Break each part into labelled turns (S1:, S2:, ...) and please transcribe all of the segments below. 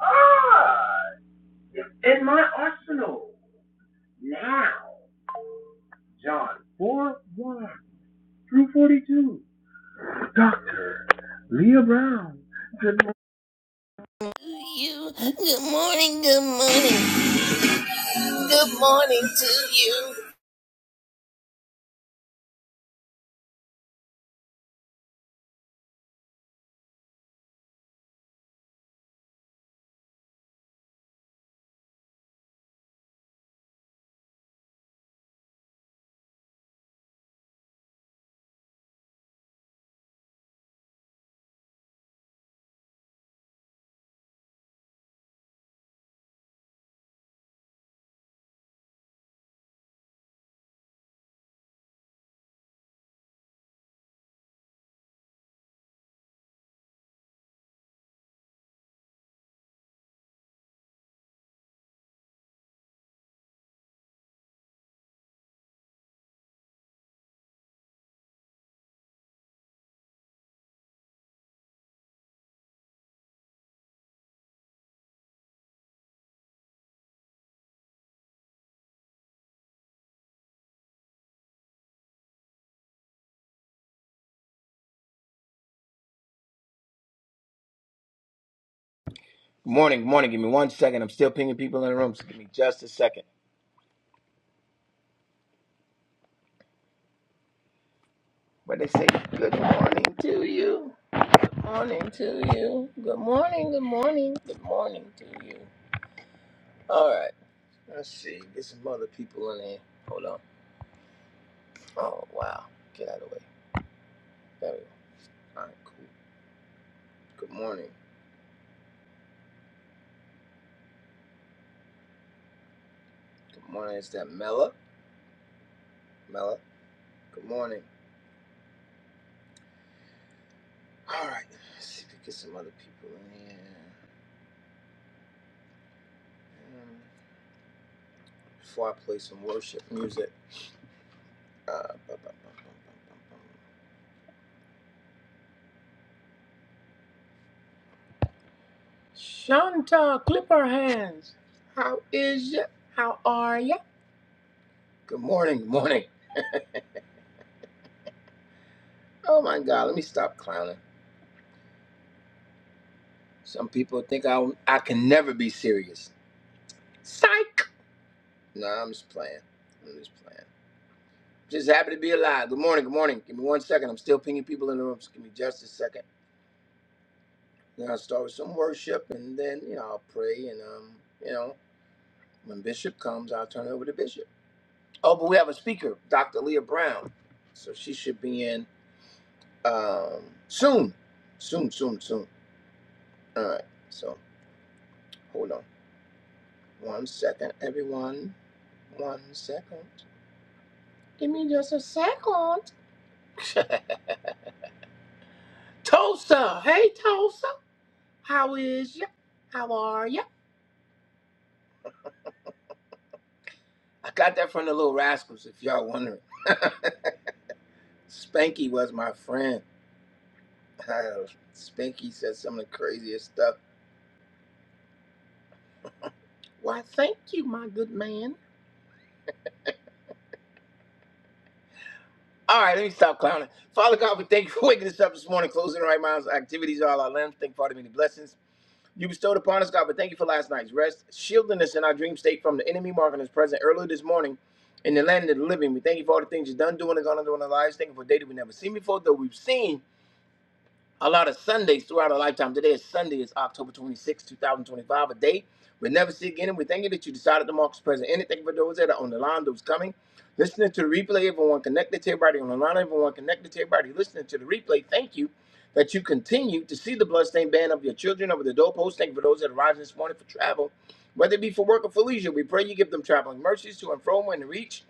S1: Ah, in my arsenal now. John 4 1 through 42. Dr. Leah Brown. Good morning. To you. Good morning. Good morning. Good morning to you.
S2: Morning, morning. Give me one second. I'm still pinging people in the room, so give me just a second. But they say, Good morning to you. Morning to you. Good morning, good morning, good morning to you. All right, let's see. Get some other people in here. Hold on. Oh, wow. Get out of the way. There we go. All right, cool. Good morning. Good morning. Is that Mella? Mella, good morning. All right, let's see if we get some other people in here. Um, Before I play some worship music. Uh, bum, bum, bum, bum, bum, bum, bum. Shanta, clip our hands. How is ya? How are ya? Good morning, good morning. Oh my God, let me stop clowning. Some people think I I can never be serious. Psych. Nah, I'm just playing. I'm just playing. Just happy to be alive. Good morning, good morning. Give me one second. I'm still pinging people in the room. Just give me just a second. Then I'll start with some worship, and then you know I'll pray, and um, you know when Bishop comes, I'll turn it over to Bishop. Oh, but we have a speaker, Dr. Leah Brown. So she should be in. um soon soon soon soon all right so hold on one second everyone one second give me just a second tulsa hey tulsa how is ya how are ya i got that from the little rascals if y'all wondering spanky was my friend spanky said some of the craziest stuff why thank you my good man All right, let me stop clowning. Father God, we thank you for waking us up this morning, closing the right minds, activities, all our limbs. Thank you for all the many blessings you bestowed upon us, God. But thank you for last night's rest, shielding us in our dream state from the enemy, marking us present earlier this morning in the land of the living. We thank you for all the things you've done, doing, and gone on doing our lives. Thank you for a day that we never seen before, though we've seen a lot of Sundays throughout our lifetime. Today is Sunday, is October 26, 2025, a day we'll never see again. And we thank you that you decided to mark this present. And thank you for those that are on the line, those coming, listening to the replay, everyone connected to everybody on the line, everyone connected to everybody listening to the replay. Thank you that you continue to see the bloodstained band of your children over the doorpost. Thank you for those that are rising this morning for travel, whether it be for work or for leisure. We pray you give them traveling mercies to and from when they reach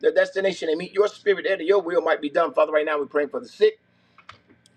S2: their destination and meet your spirit there that your will might be done. Father, right now we're praying for the sick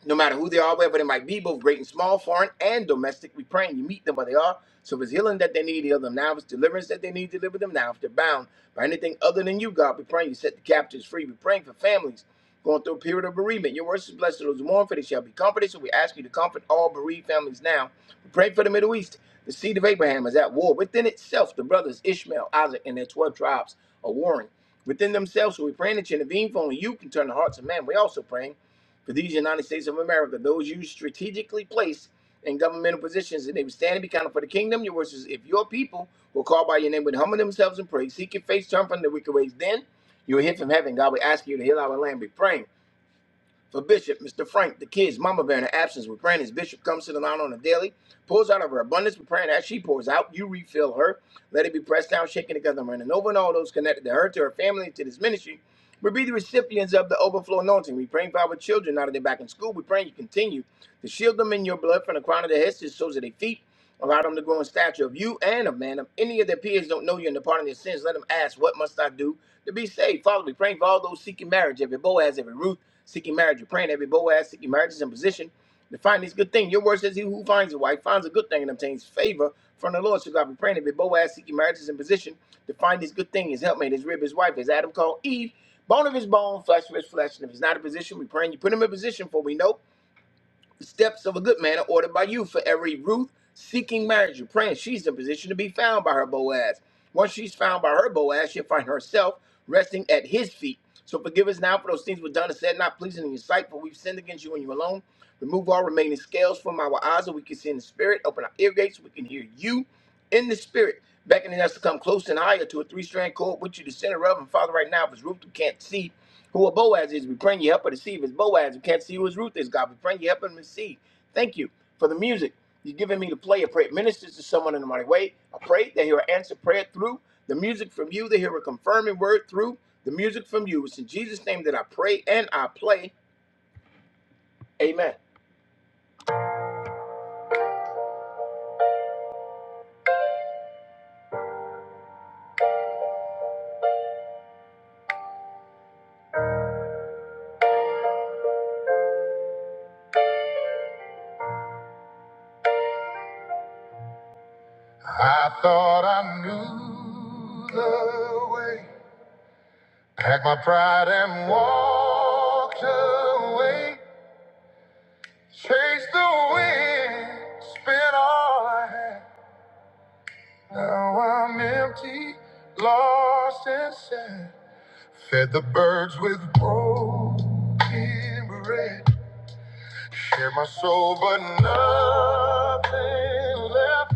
S2: no matter who they are, wherever they might be, both great and small, foreign and domestic. We pray and you meet them where they are. So if it's healing that they need, heal them now. If it's deliverance that they need, deliver them now. If they're bound by anything other than you, God, we pray you set the captives free. We're praying for families going through a period of bereavement. Your words is blessed to those who mourn, for they shall be comforted. So we ask you to comfort all bereaved families now. We pray for the Middle East. The seed of Abraham is at war within itself. The brothers Ishmael, Isaac, and their 12 tribes are warring within themselves. So we praying that you intervene, for only you can turn the hearts of man. We also praying. For these United States of America, those you strategically placed in governmental positions, and they will stand and be counted for the kingdom, your words is if your people will call by your name, would humble themselves and pray, seek your face, turn from the wicked ways, then you will hear from heaven. God will ask you to heal our land. Be praying. For Bishop, Mr. Frank, the kids, Mama Bear, in her absence We're praying. As Bishop comes to the line on a daily, pours out of her abundance We're praying. As she pours out, you refill her. Let it be pressed down, shaken together, and running over, and all those connected to her, to her family, to this ministry. We be the recipients of the overflow anointing. We are praying for our children now that they're back in school. We are praying you continue to shield them in your blood from the crown of their heads to the soles of their feet. Allow them to grow in stature of you and of man. If any of their peers don't know you and the pardon of their sins, let them ask, What must I do to be saved? Father, we praying for all those seeking marriage, every Boaz, every Ruth seeking marriage. we are praying every Boaz seeking marriage is in position to find this good thing. Your word says, He who finds a wife finds a good thing and obtains favor from the Lord. So God, we praying every Boaz seeking marriage is in position to find this good thing, his helpmate, his rib, his wife, as Adam called Eve, bone of his bone, flesh of his flesh. And if he's not in position, we praying you put him in position, for we know. The Steps of a good man are ordered by you. For every Ruth seeking marriage, you're praying she's in position to be found by her Boaz. Once she's found by her Boaz, she'll find herself resting at his feet. So forgive us now for those things we've done and said, not pleasing in your sight, for we've sinned against you and you alone. Remove all remaining scales from our eyes, so we can see in the spirit. Open our ear gates, so we can hear you in the spirit, beckoning us to come close and higher to a three-strand cord, which you the center of. And Father, right now, if it's Ruth who can't see who a Boaz is, we praying you help her to see. If it's Boaz who can't see who his Ruth is, God, we praying you help him to see. Thank you for the music you've given me to play. I pray it ministers to someone in the mighty way. I pray they hear an answer prayer through the music from you. They hear a confirming word through the music from you. It's in Jesus' name that I pray and I play. Amen. I thought I knew the way. Packed my pride and walked away. Chased the wind, spent all I had. Now I'm empty, lost and sad. Fed the birds with broken bread. Shared my soul, but nothing left.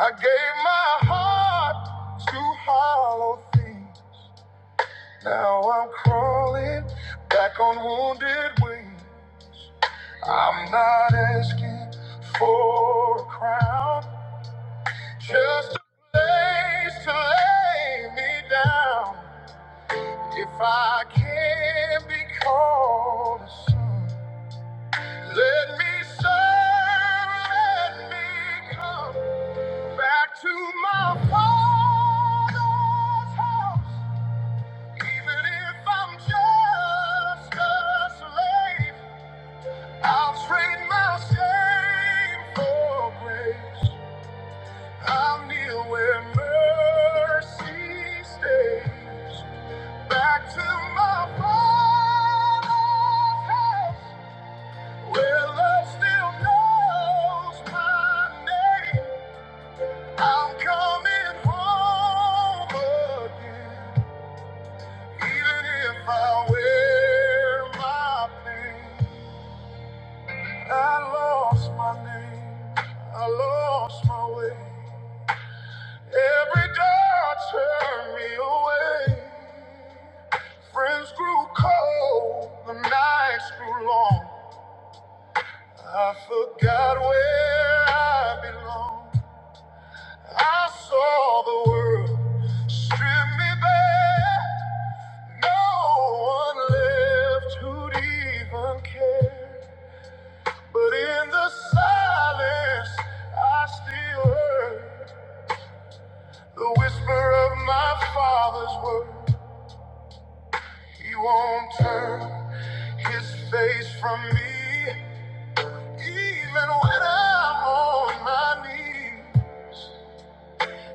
S2: I gave my heart to hollow things. Now I'm crawling back on wounded wings. I'm not asking for a crown, just a place to lay me down. If I can be called a son, let me serve, let me come back to my father's house. Even if I'm just a slave, I'll trade my shame for grace. I'm near where mercy stays. Back to my father's house, where love still knows my name. I'm coming home again, even if I wear my pain. I lost my name, I lost my way. Every door turned me away. Friends grew cold, the nights grew long. I forgot where I belong. I saw the world strip me bare. No one left who'd even care. But in the silence, I still heard the whisper of my father's word. He won't turn his face from me. Even when I'm on my knees,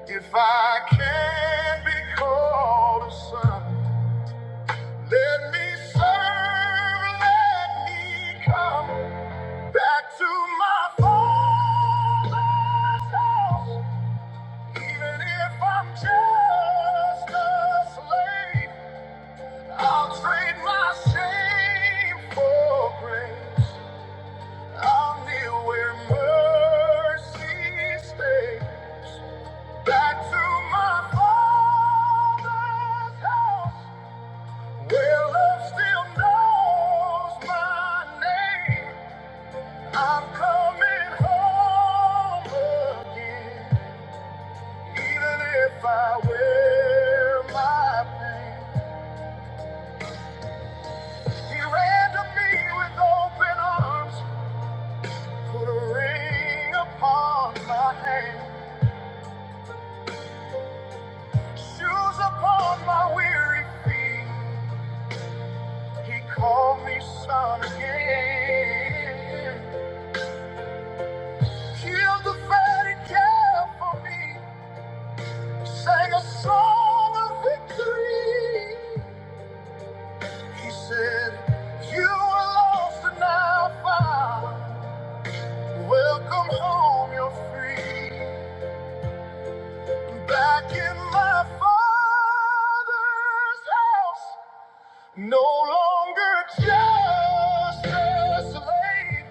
S2: if I can't be called a son, let me serve, let me come back to my father's house. Even if I'm just a slave, I'll trade my shame for grace. I'll kneel where mercy stays. Back to my father's house, where love still knows my name. I'm coming home again, even if I wear my pain. He ran to me with open arms, put a ring upon my hand, shoes upon my weary feet. He called me son again. Killed the very care for me. Sang a song of victory. He said, You were lost and now found. Welcome home, you're free. Back in my father's house. No longer just a slave.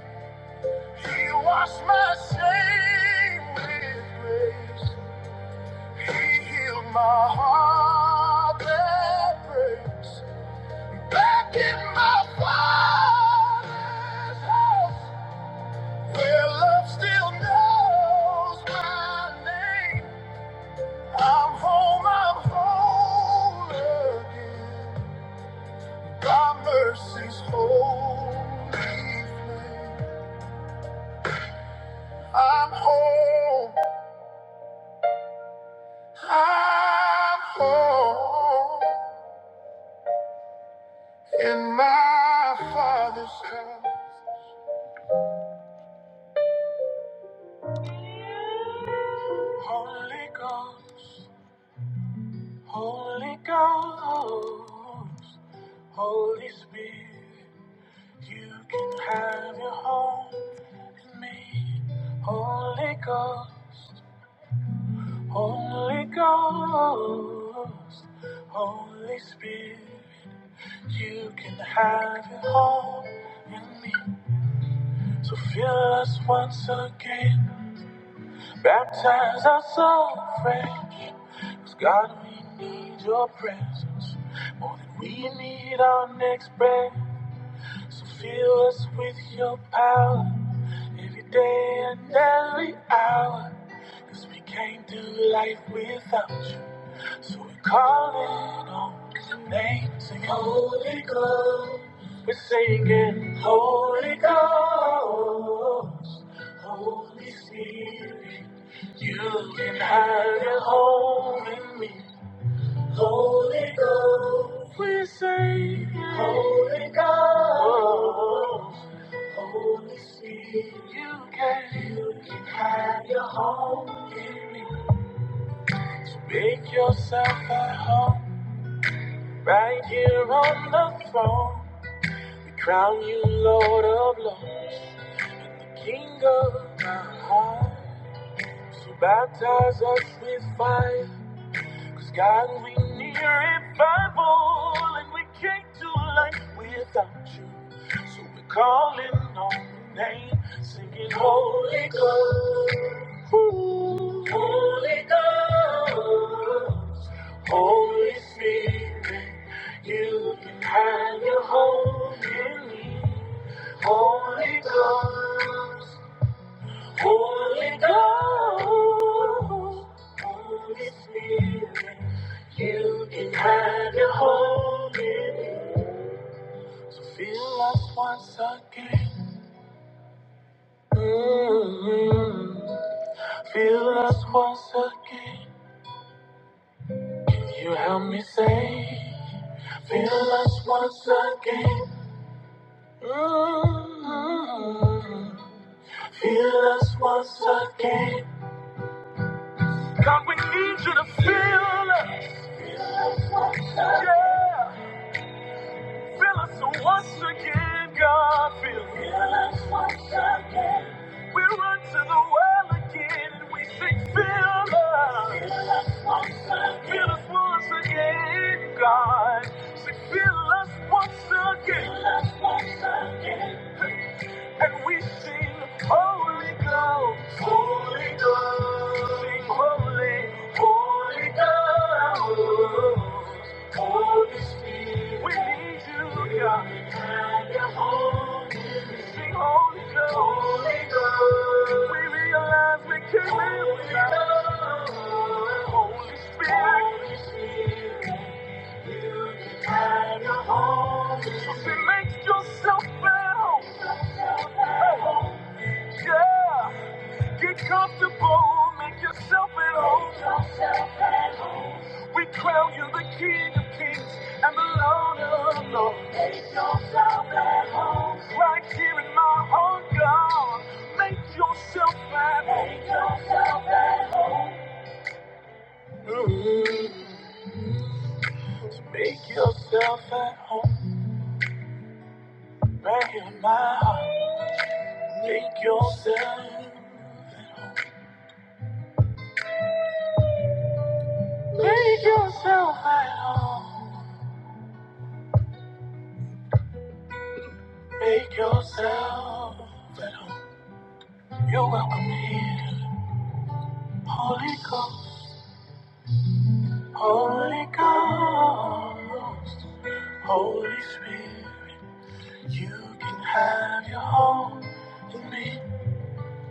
S2: He washed my shame with grace. He healed my heart that breaks. Back in my father's house, where love still knows my name. I'm home, I'm whole again. Thy mercy's holy flame. I'm home. I'm home in my Father's house. Holy Ghost, Holy Ghost, Holy Spirit, you can have your home in me. Holy Ghost, Holy Ghost, Holy Spirit, you can have your home in me. So fill us once again. Baptize our soul fresh. 'Cause God, we need your presence more than we need our next breath. So fill us with your power every day and every hour. 'Cause we can't do life without you. So we are calling on your name. Sing Holy Ghost. It's Holy. Make yourself at home right here on the throne. We crown you Lord of Lords, King of our hearts. You baptize us with fire. Cause God, we need revival, and we can't do life without you. So we're calling on your name, singing Holy Ghost. Ooh. Holy Ghost, Holy Spirit, you can have your home in me. Holy Ghost. Holy Ghost, Holy Spirit, you can have your home in me. Feel us once again. mm Feel us once again. If you help me say, feel us once again. mm Feel us once again. God, we need you to feel us. Yeah. Fill us once again, God. Fill, fill us once again. We run to the well again and we sing, fill us. Fill us once again, God. Say, fill us once again. And we sing Holy God, Holy God, sing Holy, Holy God. Holy Spirit. We need you, God. We kind holy. home. Sing Holy God, Holy God, We realize we can live without you. Holy Spirit. Holy Spirit. your Holy Spirit. So say, make yourself at home, God. Get comfortable, make yourself at home. We crown you the King of Kings and the Lord of Lords. Make yourself at home. Right here in my heart, God. Make yourself at home. Make yourself at home. Mm. Make yourself at home. Right here in my heart. Make yourself. Make yourself at home. Make yourself. You're welcome here, Holy Ghost, Holy Ghost, Holy Spirit. You can have your home in me,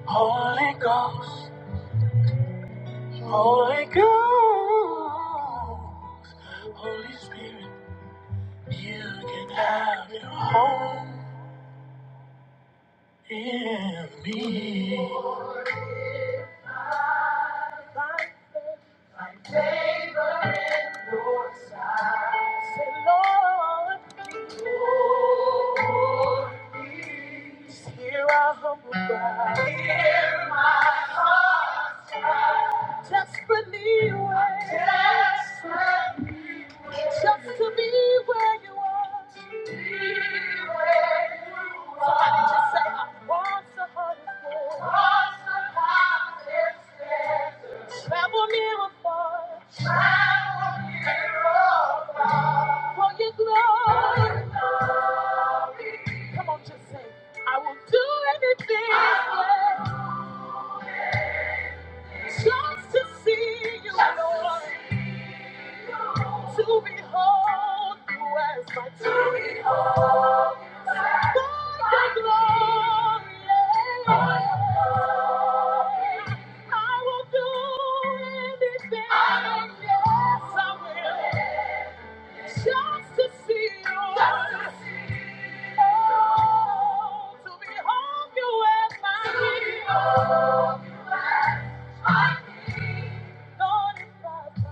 S2: Holy Ghost, Holy Ghost, Holy Spirit. You can have your home in me. Lord's side. Say, Lord, Lord, hear our humble cry. Just put me where Just put me away. Just to be where you are. Somebody just say, I want to hold you. Travel near or far for your glory. Come on, just say, I will do anything. yeah, Just to see you. Lord. To behold you as my king. To behold you as my By your By your glory. I will do anything. I will. Yes, I will. Just to see you. Just to see you. Oh, to behold you as my To King. behold you as my King. Lord, if I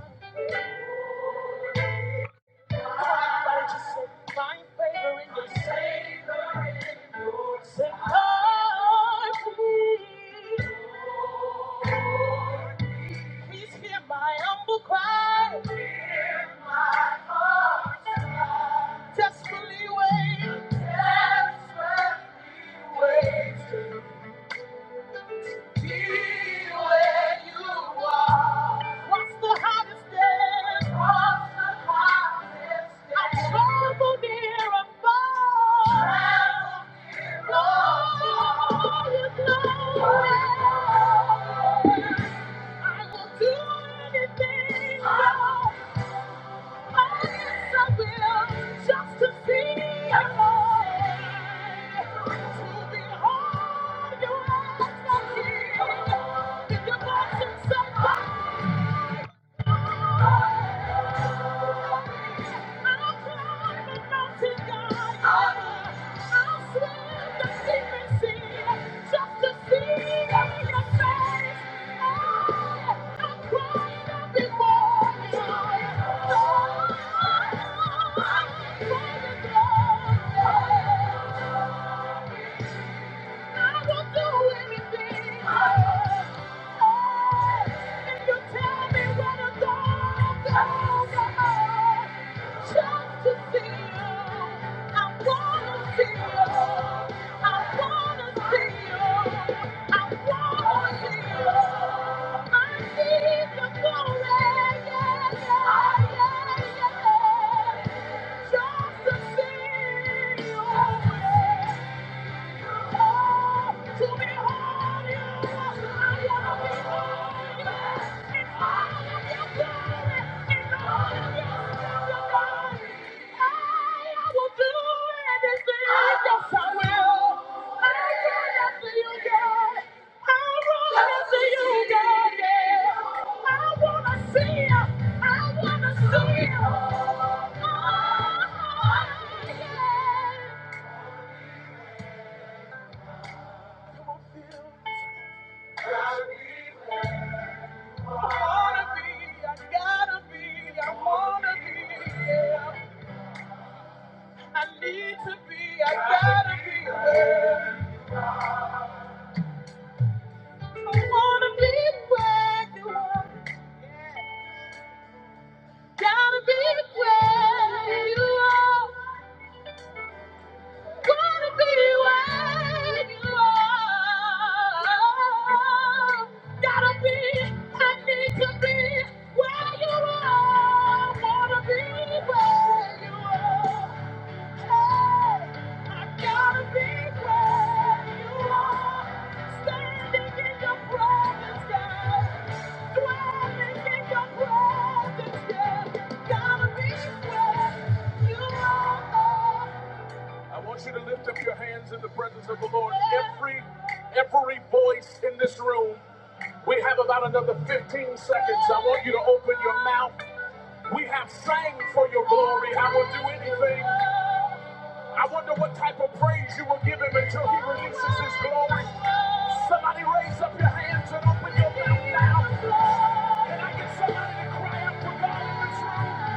S2: Everybody just say, find favor in your Savior. Say, oh, please, hear my humble cry. Desperately wait. What's the hottest day? I travel near and far. Lord, you know. I will do anything. Oh, oh, yes, I will, just to see you again. To be all you ever need. If you're about to say goodbye. Oh, to just to see Yeah to wanna see you, I I wanna see see Yeah. wanna be there. I need to be, I gotta be where. I wanna be where you are. Yeah. Gotta be where you are. Wanna be where you are. Gotta be, I need to be where you are. Wanna be where you are. I want you to lift up your hands in the presence of the Lord. Every every voice in this room. We have about another 15 seconds. I want you to open your mouth. We have sang for your glory. I will do anything. I wonder what type of praise you will give him until he releases his glory. Somebody raise up your hands and open your mouth now. Can I get somebody to cry out for God in this room?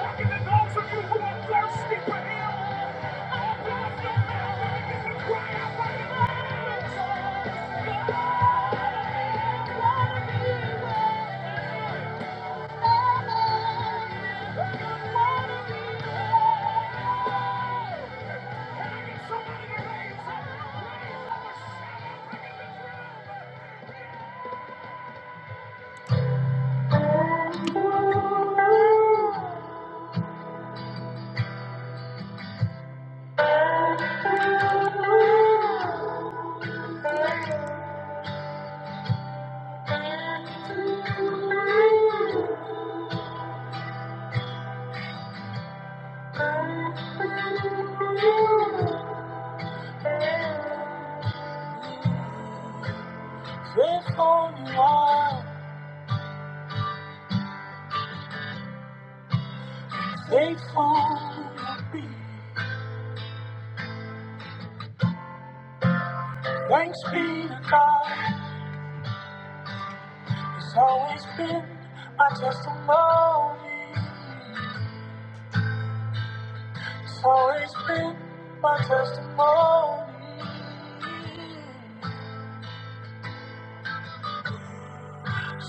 S2: And to those of you who are thirsty for him, open up your mouth and begin to cry out for him. God, God, God, God.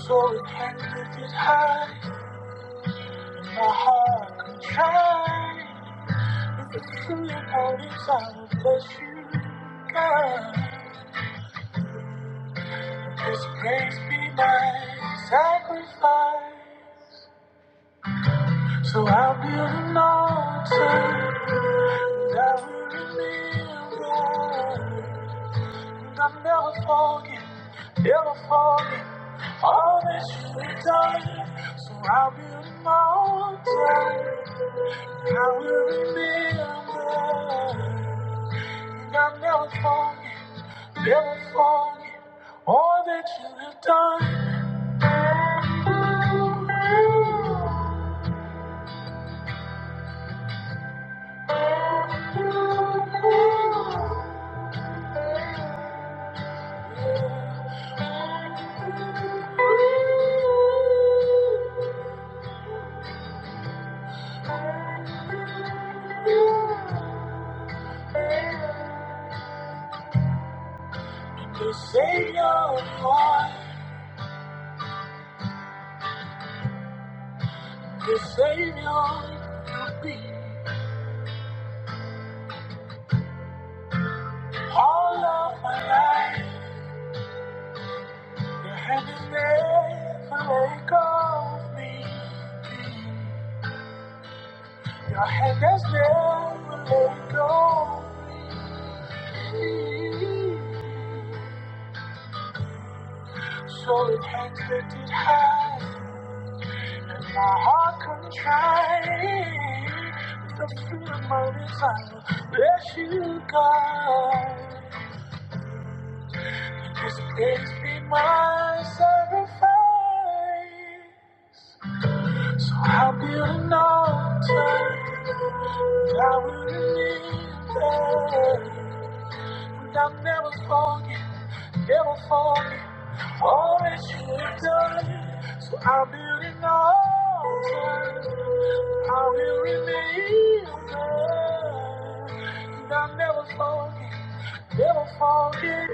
S2: So it can lift it high, my heart can try. If it's truly what it's, I will bless you, God. This praise be my sacrifice. So I'll build an altar that will remember. I'll never forget, never forget all that you've done. So I'll build a mountain, I will remember. And I'll never forget, never forget all that you have done. You'll be all of my life. Your hand is there, let go of me. Your hand has never let go. So it hangs lifted high. Something I'll never forget, never forget all that you've done. So I'll build an altar. I will remember. And I'll never forget, never forget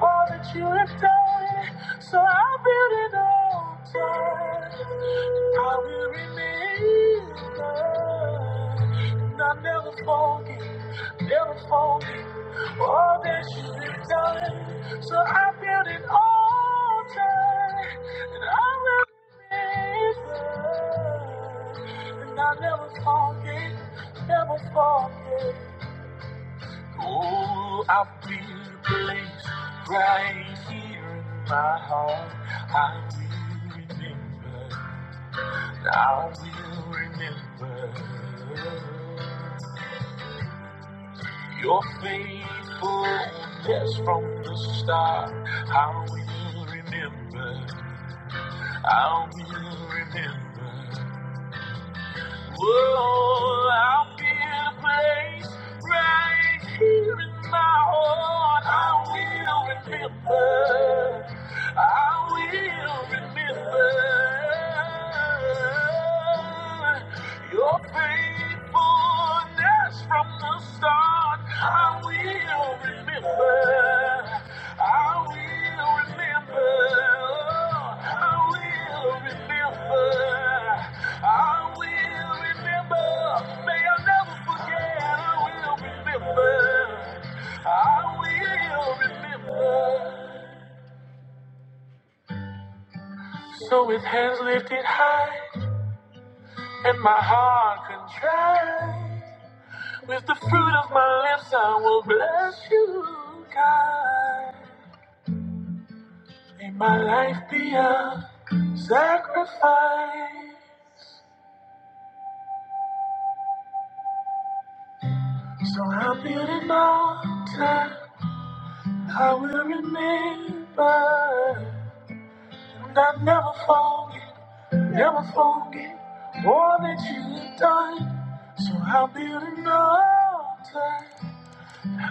S2: all that you have done. So I'll build an altar. I will remember, and I'll never forget, never forget all that you've done. So I build an altar, and I will remember, and I'll never forget, never forget. Oh, I feel a place right here in my heart. I will remember. I will remember your faithfulness from the start. I will remember, I will remember. Oh, I'll be a place right here in my heart. I will remember. I will remember your faithfulness from the start. I will remember. I will remember. I will remember. I will remember. May I never forget. I will remember. I Will remember. So with hands lifted. And my heart contrite. With the fruit of my lips, I will bless you, God. My life be a sacrifice. I'll build an altar. I will remember. And I'll never forget, never forget all that you've done. So I'll build an altar.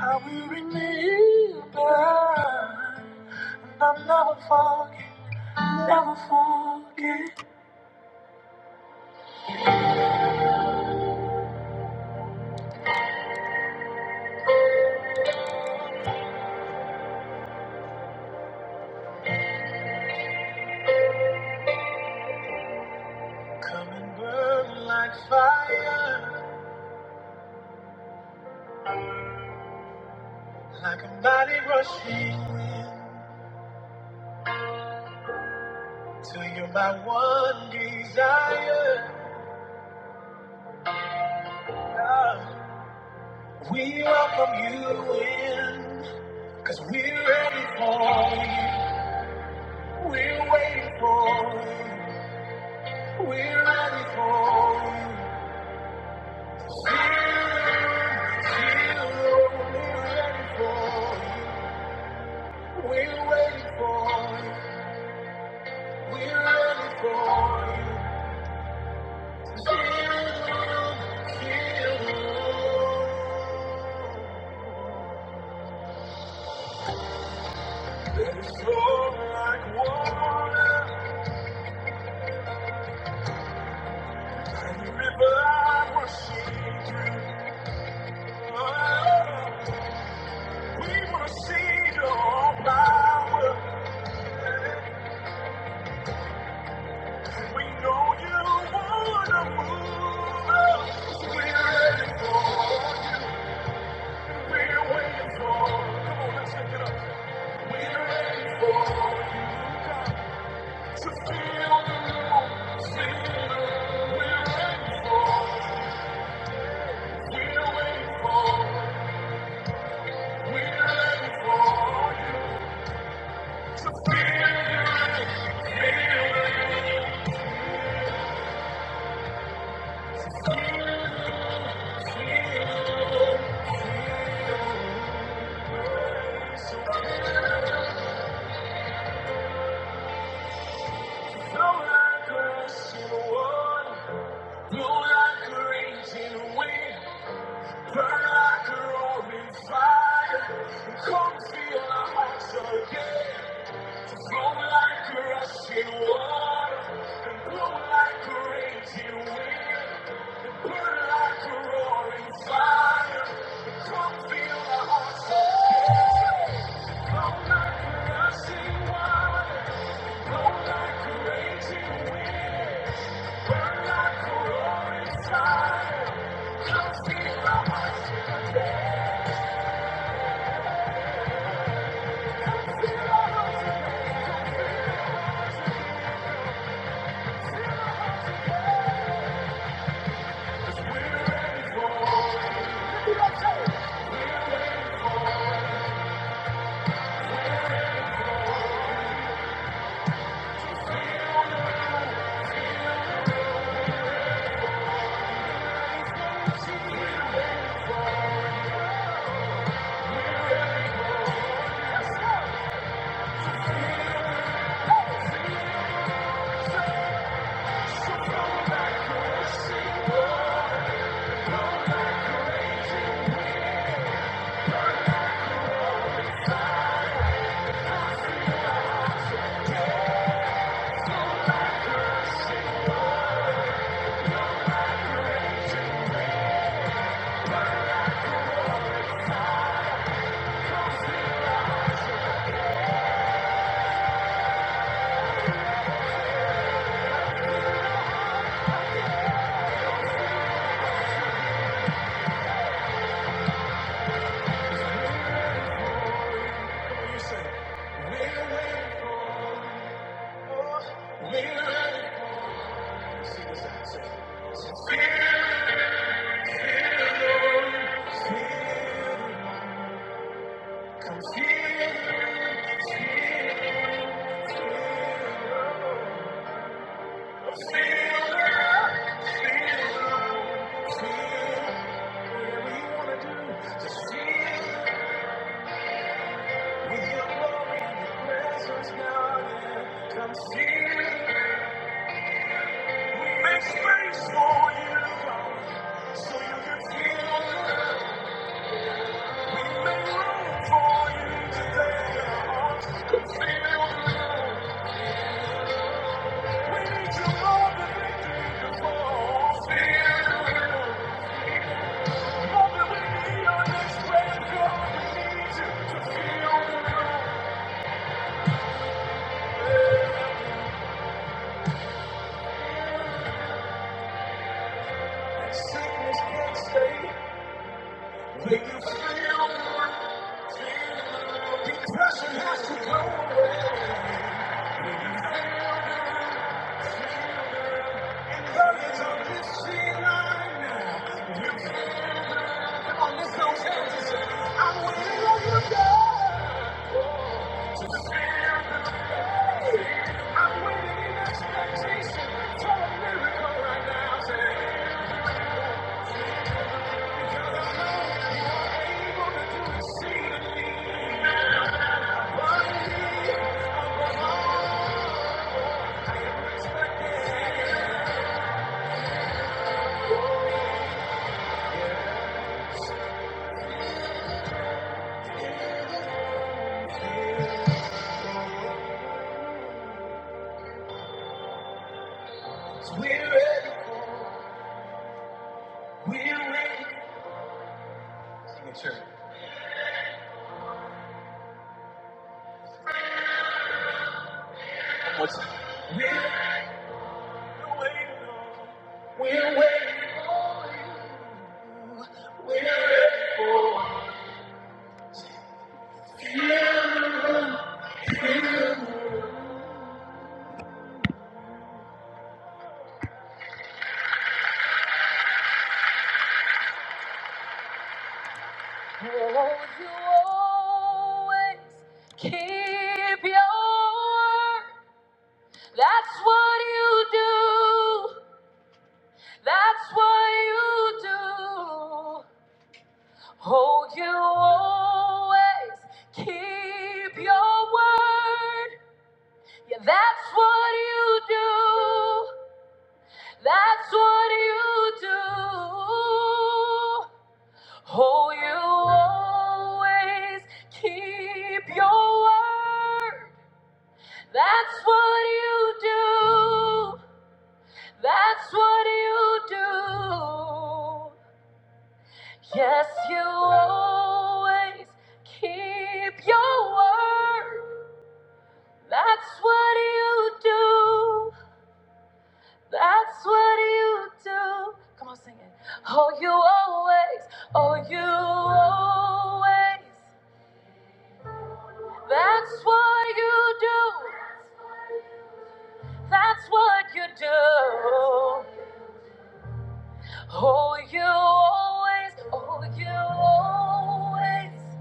S2: I will remember. I'll never forget, never forget. Come and burn like fire. I can body rushing till you're my one desire. Love. We welcome you in. Let it flow like water and the river I worship through. Oh, we want to see your power. We know you want to move. We're ready. We're waiting for. Come on, let's take it up. We're ready for you to feel the room. Won't you always Keep your word. That's what you do. That's what you do. Oh, you always keep your word. Yeah, that's what you do. That's what you do. Oh, you always keep your word. That's what you do. That's what you do. Yes, you always keep your word. That's what you do. That's what you do. Come on, sing it. Oh, you always, oh, you always. That's what you do. That's what you do. Oh, you always, oh, you always.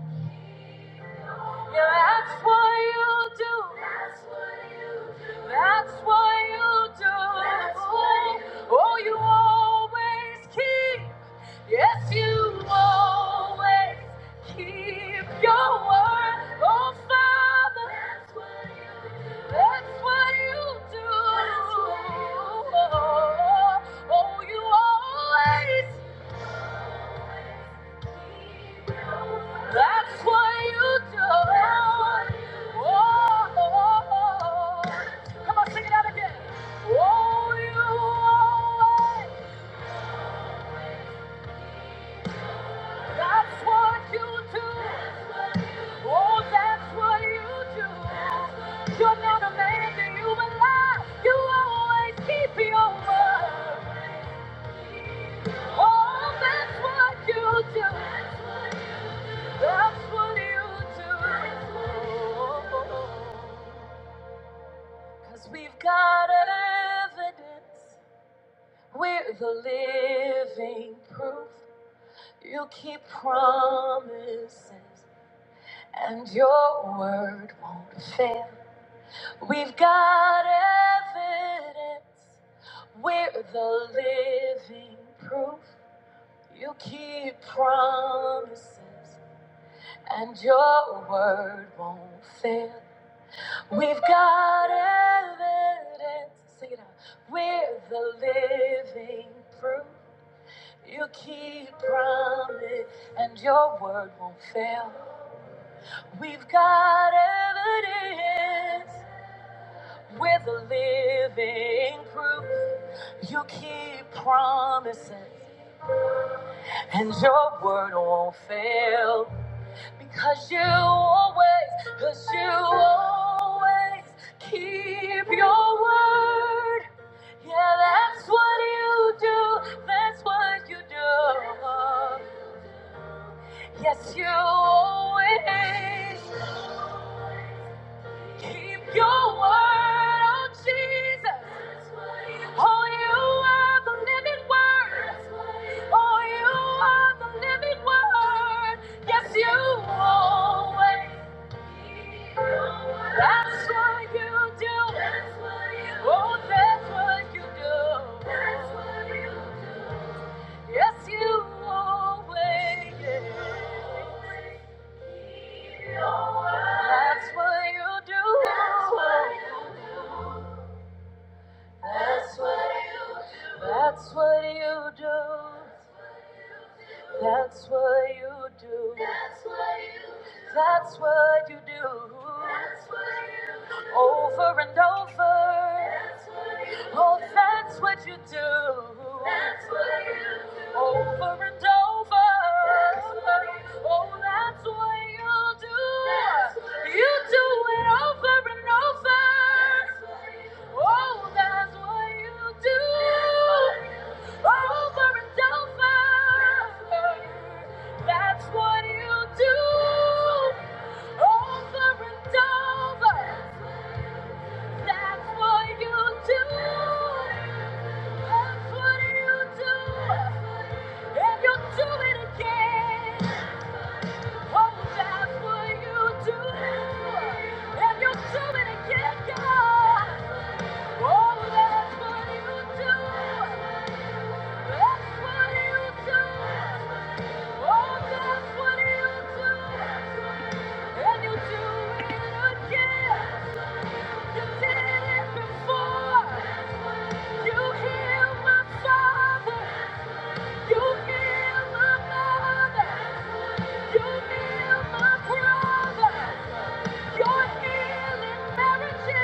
S2: Yeah, that's what you do. That's what you do. That's what you do. That's what you do. Oh, you always keep. Yes, you always keep your word. Oh, Father. That's what you do. That's what you do. That's what you do. Oh, you always that's what you do. Oh, oh, oh. come on, sing it out again. Oh, you always. That's what you do. Oh, that's what you do. You're not a man that you will lie. You always keep your word. Oh, that's what you do. That's what you do. Cause we've got evidence. We're the living proof. You keep promises, and your word won't fail. We've got evidence. We're the living proof. You keep promises, and your word won't fail. We've got evidence. Sing it out. We're the living proof. You keep promise and your word won't fail. We've got evidence. We're the living proof. You keep promises and your word won't fail. Because you always, because you always keep your word. Yeah, that's what you do. That's what you do. Yes, you always keep your word, oh Jesus. Oh, you are the living word. Oh, you are the living word. Yes, you always. That's what you do. That's what you do. Oh, that's what you do. That's what you do. Yes, you always. You always. That's what you do. That's what you do. That's what you do. That's what you do. That's what you do. That's what you do. That's what you do. That's what you do. Over and over. That's what you do. Oh, that's what you do. That's what you do. Over and over. That's what you do. Oh, that's what you do. That's what you, you do do it over and over. That's what you do. Oh, that's what you do do. it again. God. Oh, that's what you do. You heal my mother, you heal my brother. You're healing marriages.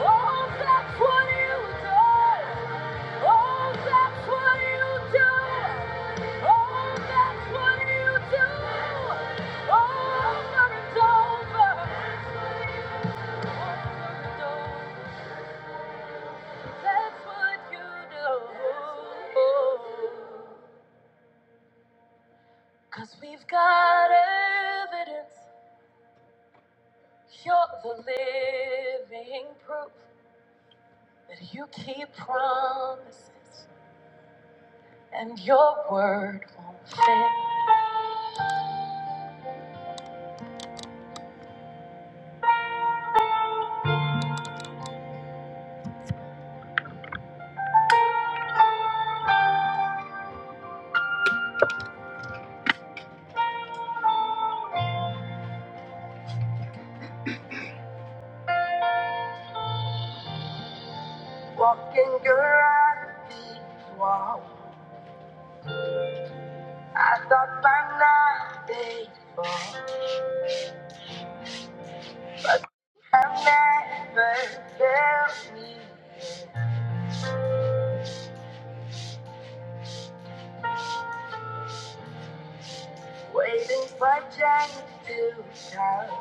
S2: Oh, that's what you do. Oh, that's what you do. Oh, that's what you do. Over and over. Over and over. That's what you do. Cause we've got evidence. You're the living proof. But you keep promises, and your word won't fail. Walking around the wall, I thought by now they would never fail me. Waiting for change to come,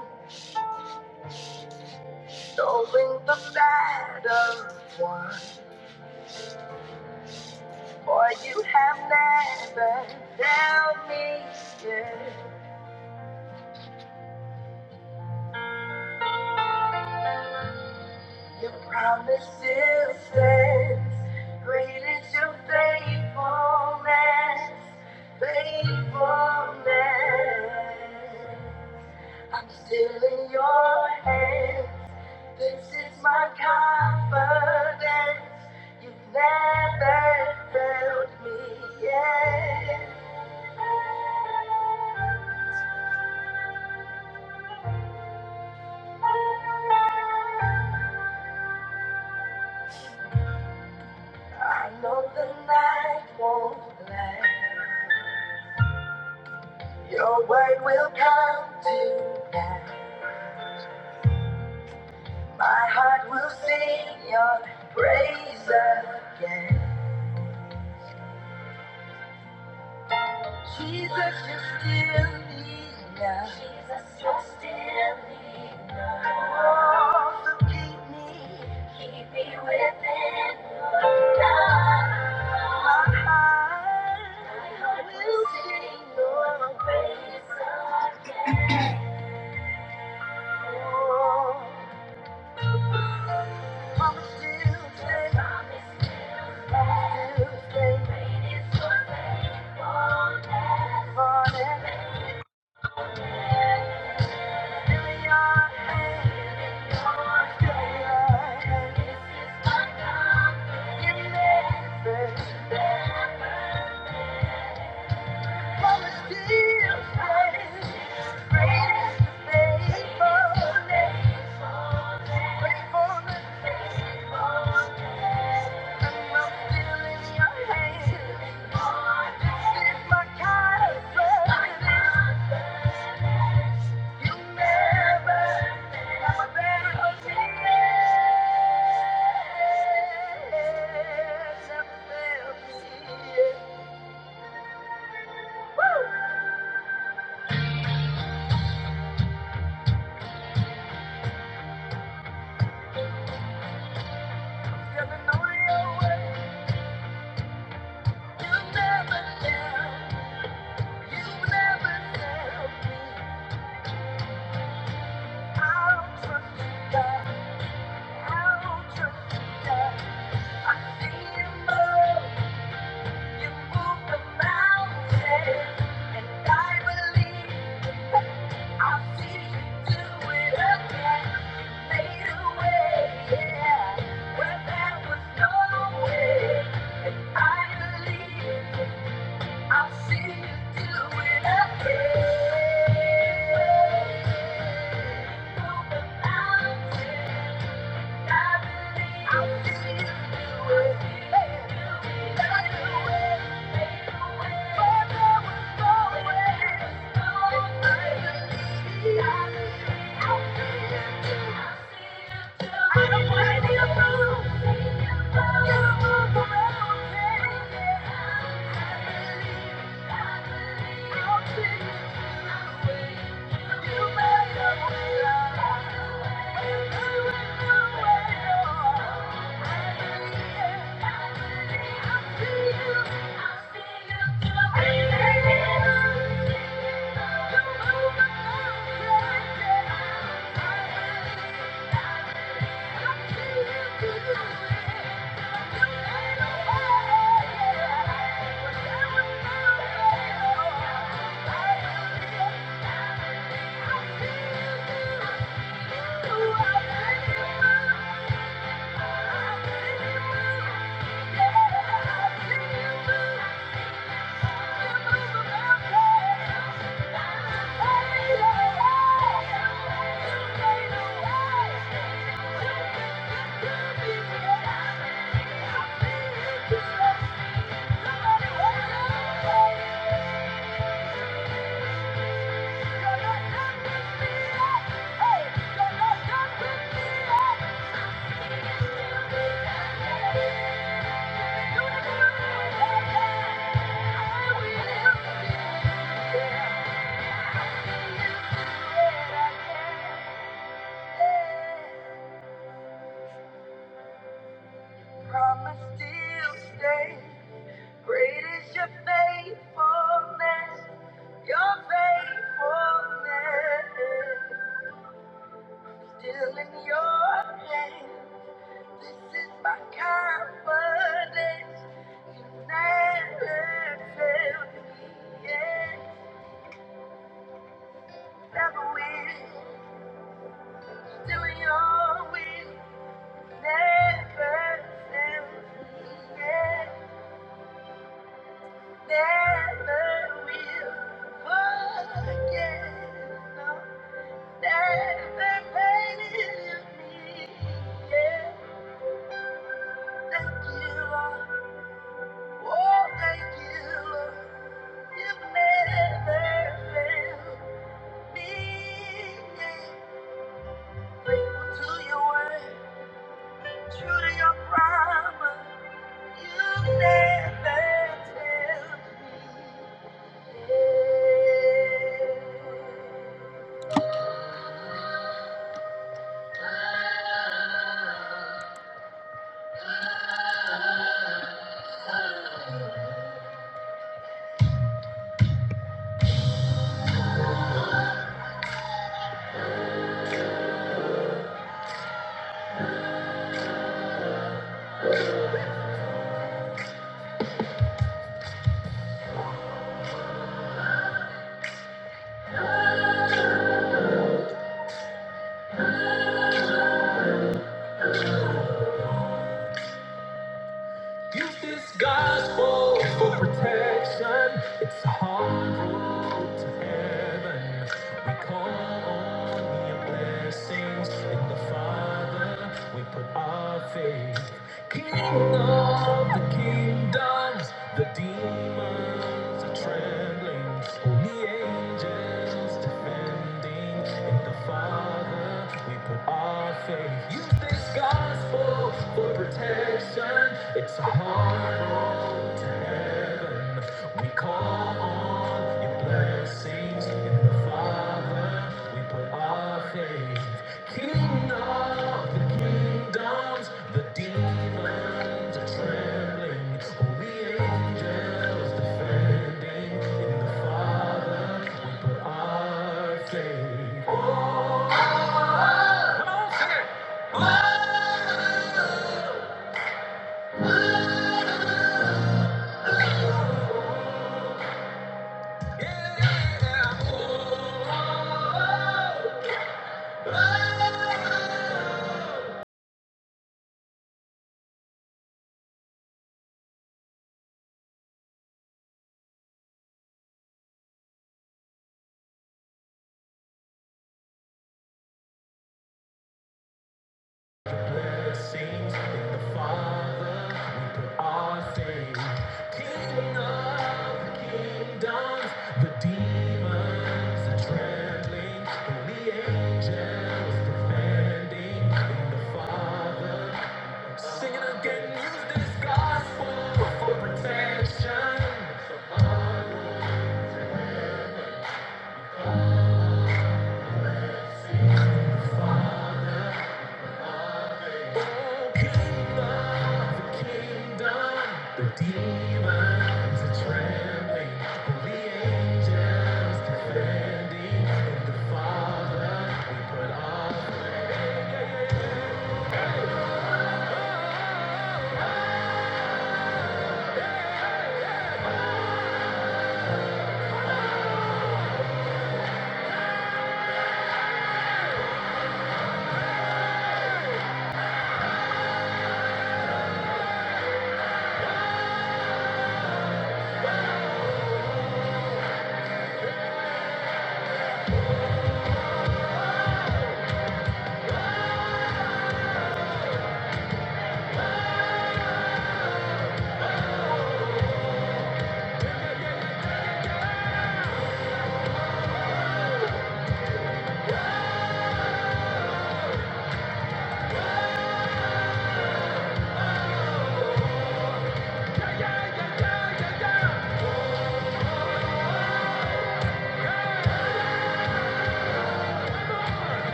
S2: knowing the battle won. For you have never failed me yet. Your promise still stands. Great is your faithfulness, faithfulness. I'm still in your hands. This is my confidence. You've never failed me yet. I know the night won't last. Your word will come to pass. My heart will sing your praise again. Jesus, you still need us. Jesus, you still need us. Oh, so keep me. Keep me within your love. My heart, My heart will sing your praise again. Oh, promise still stands. Thank you. Woo! Yeah. Where there was no way, and I believe. I've seen you do it again. Over mountains. Thank you. Thank you. Yeah. Promise still stay. Great is your faithfulness, your faithfulness. Still in your hand, this is my confidence. Never fail me, yeah, never will. Still in your will, never fail me, yeah, never will. Forget, no. Thank Yeah. Use this gospel for protection. It's a hard road to heaven. We call on your blessings in the Father. We put our faith. King of the kingdoms, the demons are trembling. Only angels defending in the Father. We put our faith. Use this this gospel for protection. It's a hard road to heaven. We call on your blessings in the Father. We put our faith. King of the kingdoms, the demons are trembling. Holy angels defending in the Father. We put our faith. It in the Father we put our faith. kingdoms, the demons are trembling, and the angels defending. In the Father, sing again. Use this gospel for protection. Let's sing the Father. Defending in the Father, we put our faith.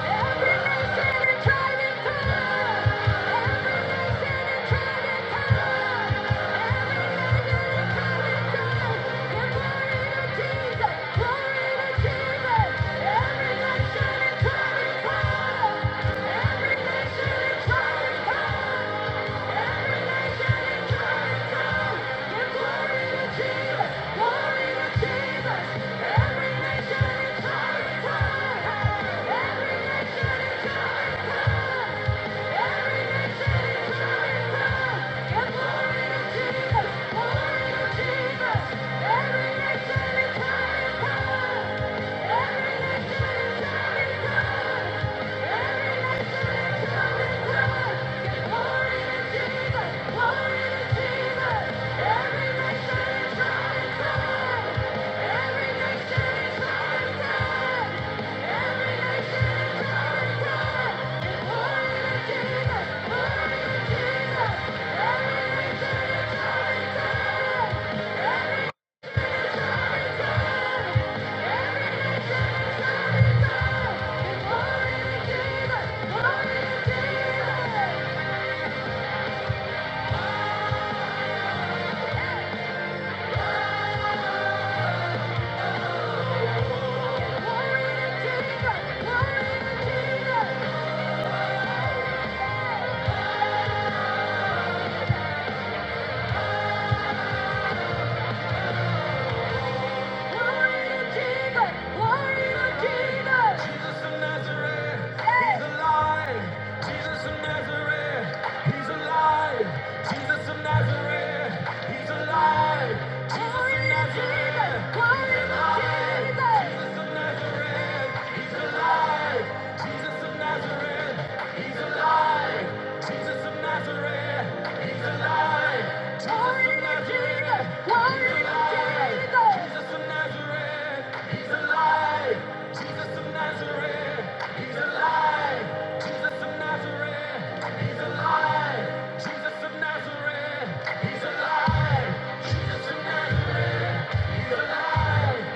S2: Jesus! Every nation and tribe and tongue! Every nation Jesus! Glory to Jesus! Jesus of Nazareth, Jesus of Nazareth. He's alive! Jesus of Nazareth! He's alive! Jesus of Nazareth! He's alive! Jesus of Nazareth! He's alive! Jesus of Nazareth! He's alive! Jesus of Nazareth! He's alive! Jesus of Nazareth! He's alive! Jesus of Nazareth! He's alive! Jesus of Nazareth! He's alive!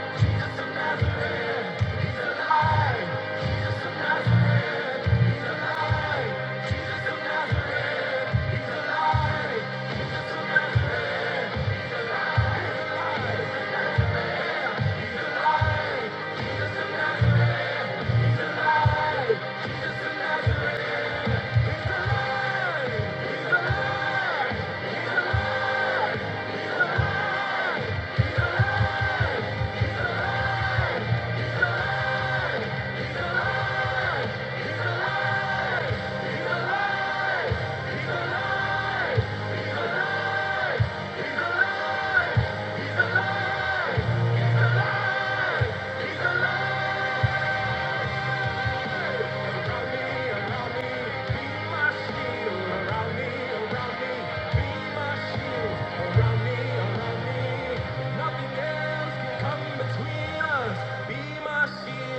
S2: He's alive!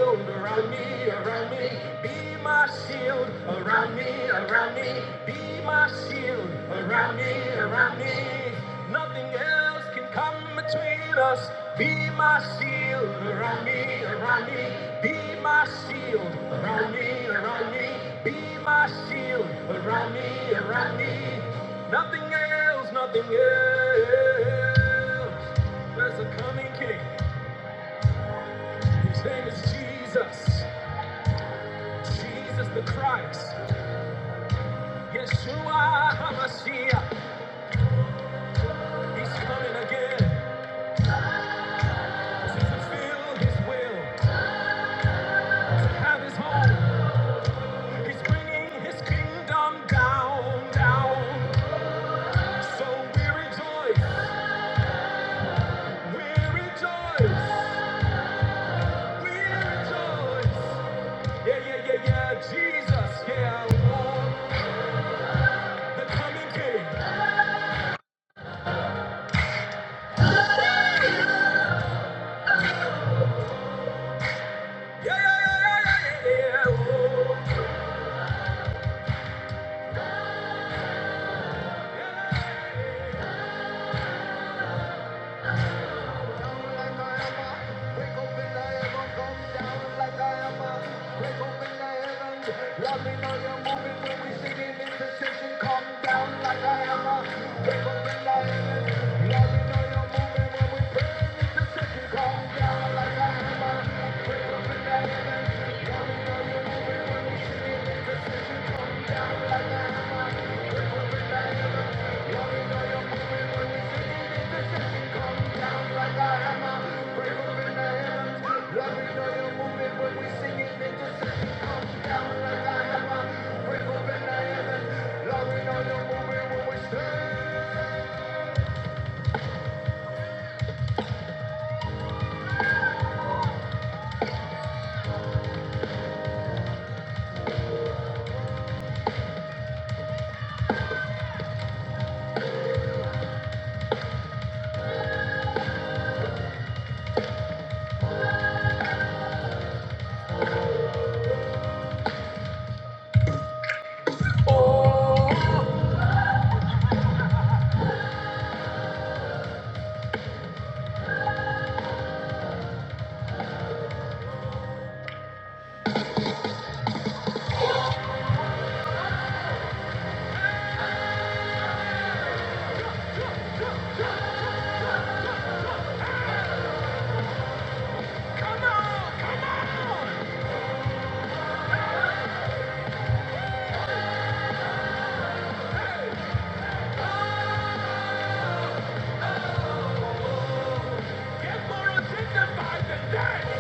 S2: Around me, around me, be my shield. shield around me, around me. Be my shield around me, around me. Nothing else can come between us. Be my shield around me, around me. Be my shield around me, around me. Be my shield around me, around me. Nothing else, nothing else. There's a coming king. His name is Jesus. Jesus the Christ. Yeshua HaMashiach, he's coming again to fulfill his will, to have his home. He's bringing his kingdom down, down. So we rejoice, we rejoice, we rejoice. Yeah, yeah, yeah, yeah, Jesus, yeah, oh, the coming king. Yeah, yeah, yeah, yeah, yeah, yeah, yeah, oh. Yeah. yeah, yeah, yeah. Let me know you're moving when we burn into session. Come down like a hammer. Come on! Come on! Hey! Get more identified than that!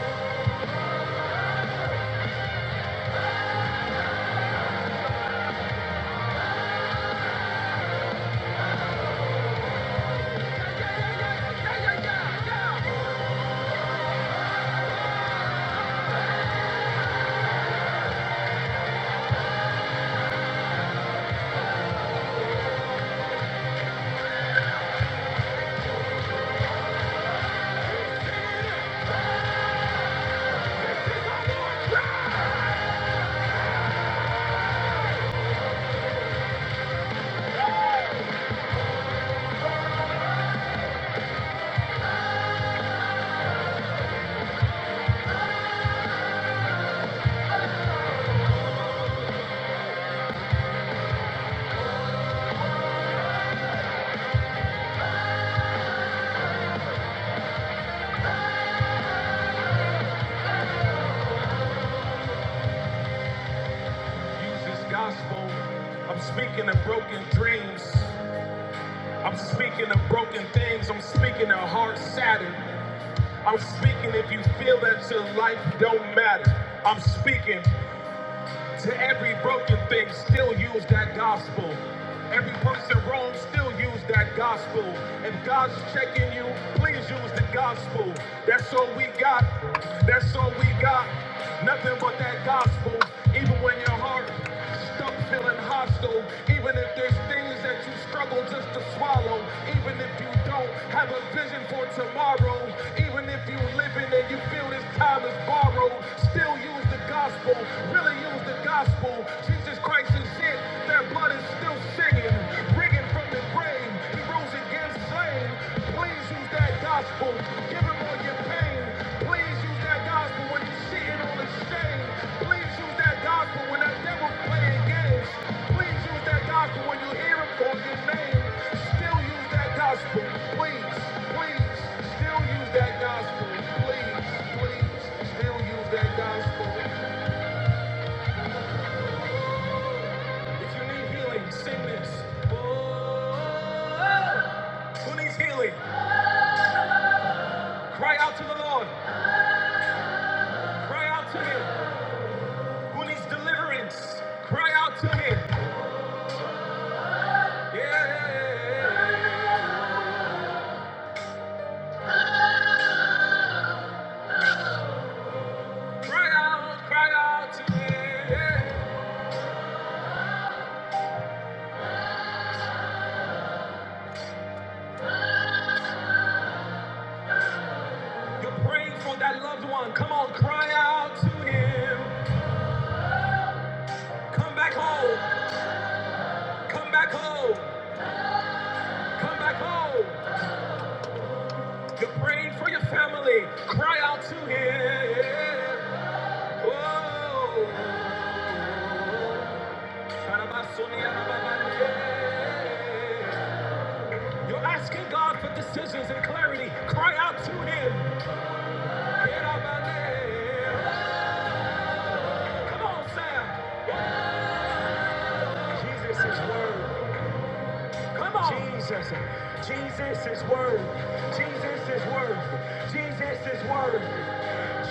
S2: Use this gospel. I'm speaking of broken dreams. I'm speaking of broken things. I'm speaking of hearts saddened. I'm speaking if you feel that your life don't matter. I'm speaking. To every broken thing, still use that gospel. Every person wrong, still use that gospel. If God's checking you, please use the gospel. That's all we got. That's all we got. Nothing but that gospel. Even when your heart stuck feeling hostile, even if there's things that you struggle just to swallow, even if you don't have a vision for tomorrow, even if you live in and you feel this time is borrowed, still use the gospel. Really used the gospel. Jesus Christ is it. Their blood is still singing, ringing from the grave. He rose again, slain. Please use that gospel. Give him all your pain. Please use that gospel when you're sitting on the shame. Please use that gospel when that devil playing games. Please use that gospel when you hear him call your name. Still use that gospel. Please, please, still use that gospel. Please, please, still use that gospel. If you need healing, sing this. Oh, who needs healing? Cry out to the Lord. Cry out to Him. Who needs deliverance? Cry out to Him. Yeah. Cry out, cry out to Him. Yeah. You're praying for that loved one. Come on, cry out to Him. Come back home. Come back home. Come back home. You're praying for your family. Cry out to Him. You're asking God for decisions and clarity. Cry out to Him. Come on, Sam. Jesus is Word. Come on. Jesus. Jesus is worthy. Jesus is worthy. Jesus is worthy.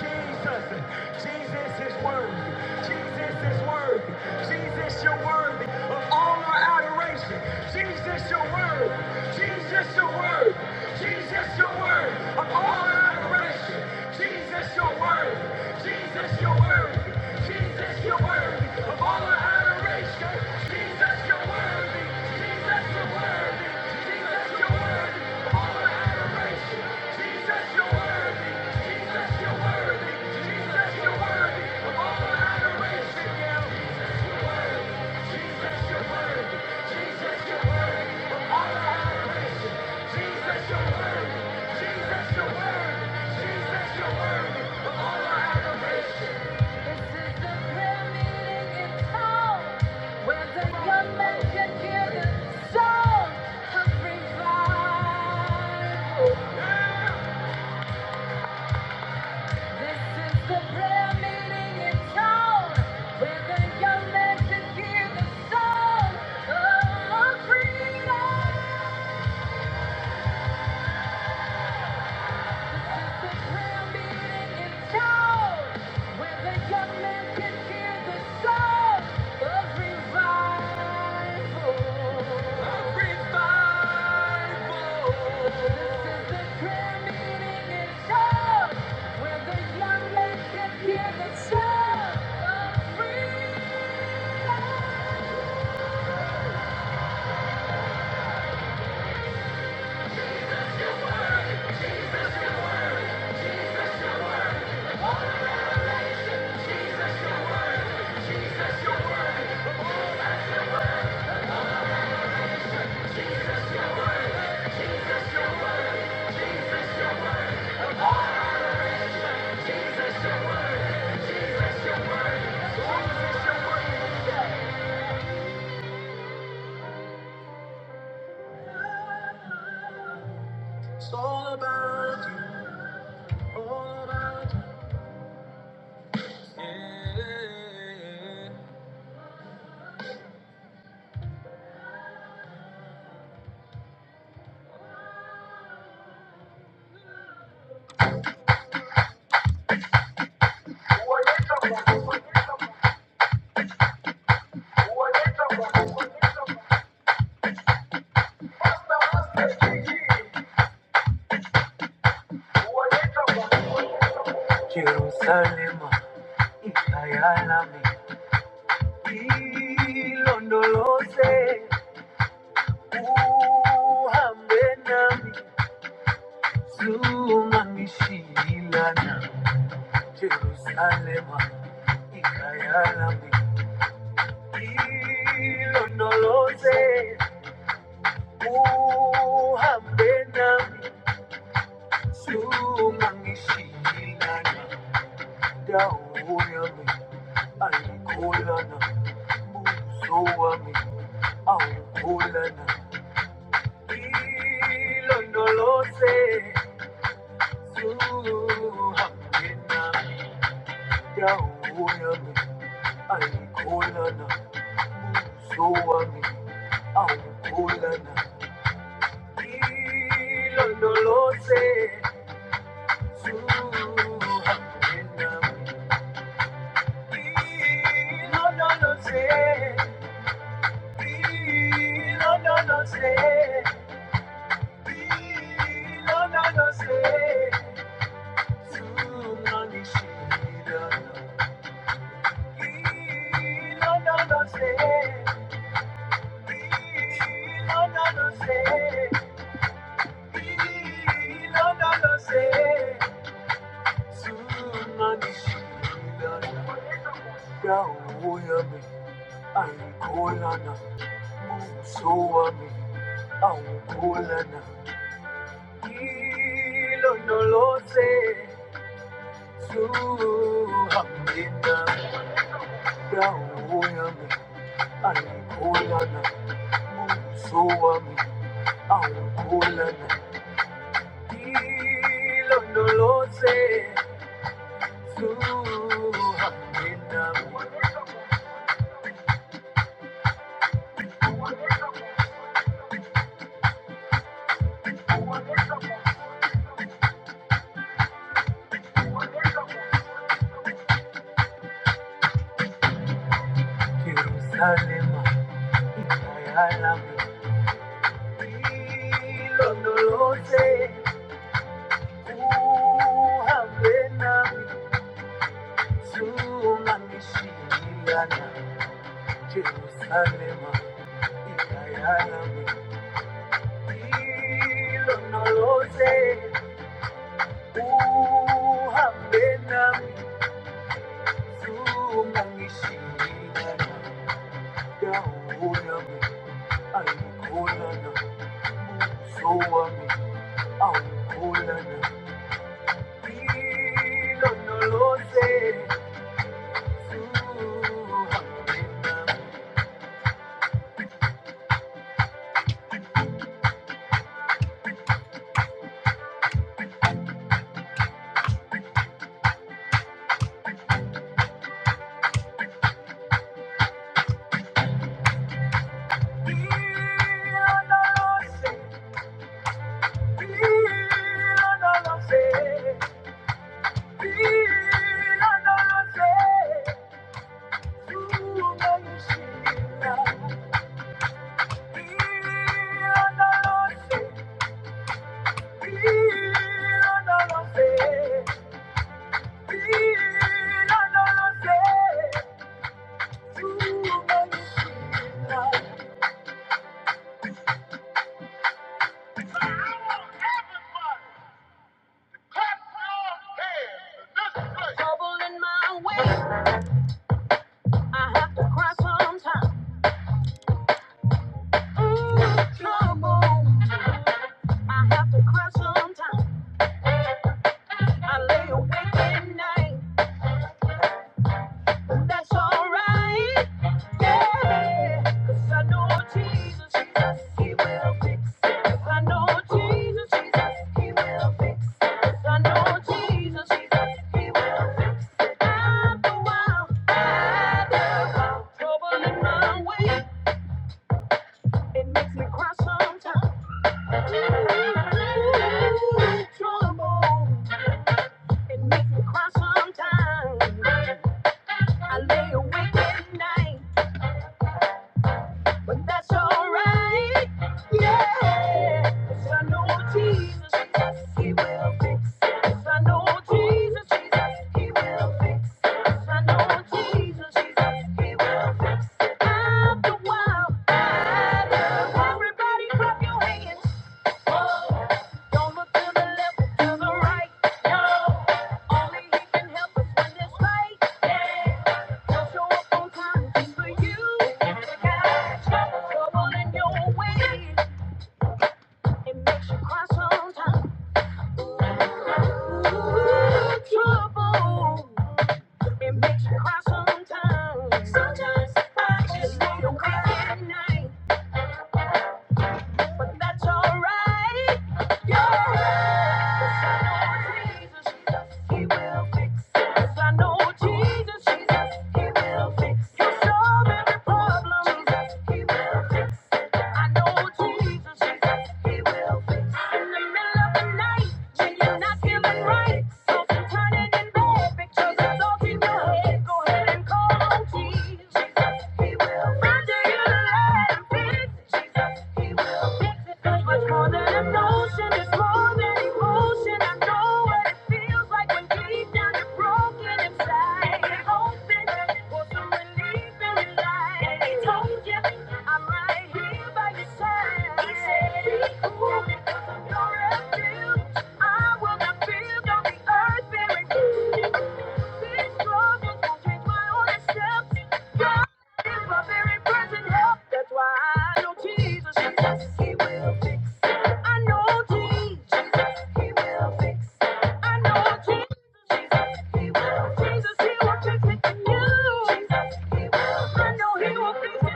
S2: Jesus. Jesus is worthy. Jesus is worthy. Jesus, you're worthy of all our adoration. Jesus, you're worthy. Jesus, you're worthy. Jesus, you're worthy of all our adoration. Jesus, you're worthy. Jesus, you're worthy. Jesus, you're worthy of all adoration. Jesus, you're worthy. Jesus, you're worthy. Jesus, you're worthy This is the prayer meeting in town where the young men can hear the song of revival. This is the prayer meeting in town where the young men can hear the song of freedom. Jerusalema ikayalami ilondoloze uhambe nami zungangishilana Jerusalema ikayalami ilondoloze uhambe nami sumangishilana dawo yami ayikholana buso wami awukholana ilondoloze suhambe nami dawo yami ayikholana Suami aukulana ilondolose suhaminami ilondolose ilondolose ilondolose sunanishidana ilondolose ilondolose So am I, I'm cool and I. Kilo no lo sé, Yeshua, nenda Yerusalemu, ikayalami ilondoloze, uhambe nami, sunganishindana. Yerusalemu, ikayalami ilondoloze, uhambe nami, sunganishindana. I have to cry sometimes. Ooh, trouble. I have to cry sometimes. I lay awake at night. That's alright. Yeah. 'Cause I know Jesus, Jesus, He will fix it. I know Jesus, Jesus, He will fix it. I know Jesus, Jesus, He will fix it. After a while, after a while, trouble in my way. It makes me cry sometimes. Ooh, trouble. It makes me cry sometimes. I lay awake at night. but that's alright. Yeah, 'Cause I know Jesus, Jesus, He will fix it. 'Cause I know Jesus, Jesus, He will fix it. 'Cause I know Jesus, Jesus, He will fix it. After a while, I a everybody clap your hands. Don't look to the left to the right, no. Only he can help us when it's right, yeah. show up on time for you. Got trouble in your ways. It makes you cry sometimes. Ooh, trouble. It makes you cry sometimes. Sometimes I just need a weekend night. But that's alright. yeahbecause i know jesus he will fix I know Jesus, Jesus, He will fix it. 'Cause I know Jesus, Jesus, He will fix it. He'll He will fix Oh, Jesus, Jesus, He will fix In the middle of the night, when you're not feeling right, something turning in bed, pictures of thoughts in your head. Go ahead and call on Jesus. He will do you the Cause much more than emotion, it's more than emotion. I know what it feels like when deep down you're broken inside. hoping for some relief in your life. And they told you I'm right here by your side. He said, be cool because I'm your refuge. I will not fear, though the earth bearing fruit. These struggles won't change my honest steps. He's my very present help. That's why I know Jesus. Yes, yes, he will fix. I know Jesus. he will fix. I know Jesus, He will. Jesus, He will fix it in you. I know He will fix it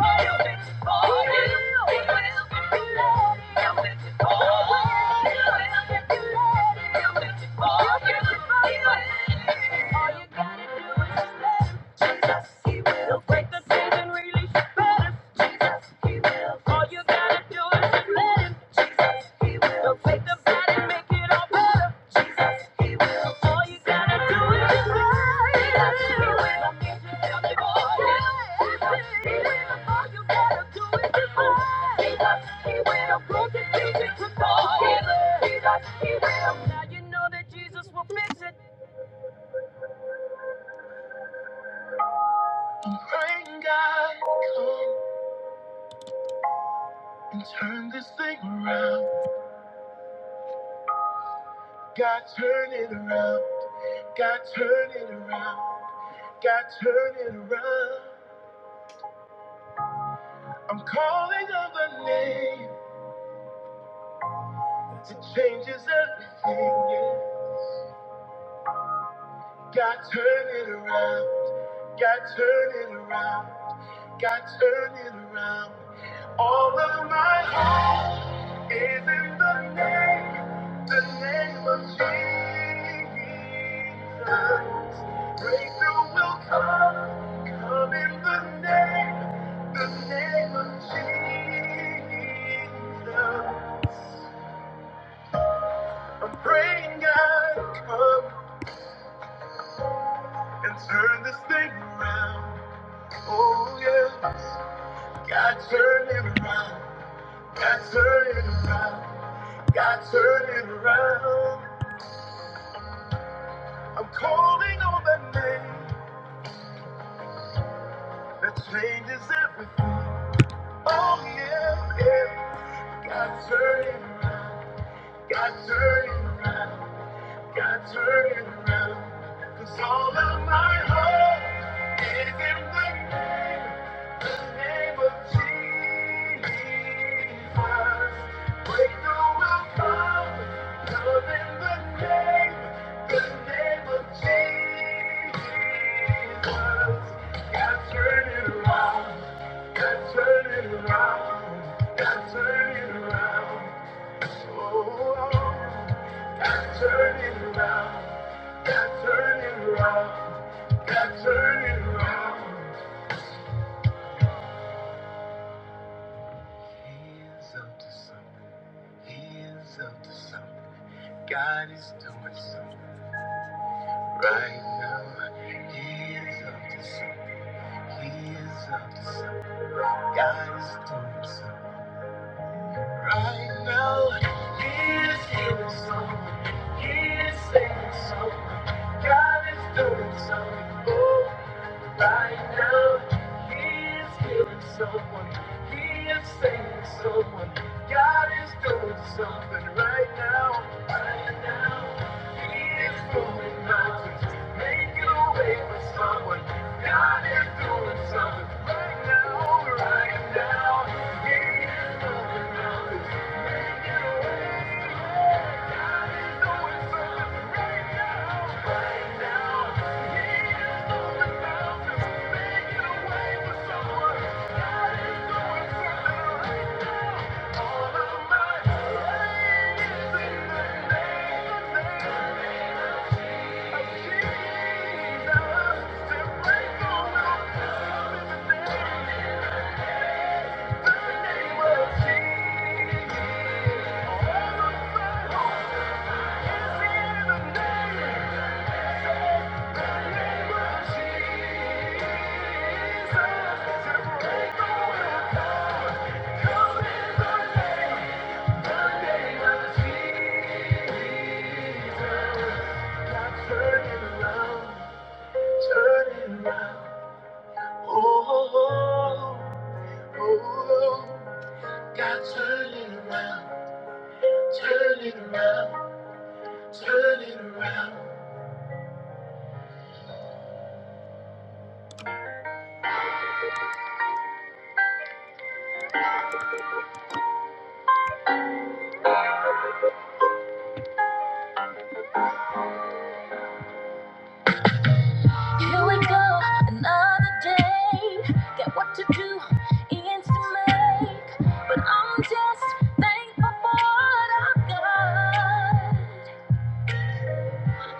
S2: for you. He will. fix it for you. for you. He'll fix it for you. All you gotta do is just let Him. Jesus, He will break the chains and release. He will. Now you know that Jesus will fix it and turn this thing around. God turn it around. God turn it around. God turn it around. I'm calling on the name that changes everything. Yeah. God turn it around. God turn it around. God turn it around. All of my hope is in the name, the name of Jesus. Breakthrough will come, come in the name, the name of Jesus. I'm praying God come and turn this thing around. Oh yeah, God turn it around. God turn it around. God turn it around. I'm calling on that name that changes everything. Oh yeah, yeah. God turn it around. God turn it around. God turn it around. 'Cause all of my hope is in the name, the name of Jesus. Breakthrough will come, love in the name, the name of Jesus. God turn it around. God turn it around. God turn it around. Oh. oh. God turn it around. God turn it around. God turn it around. God, I know He is healing someone. He is saving someone. God is doing something. Oh, right now He is healing someone. He is saving someone. God is doing something right now. Right now He is moving mountains, making a way for someone. God is doing something right now. Right now, turning around. Oh, oh, oh, oh, God, turn it around, turn it around, turn it around. Here we go, another day. Got what to do, ends to make, but I'm just thankful for what I've got.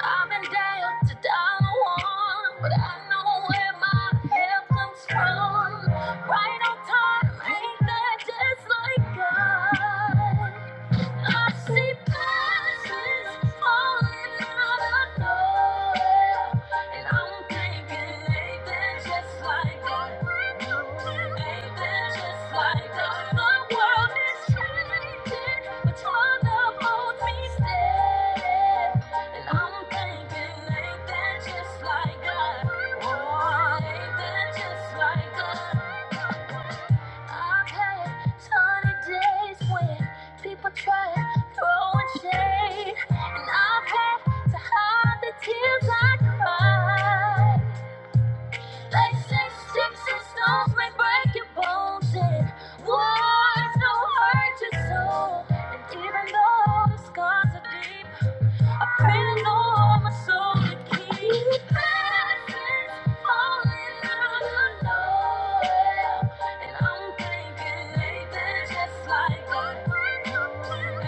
S2: I've been down to dollar one, but I know where my help comes from. Right on time, ain't that just like God? I see promises falling out of nowhere, and I'm thinking, ain't that just like God? Ain't that just like God? The world is changing, but your love holds me steady, and I'm thinking, ain't that just like God? Oh, ain't that just like God? I've had sunny days when people try throwing shade, and I've had to hide the tears I cried. They say sticks and stones may break your bones, and words don't hurt your soul. And even though the scars are deep. I pray the Lord my soul to keep. And I'm thinking, ain't that just like God?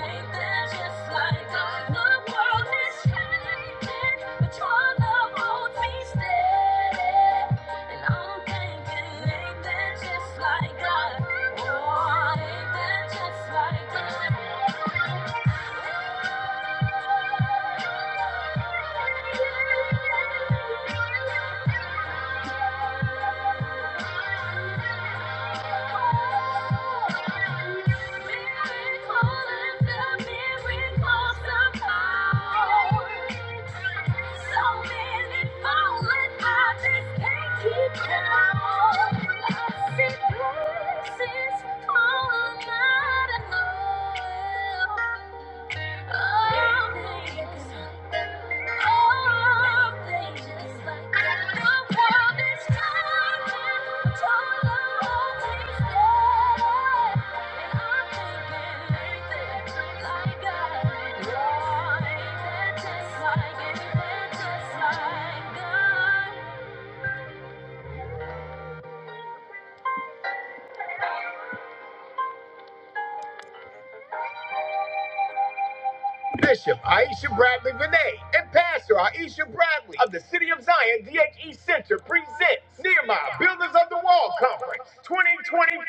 S2: Ain't that just like God? The world is changing, but your love holds me steady. And I'm thinking, ain't that just like God? Oh, ain't that just like God? Blessings are not enough. Just like it, just like God. Bishop Aisha Bradley Vinay and Pastor Aisha Bradley of the City of Zion DHE Center presents Nehemiah Builders of the Wall Conference 2025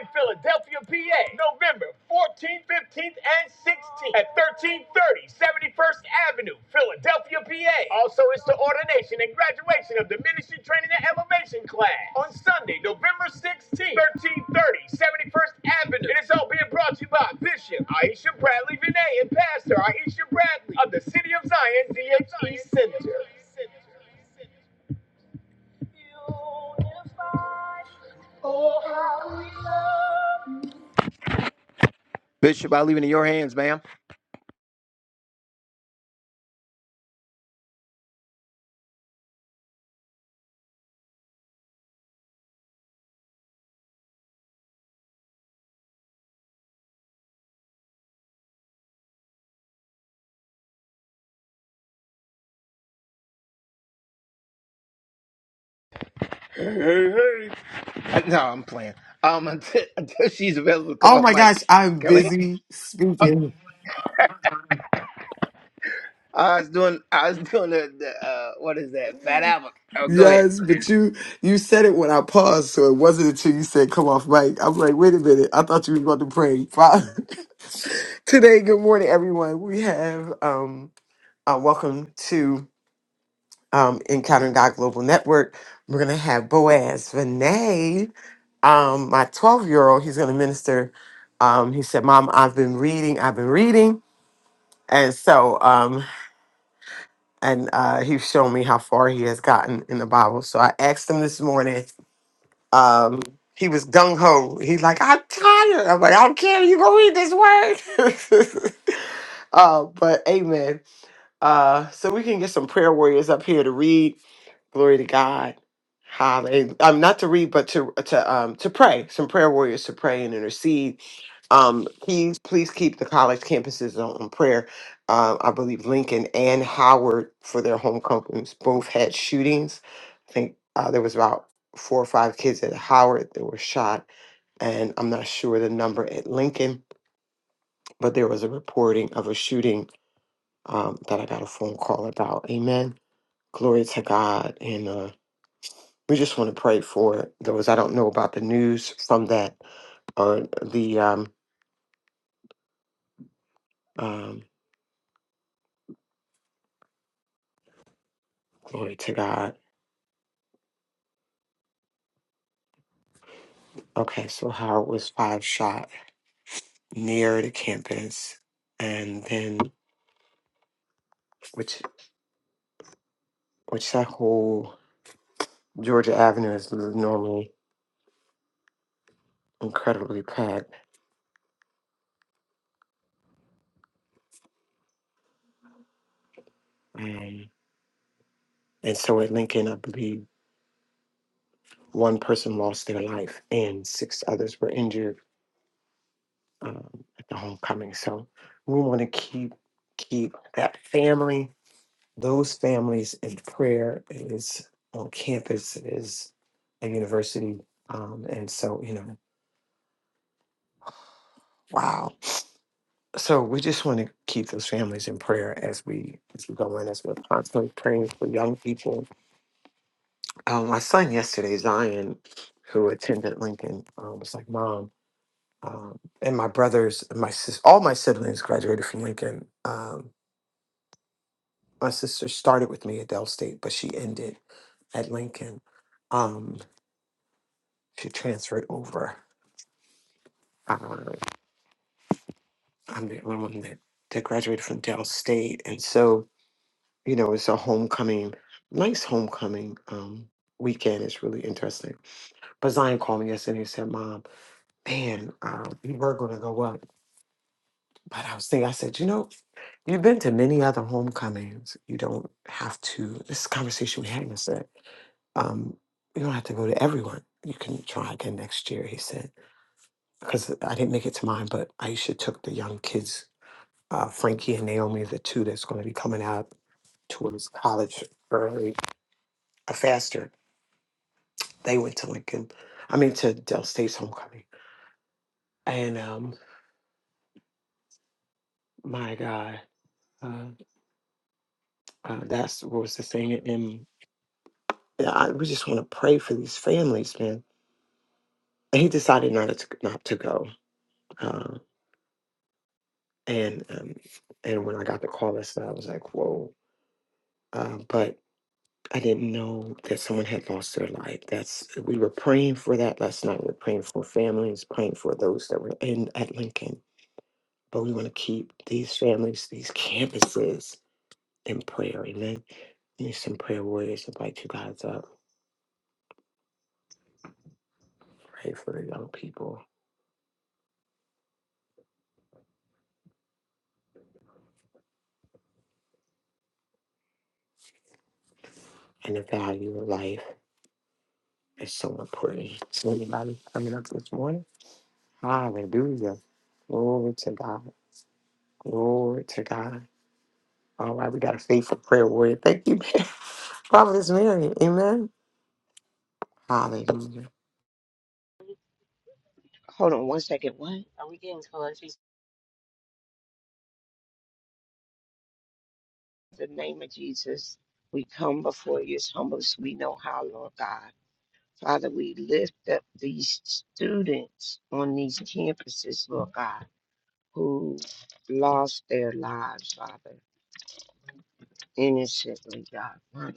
S2: in Philadelphia, PA, November 14th, 15th, and 16th at 1330 71st Avenue, Philadelphia, PA. Also, it's the ordination and graduation of the Ministry Training and Elevation class on Sunday, November 16th, thirty, seventy first Avenue. And it's all being brought to you by Bishop Aisha Bradley Vinay and Pastor Aisha Bradley of the City of Zion DHE Center. Ma'am? Hey, hey, hey. Uh, No, I'm playing. Um, until, until she's available, come
S3: Oh
S2: on,
S3: my
S2: Mike.
S3: gosh, I'm
S2: Kelly.
S3: busy speaking.
S2: I was doing, I was doing the, the uh, what is that? Fat Albert. Oh, go ahead.
S3: Yes, but you you said it when I paused, so it wasn't until you said come off mic. I'm like, wait a minute, I thought you was about to pray. Father- Today, good morning, everyone. We have um uh, welcome to um Encountering God Global Network. We're gonna have Boaz Vinay, um, my 12 year old, he's gonna minister. Um, he said, Mom, I've been reading, I've been reading. And so um. and uh, he showed me how far he has gotten in the Bible. So I asked him this morning. Um, he was gung ho. He's like, I'm tired. I'm like, I don't care. You gonna read this word? uh, but amen. Uh, so we can get some prayer warriors up here to read. Glory to God. Hallelujah. Um, not to read, but to to um to pray. Some prayer warriors to pray and intercede. Um, please please keep the college campuses on, on prayer. Um, I believe Lincoln and Howard for their homecomings both had shootings. I think uh, there was about four or five kids at Howard that were shot, and I'm not sure the number at Lincoln, but there was a reporting of a shooting um, that I got a phone call about. Amen Glory to God. And uh, we just want to pray for those. I don't know about the news from that or the um, um, glory to God. Okay, so Howard was five shot near the campus, and then which which that whole Georgia Avenue is normally incredibly packed. Um, and so at Lincoln, I believe one person lost their life and six others were injured. um, at the homecoming. So we want to keep keep that family, those families in prayer. It is on campus. It is a university, um, and so you know, wow. So we just want to keep those families in prayer as we as we go in, as we're constantly praying for young people. Um, my son yesterday, Zion, who attended Lincoln, um, was like, "Mom." Um, and my brothers, and my sis, all my siblings graduated from Lincoln. Um, My sister started with me at Dell State, but she ended at Lincoln. Um, she transferred over. Uh, I'm the only one that, that graduated from Dell State. And so, you know, it's a homecoming, nice homecoming um, weekend. It's really interesting. But Zion called me yesterday and said, Mom, man, um, we were going to go up. But I was thinking, I said, you know, you've been to many other homecomings. You don't have to. This is a conversation we had yesterday um, you don't have to go to everyone. You can try again next year, he said. Because I didn't make it to mine, but Aisha took the young kids, uh, Frankie and Naomi, the two that's going to be coming out towards college early, uh, faster. They went to Lincoln, I mean, to Dell State's homecoming. And um, my God, uh, uh, that's what was the thing. And yeah, I, we just want to pray for these families, man. And he decided not to, not to go. Uh, and um, and when I got the call that I was like, whoa um, but I didn't know that someone had lost their life. That's we were praying for that last night. We are praying for families, praying for those that were in at Lincoln. But we want to keep these families, these campuses in prayer. Amen. Need some prayer warriors. Invite you guys up. Pray for the young people and the value of life is so important. So anybody coming up this morning? Hallelujah. Glory to God. Glory to God. All right, we got a faithful prayer warrior. Thank you, Prophetess Mary. Amen. Hallelujah.
S4: Hold on one second. What? Are we getting close? He said, In the name of Jesus, we come before you as humble as we know how, Lord God. Father, we lift up these students on these campuses, Lord God, who lost their lives, Father, innocently, God. Father,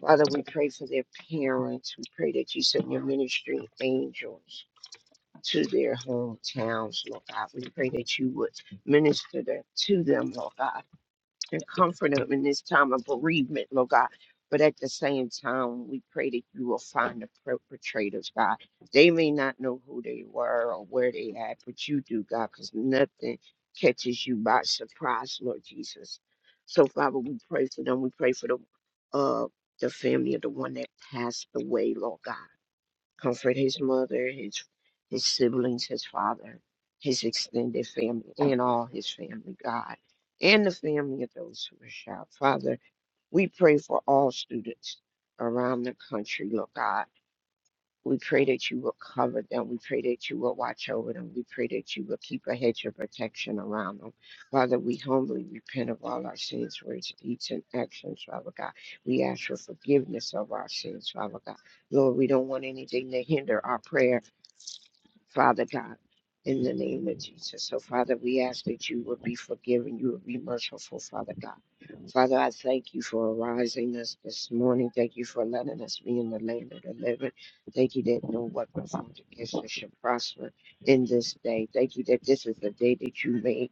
S4: Father, we pray for their parents. We pray that you send your ministry angels to their hometowns, Lord God. We pray that you would minister to them, Lord God and comfort them in this time of bereavement, Lord God. But at the same time, we pray that you will find the perpetrators, God. They may not know who they were or where they at, but you do, God, because nothing catches you by surprise, Lord Jesus. So, Father, we pray for them. We pray for the uh the family of the one that passed away, Lord God comfort his mother, his his siblings, his father, his extended family, and all his family, God, and the family of those who are shot. Father, we pray for all students around the country, Lord God. We pray that you will cover them. We pray that you will watch over them. We pray that you will keep a hedge of protection around them. Father, we humbly repent of all our sins, words, deeds, and actions, Father God. We ask for forgiveness of our sins, Father God. Lord, we don't want anything to hinder our prayer Father God, in the name of Jesus. So, Father, we ask that you would be forgiving, you would be merciful, Father God. Father, I thank you for arising us this morning. Thank you for letting us be in the land of the living. Thank you that no weapon formed against us shall prosper in this day. Thank you that this is the day that you made.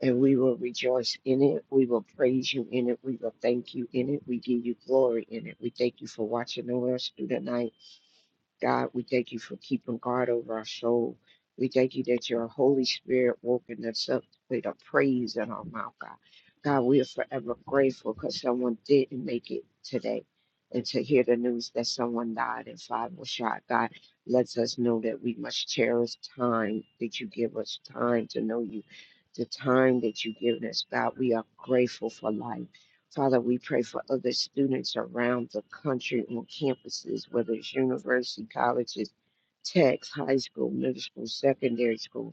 S4: And we will rejoice in it. We will praise you in it. We will thank you in it. We give you glory in it. We thank you for watching over us through the night. God, we thank you for keeping guard over our soul. We thank you that your Holy Spirit woken us up with a praise in our mouth, God. God, we are forever grateful because someone didn't make it today. And to hear the news that someone died and five were shot, God, lets us know that we must cherish time that you give us time to know you, the time that you give us, God. We are grateful for life. Father, we pray for other students around the country on campuses, whether it's university, colleges, techs, high school, middle school, secondary school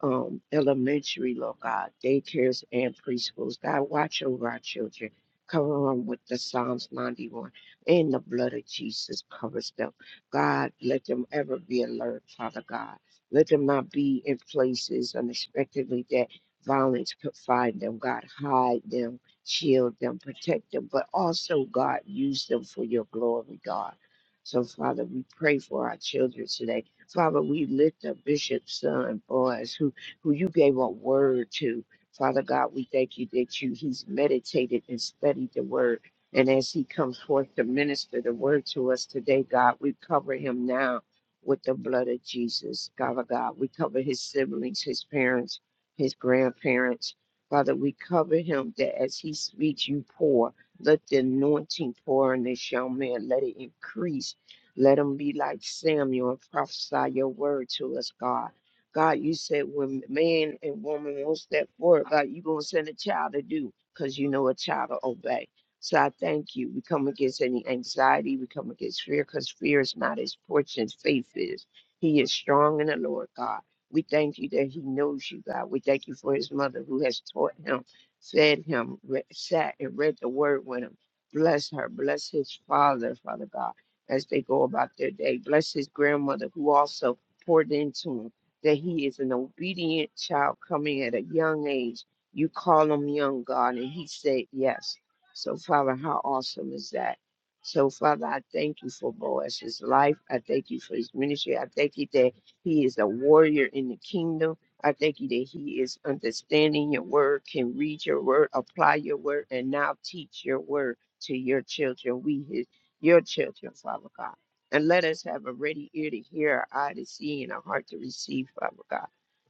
S4: um, elementary, Lord God, daycares and preschools. God, watch over our children. Cover them with the Psalms 91 and the blood of Jesus covers them. God, let them ever be alert, Father God. Let them not be in places unexpectedly that violence could find them. God, hide them, shield them, protect them, but also, God, use them for your glory, God. So, Father, we pray for our children today. Father, we lift up Bishop's son, Boaz, who who you gave a word to. Father God, we thank you that you he's meditated and studied the word. And as he comes forth to minister the word to us today, God, we cover him now with the blood of Jesus. Father God, we cover his siblings, his parents, his grandparents. Father, we cover him that as he speaks, you pour. Let the anointing pour on this young man. Let it increase. Let him be like Samuel and prophesy your word to us, God. God, you said when man and woman won't step forward, God, you gonna send a child to do, cause you know a child to obey. So I thank you. We come against any anxiety, we come against fear, cause fear is not his portion. Faith is. He is strong in the Lord God. We thank you that he knows you, God. We thank you for his mother who has taught him, fed him, re- sat and read the word with him. Bless her. Bless his father, Father God, as they go about their day. Bless his grandmother who also poured into him that he is an obedient child coming at a young age. You call him young God, and he said yes. So, Father, how awesome is that? So, Father, I thank you for Boaz's life. I thank you for his ministry. I thank you that he is a warrior in the kingdom. I thank you that he is understanding your word, can read your word, apply your word, and now teach your word to your children. We, his, your children, Father God. And let us have a ready ear to hear, a eye to see, and a heart to receive, Father God,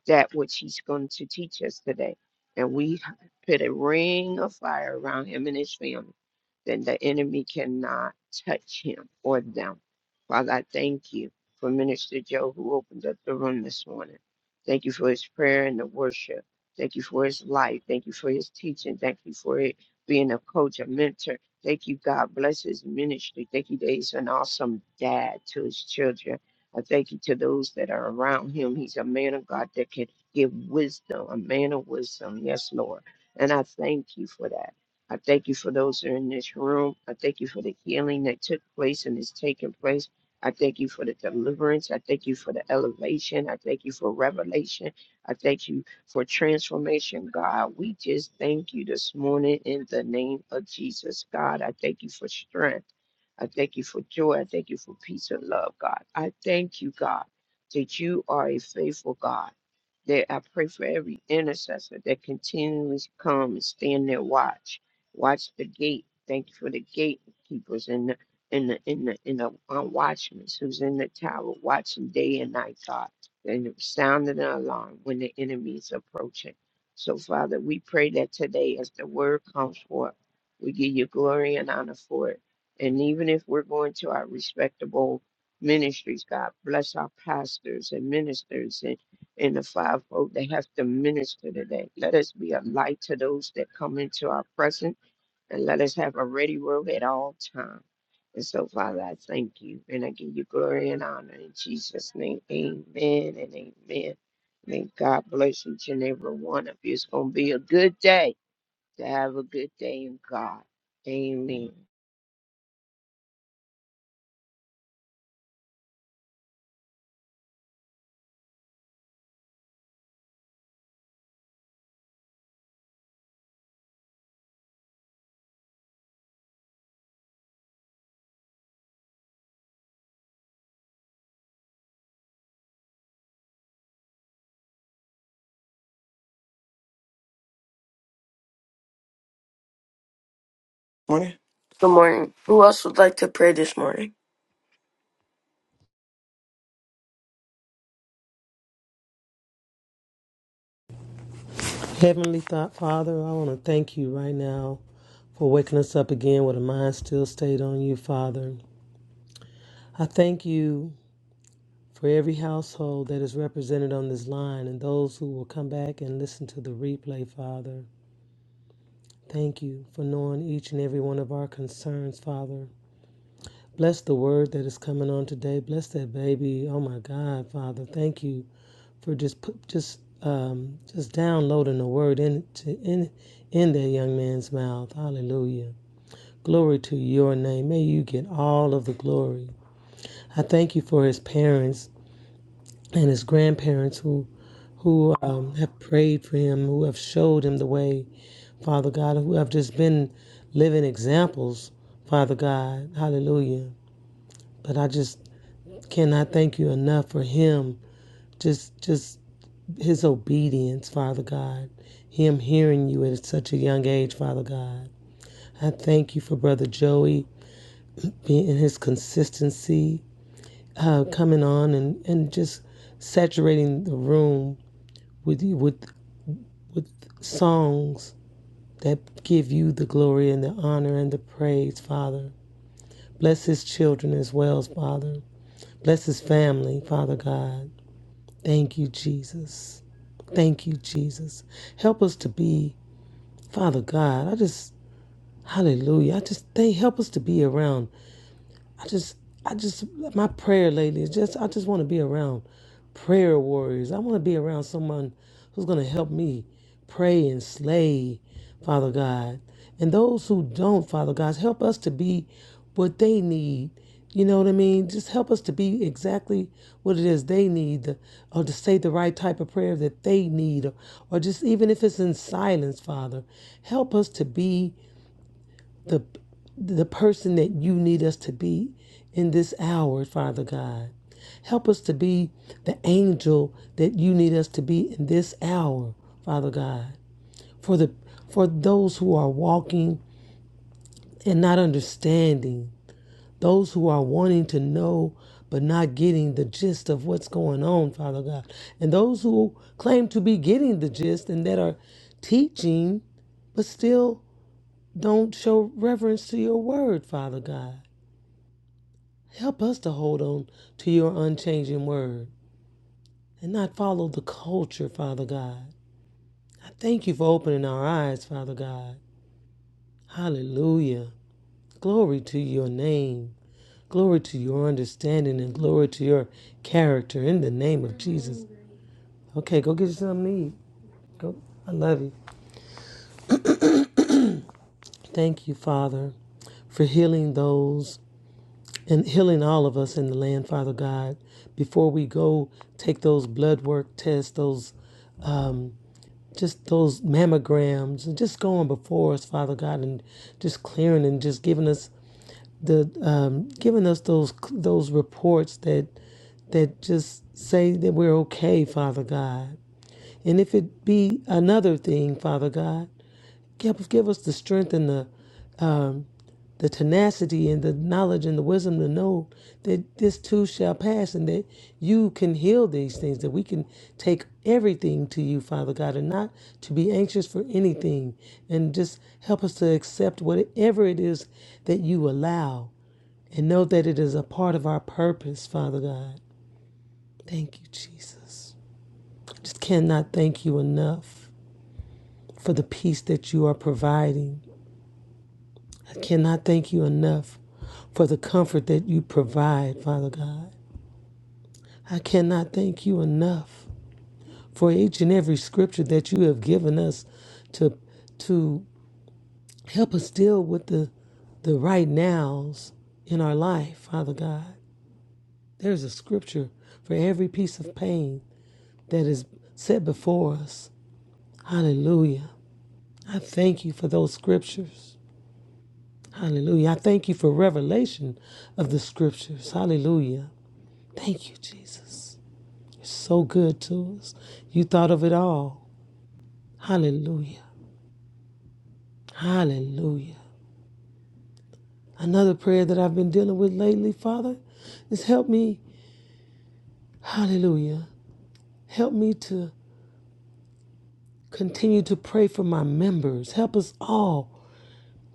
S4: that which He's going to teach us today. And we put a ring of fire around Him and His family, then the enemy cannot touch Him or them. Father, I thank you for Minister Joe who opened up the room this morning. Thank you for his prayer and the worship. Thank you for his life. Thank you for his teaching. Thank you for it being a coach, a mentor Thank you, God. Bless his ministry. Thank you that he's an awesome dad to his children. I thank you to those that are around him. He's a man of God that can give wisdom, a man of wisdom. Yes, Lord. And I thank you for that. I thank you for those that are in this room. I thank you for the healing that took place and is taking place. I thank you for the deliverance. I thank you for the elevation. I thank you for revelation. I thank you for transformation, God. We just thank you this morning in the name of Jesus, God. I thank you for strength. I thank you for joy. I thank you for peace and love, God. I thank you, God, that you are a faithful God. That I pray for every intercessor that continually come and stand there, watch, watch the gate. Thank you for the gatekeepers and the in the in the in the uh, watchmen who's in the tower watching day and night, God and sounding an alarm when the enemy is approaching. So, Father, we pray that today, as the word comes forth, we give you glory and honor for it. And even if we're going to our respectable ministries, God, bless our pastors and ministers and, and the fivefold that have to minister today. Let us be a light to those that come into our presence and let us have a ready word at all times. And so, Father, I thank you and I give you glory and honor in Jesus' name. Amen and amen. May God bless each and every one of you. It's going to be a good day to have a good day in God. Amen.
S3: Morning. Good morning. Who else would like to pray this morning?
S5: Heavenly Father, I want to thank you right now for waking us up again with a mind still stayed on you, Father. I thank you for every household that is represented on this line and those who will come back and listen to the replay, Father. Thank you for knowing each and every one of our concerns, Father. Bless the word that is coming on today. Bless that baby. Oh my God, Father. Thank you for just put, just um, just downloading the word in, to, in in that young man's mouth. Hallelujah. Glory to your name. May you get all of the glory. I thank you for his parents and his grandparents who who um, have prayed for him, who have showed him the way, Father God, who have just been living examples, Father God. Hallelujah. But I just cannot thank you enough for him. Just just his obedience, Father God. Him hearing you at such a young age, Father God. I thank you for Brother Joey being in his consistency uh, coming on and, and just saturating the room with with with songs that give you the glory and the honor and the praise, Father. Bless his children as well, Father. Bless his family, Father God. Thank you, Jesus. Thank you, Jesus. Help us to be, Father God. I just hallelujah. I just they help us to be around I just, I just, my prayer lately is just, I just want to be around prayer warriors. I want to be around someone who's going to help me pray and slay, Father God. And those who don't, Father God, help us to be what they need. You know what I mean? Just help us to be exactly what it is they need, or to say the right type of prayer that they need, or, or just even if it's in silence, Father, help us to be the the person that you need us to be in this hour, Father God. Help us to be the angel that you need us to be in this hour, Father God. For the for those who are walking and not understanding, those who are wanting to know but not getting the gist of what's going on, Father God. And those who claim to be getting the gist and that are teaching but still don't show reverence to your word, Father God. Help us to hold on to your unchanging word and not follow the culture, Father God. I thank you for opening our eyes, Father God. Hallelujah. Glory to your name. Glory to your understanding and glory to your character in the name of Jesus. Okay, go get you something to eat. Go. I love you. Thank you, Father, for healing those and healing all of us in the land, Father God. Before we go take those blood work tests, those um, just those mammograms and just going before us, Father God, and just clearing and just giving us the um, giving us those those reports that that just say that we're okay, Father God. And if it be another thing, Father God, give, give us the strength and the um, the tenacity and the knowledge and the wisdom to know that this too shall pass and that you can heal these things, that we can take everything to you, Father God, and not to be anxious for anything. And just help us to accept whatever it is that you allow and know that it is a part of our purpose, Father God. Thank you, Jesus. I just cannot thank you enough for the peace that you are providing I cannot thank you enough for the comfort that you provide, Father God. I cannot thank you enough for each and every scripture that you have given us to to help us deal with the the right nows in our life, Father God. There's a scripture for every piece of pain that is set before us. Hallelujah. I thank you for those scriptures. Hallelujah. I thank you for revelation of the scriptures. Hallelujah. Thank you, Jesus. You're so good to us. You thought of it all. Hallelujah. Hallelujah. Another prayer that I've been dealing with lately, Father, is help me. Hallelujah. Help me to continue to pray for my members. Help us all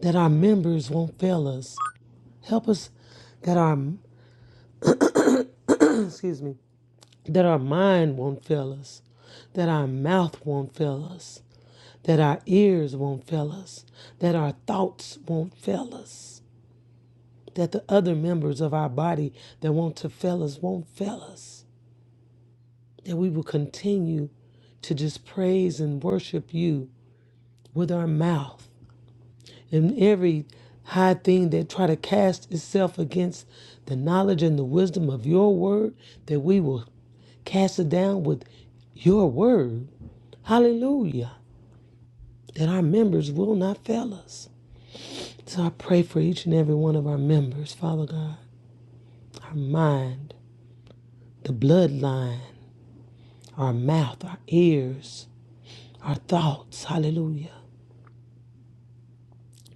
S5: that our members won't fail us. Help us that our excuse me, that our mind won't fail us, that our mouth won't fail us, that our ears won't fail us, that our thoughts won't fail us. that the other members of our body that want to fail us won't fail us, that we will continue to just praise and worship you with our mouth and every high thing that try to cast itself against the knowledge and the wisdom of your word that we will cast it down with your word hallelujah that our members will not fail us so i pray for each and every one of our members father god our mind the bloodline our mouth, our ears, our thoughts, hallelujah,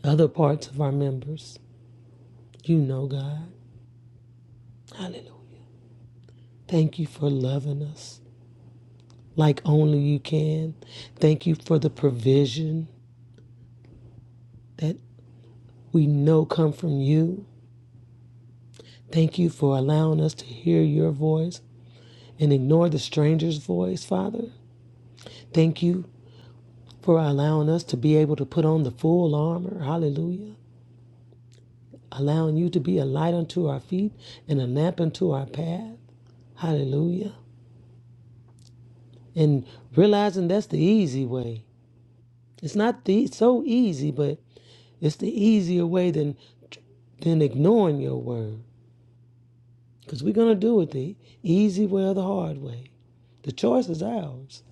S5: other parts of our members. You know, God, hallelujah. Thank you for loving us like only you can. Thank you for the provision that we know come from you. Thank you for allowing us to hear your voice and ignore the stranger's voice, Father. Thank you for allowing us to be able to put on the full armor. Hallelujah. Allowing you to be a light unto our feet and a lamp unto our path. Hallelujah. And realizing that's the easy way. It's not the so easy, but it's the easier way than than ignoring your word. Because we're gonna do it the easy way or the hard way. The choice is ours.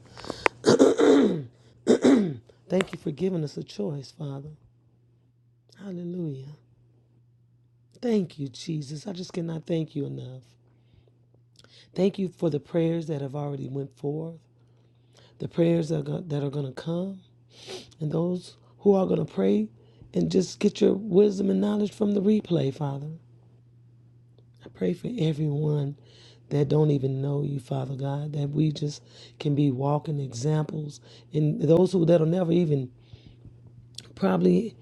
S5: Thank you for giving us a choice, Father. Hallelujah. Thank you, Jesus. I just cannot thank you enough. Thank you for the prayers that have already went forth, the prayers that are going to come. and those who are going to pray and just get your wisdom and knowledge from the replay, Father. I pray for everyone that don't even know you, Father God, that we just can be walking examples and those who that'll never even probably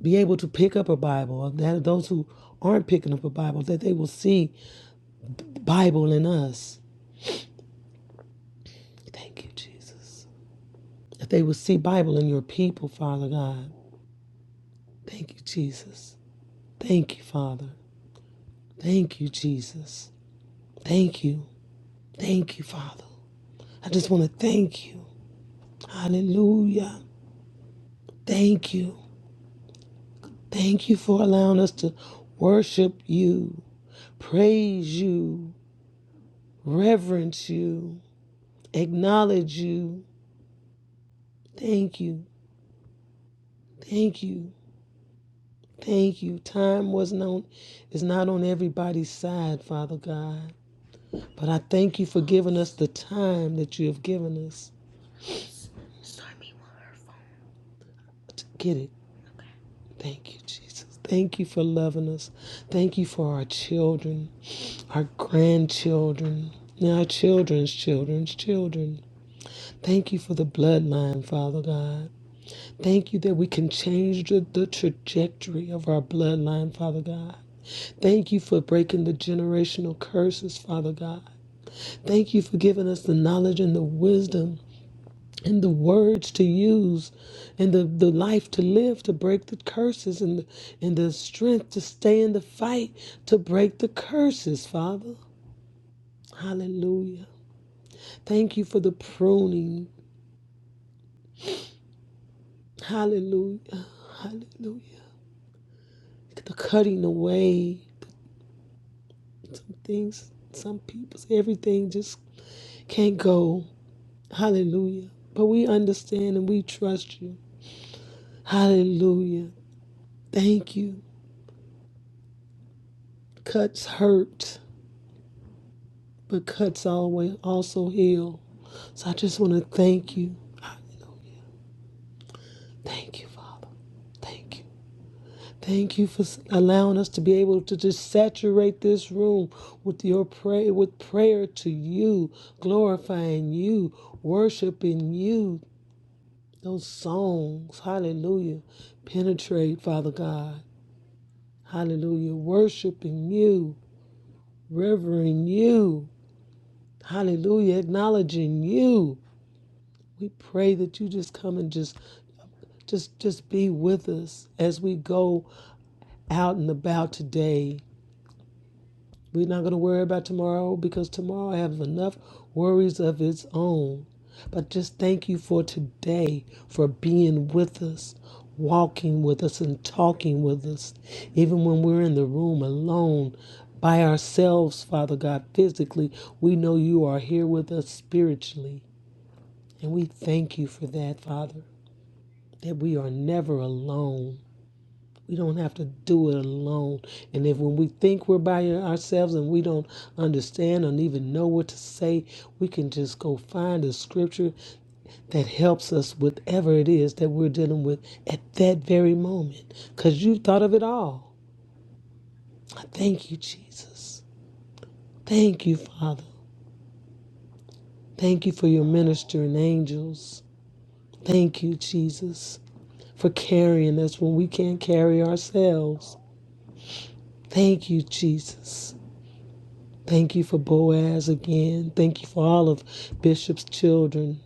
S5: be able to pick up a Bible, or that those who aren't picking up a Bible, that they will see Bible in us. Thank you, Jesus. That they will see Bible in your people, Father God. Thank you, Jesus. Thank you, Father. Thank you, Jesus. Thank you. Thank you, Father. I just want to thank you. Hallelujah. Thank you. Thank you for allowing us to worship you, praise you, reverence you, acknowledge you. Thank you. Thank you. Thank you. Time was not is not on everybody's side, Father God. But I thank you for giving us the time that you have given us to get it. Thank you, Jesus. Thank you for loving us. Thank you for our children. our grandchildren, and our children's children's children. Thank you for the bloodline, Father God. Thank you that we can change the, the trajectory of our bloodline, Father God. Thank you for breaking the generational curses, Father God. Thank you for giving us the knowledge and the wisdom and the words to use and the, the life to live to break the curses and the, and the strength to stay in the fight to break the curses, Father. Hallelujah. Thank you for the pruning. Hallelujah. Hallelujah. The cutting away. Some things, some people's, everything just can't go. Hallelujah. But we understand and we trust you. Hallelujah. Thank you. Cuts hurt, but cuts always also heal. So I just want to thank you. Hallelujah. Thank you, Father. Thank you. Thank you for allowing us to be able to just saturate this room with your prayer, with prayer to you, glorifying you, worshiping you. Those songs, hallelujah, penetrate, Father God, hallelujah, worshiping you, revering you, hallelujah, acknowledging you. We pray that you just come and just, just, just be with us as we go out and about today We're not going to worry about tomorrow because tomorrow has enough worries of its own. But just thank you for today, for being with us, walking with us, and talking with us. Even when we're in the room alone by ourselves, Father God, physically, we know you are here with us spiritually. And we thank you for that, Father, that we are never alone we don't have to do it alone. And if when we think we're by ourselves and we don't understand and even know what to say, we can just go find a scripture that helps us with whatever it is that we're dealing with at that very moment. Because you thought of it all. I thank you, Jesus. Thank you, Father. Thank you for your ministering angels. Thank you, Jesus, for carrying us when we can't carry ourselves. Thank you, Jesus. Thank you for Boaz again. Thank you for all of Bishop's children.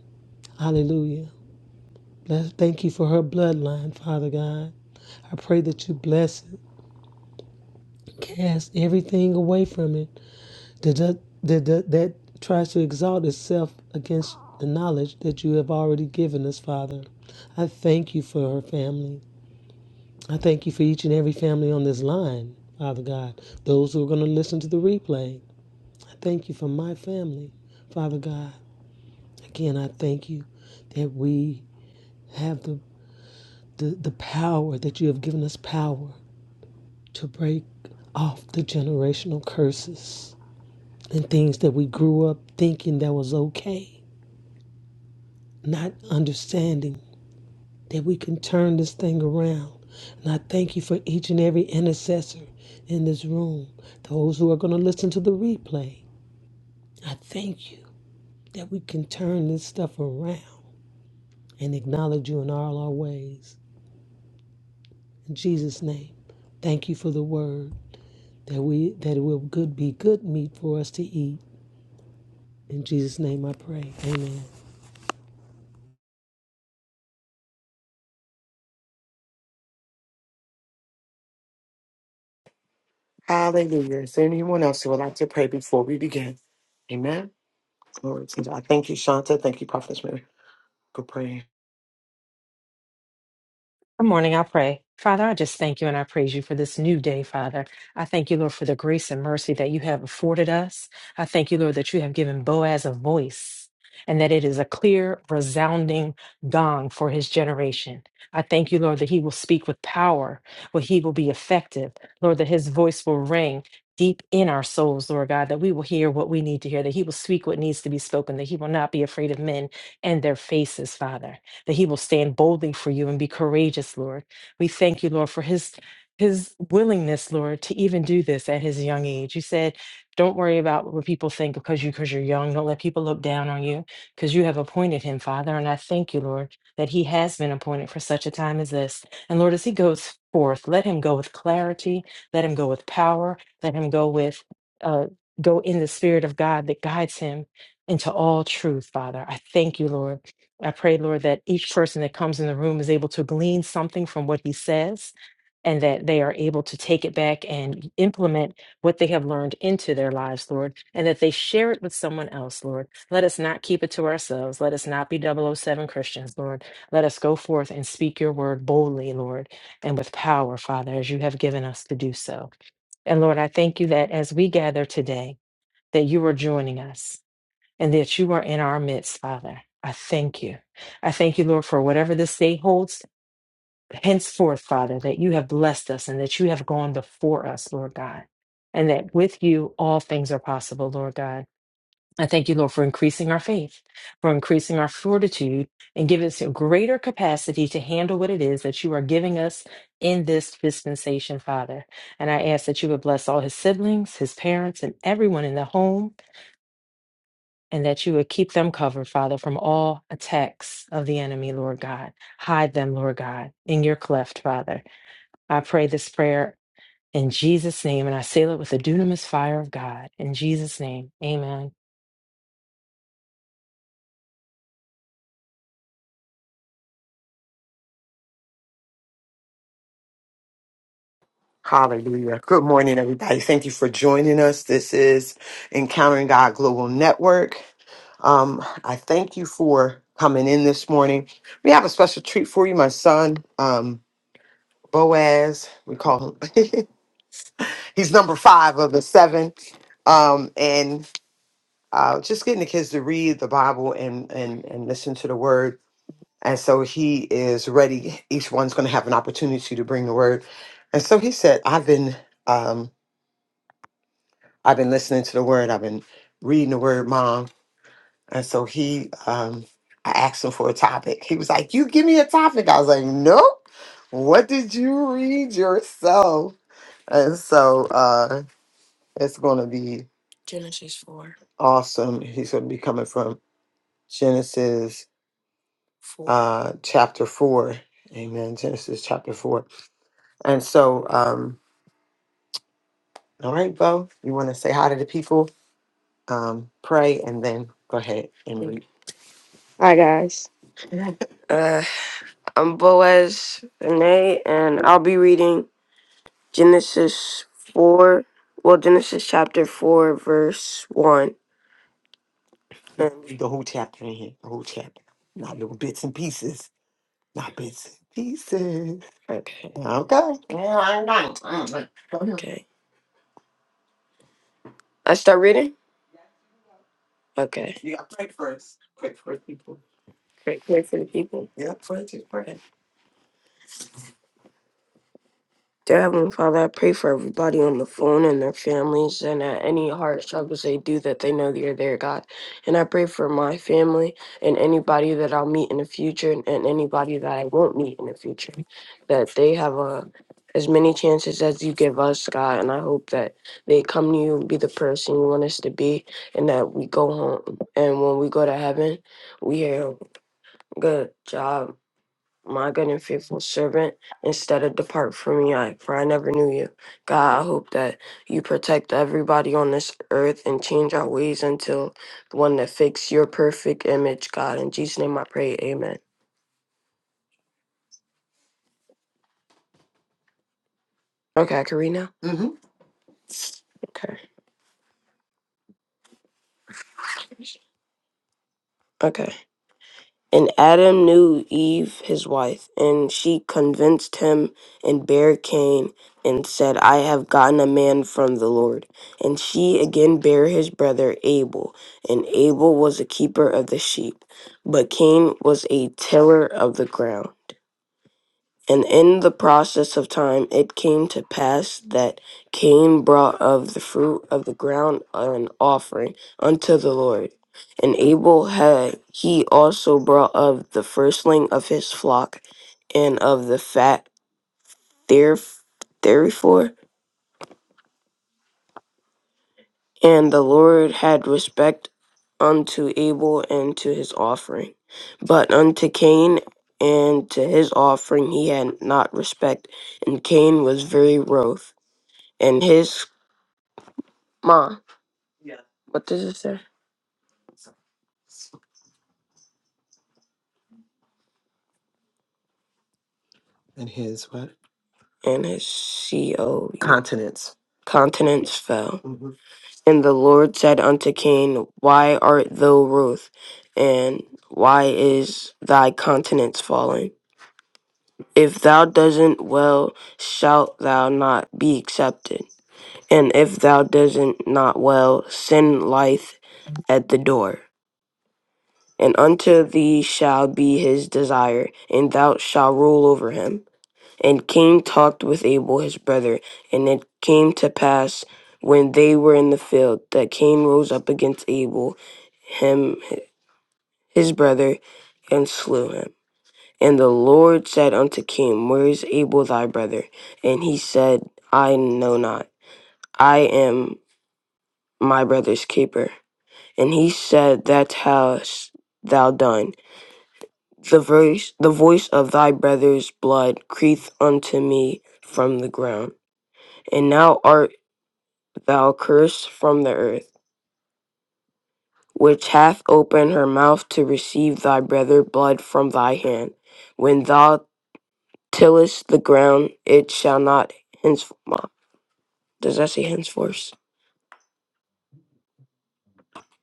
S5: Hallelujah. Bless, thank you for her bloodline, Father God. I pray that you bless it. Cast everything away from it that, that, that, that, that tries to exalt itself against the knowledge that you have already given us, Father. I thank you for her family. I thank you for each and every family on this line, Father God. Those who are going to listen to the replay, I thank you for my family, Father God. Again, I thank you that we have the, the, the power, that you have given us power to break off the generational curses and things that we grew up thinking that was okay, not understanding that we can turn this thing around. And I thank you for each and every intercessor in this room, those who are going to listen to the replay. I thank you that we can turn this stuff around and acknowledge you in all our ways. In Jesus' name, thank you for the word that we that it will good be good meat for us to eat. In Jesus' name, I pray. Amen.
S3: Hallelujah. Is there anyone else who would like to pray before we begin? Amen. Glory to God. Thank you, Shanta. Thank you, Prophetess Mary, for praying.
S6: Good morning, I pray. Father, I just thank you and I praise you for this new day, Father. I thank you, Lord, for the grace and mercy that you have afforded us. I thank you, Lord, that you have given Boaz a voice and that it is a clear, resounding gong for his generation. I thank you, Lord, that he will speak with power, where he will be effective. Lord, that his voice will ring deep in our souls, Lord God, that we will hear what we need to hear, that he will speak what needs to be spoken, that he will not be afraid of men and their faces, Father that he will stand boldly for you and be courageous, Lord. We thank you, Lord, for his his willingness, Lord, to even do this at his young age. You said, don't worry about what people think because you because you're young. Don't let people look down on you because you have appointed him, Father. And I thank you, Lord, that he has been appointed for such a time as this. And Lord, as he goes forth, let him go with clarity, let him go with power, let him go with uh go in the spirit of God that guides him into all truth, Father. I thank you, Lord. I pray, Lord, that each person that comes in the room is able to glean something from what he says and that they are able to take it back and implement what they have learned into their lives, Lord, and that they share it with someone else, Lord. Let us not keep it to ourselves. Let us not be double oh 007 Christians, Lord. Let us go forth and speak your word boldly, Lord, and with power, Father, as you have given us to do so. And Lord, I thank you that as we gather today, that you are joining us and that you are in our midst, Father. I thank you. I thank you, Lord, for whatever this day holds henceforth, Father, that you have blessed us and that you have gone before us, Lord God, and that with you all things are possible, Lord God. I thank you, Lord, for increasing our faith, for increasing our fortitude, and give us a greater capacity to handle what it is that you are giving us in this dispensation, Father. And I ask that you would bless all his siblings, his parents, and everyone in the home and that you would keep them covered, Father, from all attacks of the enemy, Lord God. Hide them, Lord God, in your cleft, Father. I pray this prayer in Jesus' name, and I seal it with the dunamis fire of God. In Jesus' name, amen.
S3: Hallelujah. Good morning, everybody. Thank you for joining us. This is Encountering God Global Network. Um, I thank you for coming in this morning. We have a special treat for you, my son. Um. Boaz, we call him. He's number five of the seven. Um, and uh, just getting the kids to read the Bible and, and, and listen to the word. And so he is ready. Each one's going to have an opportunity to bring the word. And so he said, I've been, um, I've been listening to the word. I've been reading the word, mom. And so he, um, I asked him for a topic. He was like, you give me a topic. I was like, nope. What did you read yourself? And so, uh, It's going to be Genesis 4. awesome. He's going to be coming from Genesis 4. uh, chapter 4. Amen. Genesis chapter 4. And so, um, all right, Bo, you want to say hi to the people, um, pray, and then go ahead and read. Hi, guys. Uh, I'm Boaz Vinay, and I'll be reading Genesis 4. Well, Genesis chapter 4, verse 1. Girl, read the whole chapter in here. The whole chapter. Not little bits and pieces. Not bits and pieces. Okay. Okay. Yeah, I know. Mm. Go ahead. Okay. I start reading? Okay. You got to pray first. Pray for the people. Pray, Pray for the people. Yeah, pray to pray. Dear Heavenly Father, I pray for everybody on the phone and their families and at any hard struggles they do that they know that you're there, God. And I pray for my family and anybody that I'll meet in the future and anybody that I won't meet in the future, that they have a as many chances as you give us, God. And I hope that they come to you and be the person you want us to be and that we go home. And when we go to heaven, we hear, good job my good and faithful servant, instead of depart from me, I, for I never knew you. God, I hope that you protect everybody on this earth and change our ways until the one that fits your perfect image, God. In Jesus' name I pray, amen. Okay, I can read now? hmm Okay. Okay. And Adam knew Eve his wife, and she convinced him and bare Cain and said, I have gotten a man from the Lord. And she again bare his brother Abel, and Abel was a keeper of the sheep, but Cain was a tiller of the ground. And in the process of time it came to pass that Cain brought of the fruit of the ground an offering unto the Lord. And Abel had he also brought of the firstling of his flock and of the fat there therefore. And the Lord had respect unto Abel and to his offering. But unto Cain and to his offering he had not respect, and Cain was very wroth. and his mom. Yeah. What does it say? And his what? And his co. Continents. Continents fell. hmm And the Lord said unto Cain, Why art thou wroth? And why is thy countenance fallen? If thou doesn't well, shalt thou not be accepted. And if thou doesn't not well, sin lieth at the door. And unto thee shall be his desire, and thou shalt rule over him. And Cain talked with Abel his brother. And it came to pass when they were in the field that Cain rose up against Abel, him his brother, and slew him. And the Lord said unto Cain, Where is Abel thy brother? And he said, I know not. I am my brother's keeper. And he said, That hast thou done. The voice, the voice of thy brother's blood crieth unto me from the ground. And now art thou curse from the earth, which hath opened her mouth to receive thy brother blood from thy hand. When thou tillest the ground, it shall not henceforth. Does that say henceforth?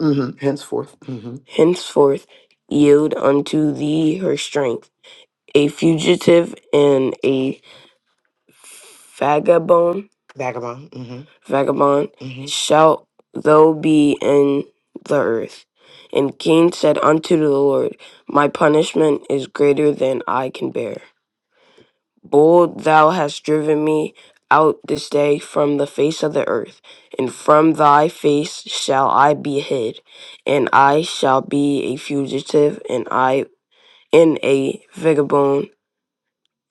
S3: hmm Henceforth. hmm Henceforth yield unto thee her strength. A fugitive and a vagabond, Vagabond. hmm vagabond hmm shalt thou be in the earth. And Cain said unto the Lord, My punishment is greater than I can bear. Bold thou hast driven me out this day from the face of the earth, and from thy face shall I be hid, and I shall be a fugitive, and I in a vagabond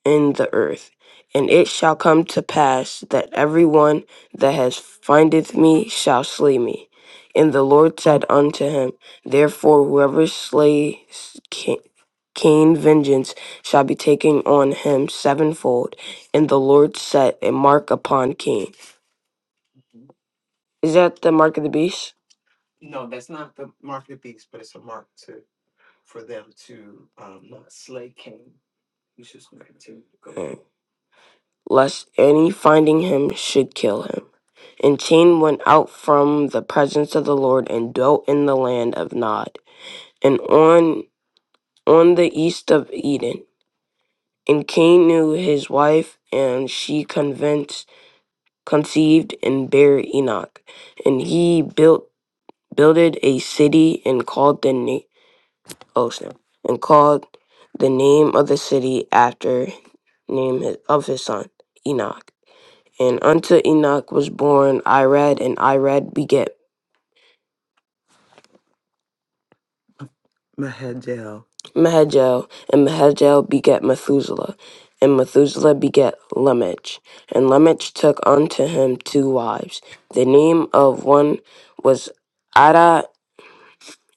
S3: in the earth. And it shall come to pass that every one that has findeth me shall slay me. And the Lord said unto him, Therefore, whoever slays Ca- Cain, vengeance shall be taken on him sevenfold. And the Lord set a mark upon Cain. Is that the mark of the beast? No, that's not not the the mark mark of the beast, but it's a to to for them to um, not slay Cain. You should slay too. lest any finding him should kill him. And Cain went out from the presence of the Lord and dwelt in the land of Nod, and on on the east of Eden. And Cain knew his wife, and she convinced, conceived and bare Enoch. And he built builded a city and called the name oh snap, and called the name of the city after name of his son Enoch. And unto Enoch was born Irad, and Irad begat Mahajel. Mahajel, and Mahajel begat Methuselah, and Methuselah begat Lamech. And Lamech took unto him two wives. The name of one was Ada,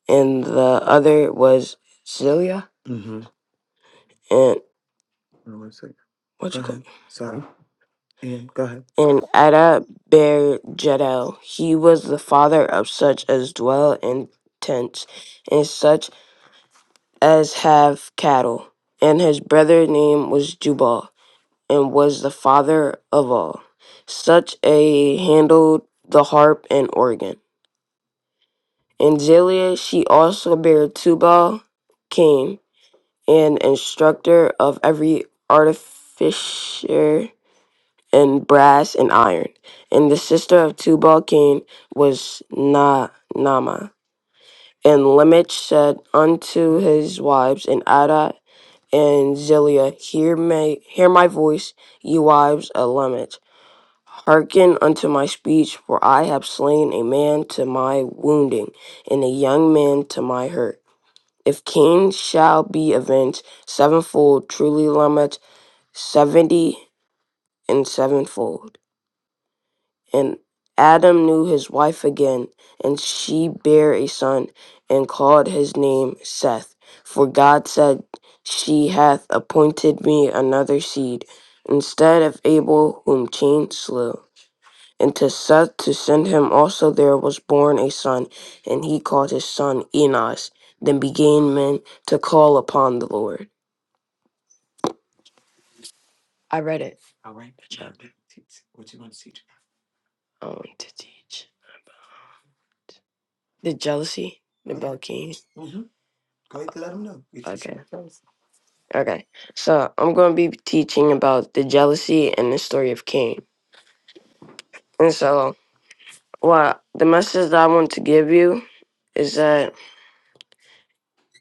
S3: and the other was Zillah. Mm-hmm. And Hold on One second. what's Go it called? ahead. Sorry. Yeah, go ahead. and Ada bare Jedel. He was the father of such as dwell in tents, and such as have cattle. And his brother name was Jubal, and was the father of all. Such a handled the harp and organ. And Zelia she also bare Tubal, Cain, an instructor of every artificer and brass and iron. And the sister of Tubal Cain was Na- Nama. And Lemech said unto his wives and Ada and Zillah, hear my, hear my voice, ye wives of Lemech. Hearken unto my speech, for I have slain a man to my wounding, and a young man to my hurt. If Cain shall be avenged sevenfold, truly Lamech seventy and sevenfold. And Adam knew his wife again, and she bare a son, and called his name Seth. For God said, She hath appointed me another seed, instead of Abel, whom Cain slew. And to Seth to send him also there was born a son, and he called his son Enos. Then began men to call upon the Lord. I read it. All right. Good job. What you going to teach? Um, to teach. The jealousy, the Belkane. Mm-hmm. Go ahead and let them know. Get you see Okay. some Okay. So I'm going to be teaching about the jealousy and the story of Cain. And so, what the message that I want to give you is that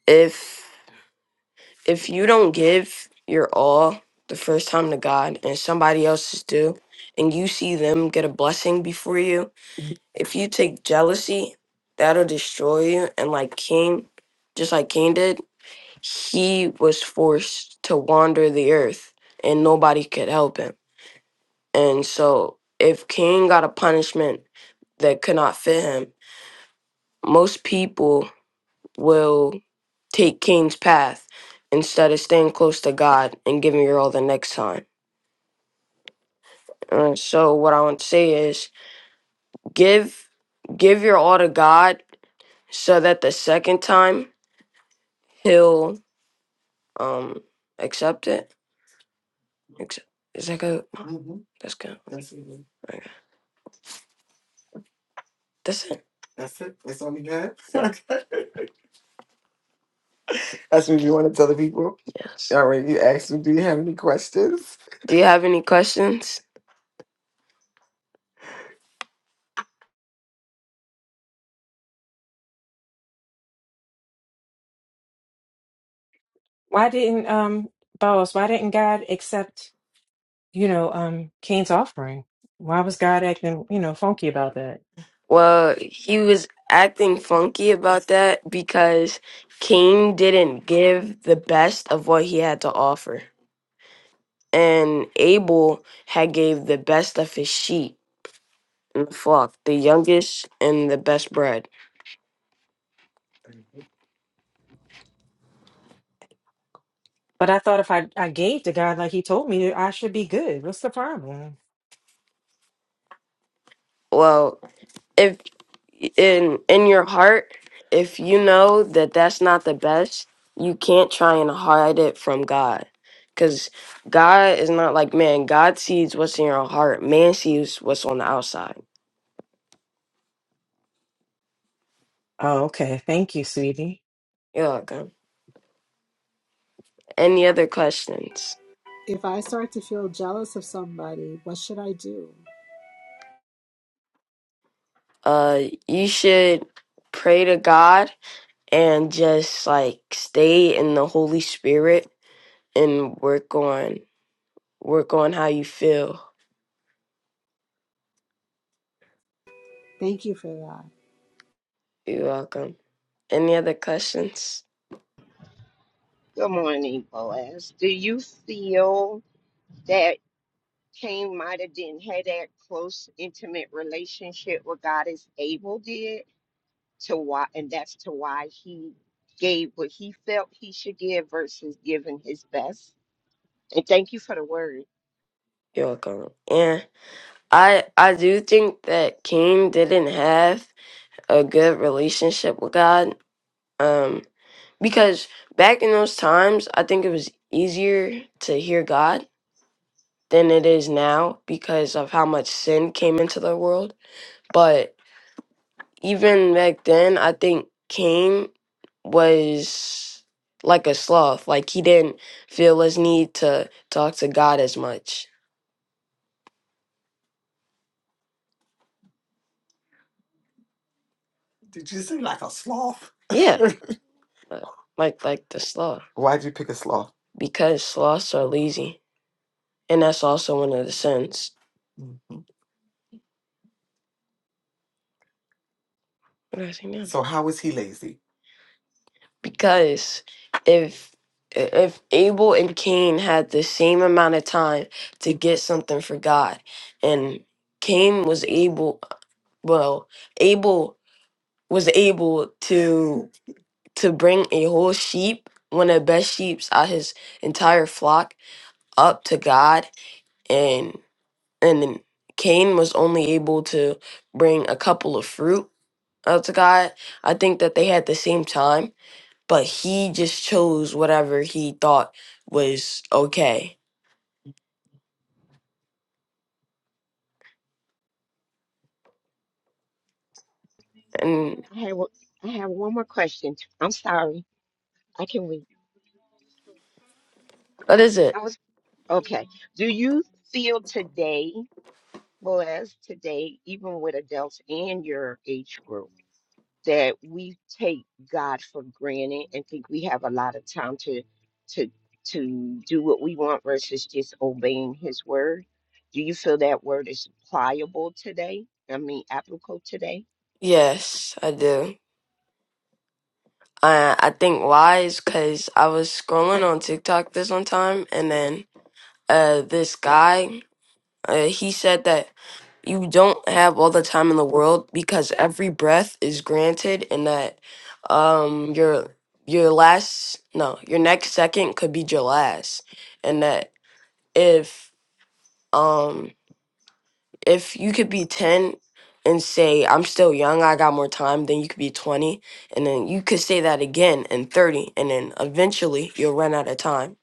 S3: if if you don't give your all the first time to God and somebody else's do, and you see them get a blessing before you, if you take jealousy, that'll destroy you. And like Cain, just like Cain did, he was forced to wander the earth and nobody could help him. And so, if Cain got a punishment that could not fit him, most people will take Cain's path instead of staying close to God and giving your all the next time. And so, what I want to say is give give your all to God so that the second time he'll um accept it. Accept- Is that good? Mhm. That's good. That's good. That's it. That's it. That's all you have. Okay. That's what you want to tell the people. Yes. All right. You asked me, do you have any questions? Do you have any questions?
S6: Why didn't, um, Boaz, why didn't God accept, you know, um, Cain's offering? Why was God acting, you know, funky about that?
S3: Well, he was acting funky about that because Cain didn't give the best of what he had to offer. And Abel had gave the best of his sheep and the flock, the youngest and the best bred.
S6: But I thought if I, I gave to God like he told me, I should be good. What's the problem?
S3: Well, if. in in your heart if you know that that's not the best you can't try and hide it from god because god is not like man god sees what's in your heart man sees what's on the outside
S6: Oh, okay. Thank you, sweetie.
S3: you're welcome any other questions
S7: If I start to feel jealous of somebody, what should I do?
S3: uh you should pray to god and just like stay in the holy spirit and work on work on how you feel
S7: Thank you for that.
S3: you're welcome any other questions
S4: Good morning, Boaz. Do you feel that Cain might have didn't have that close, intimate relationship with God as Abel did? to why and that's to why he gave what he felt he should give versus giving his best and thank you for the word
S3: you're welcome and I I do think that Cain didn't have a good relationship with God. Um because back in those times, I think it was easier to hear God than it is now because of how much sin came into the world. But even back then, I think Cain was like a sloth. Like he didn't feel his need to talk to God as much. Did you say like a sloth? Yeah. uh, like like the sloth, Why'd you pick a sloth? because sloths are lazy, and that's also one of the sins. Mhm. What did I say now? So how is he lazy? Because if if Abel and Cain had the same amount of time to get something for God, and Cain was able, well, Abel was able to to bring a whole sheep, one of the best sheeps out his entire flock, up to God, and. and then Cain was only able to bring a couple of fruit out to God. I think that they had the same time, but he just chose whatever he thought was okay. And
S4: i have o- i have one more question i'm sorry i can wait
S3: what is
S4: i
S3: it?
S4: was okay do you feel today blessed today even with adults and your age group that we take God for granted and think we have a lot of time to to to do what we want versus just obeying his word. Do you feel that word is pliable today? I mean applicable today?
S3: Yes, I do. I I think why is because I was scrolling on TikTok this one time, and then uh this guy uh, he said that you don't have all the time in the world because every breath is granted and that um your your last no your next second could be your last and that if um if you could be 10 and say i'm still young i got more time then you could be 20 and then you could say that again and 30 and then eventually you'll run out of time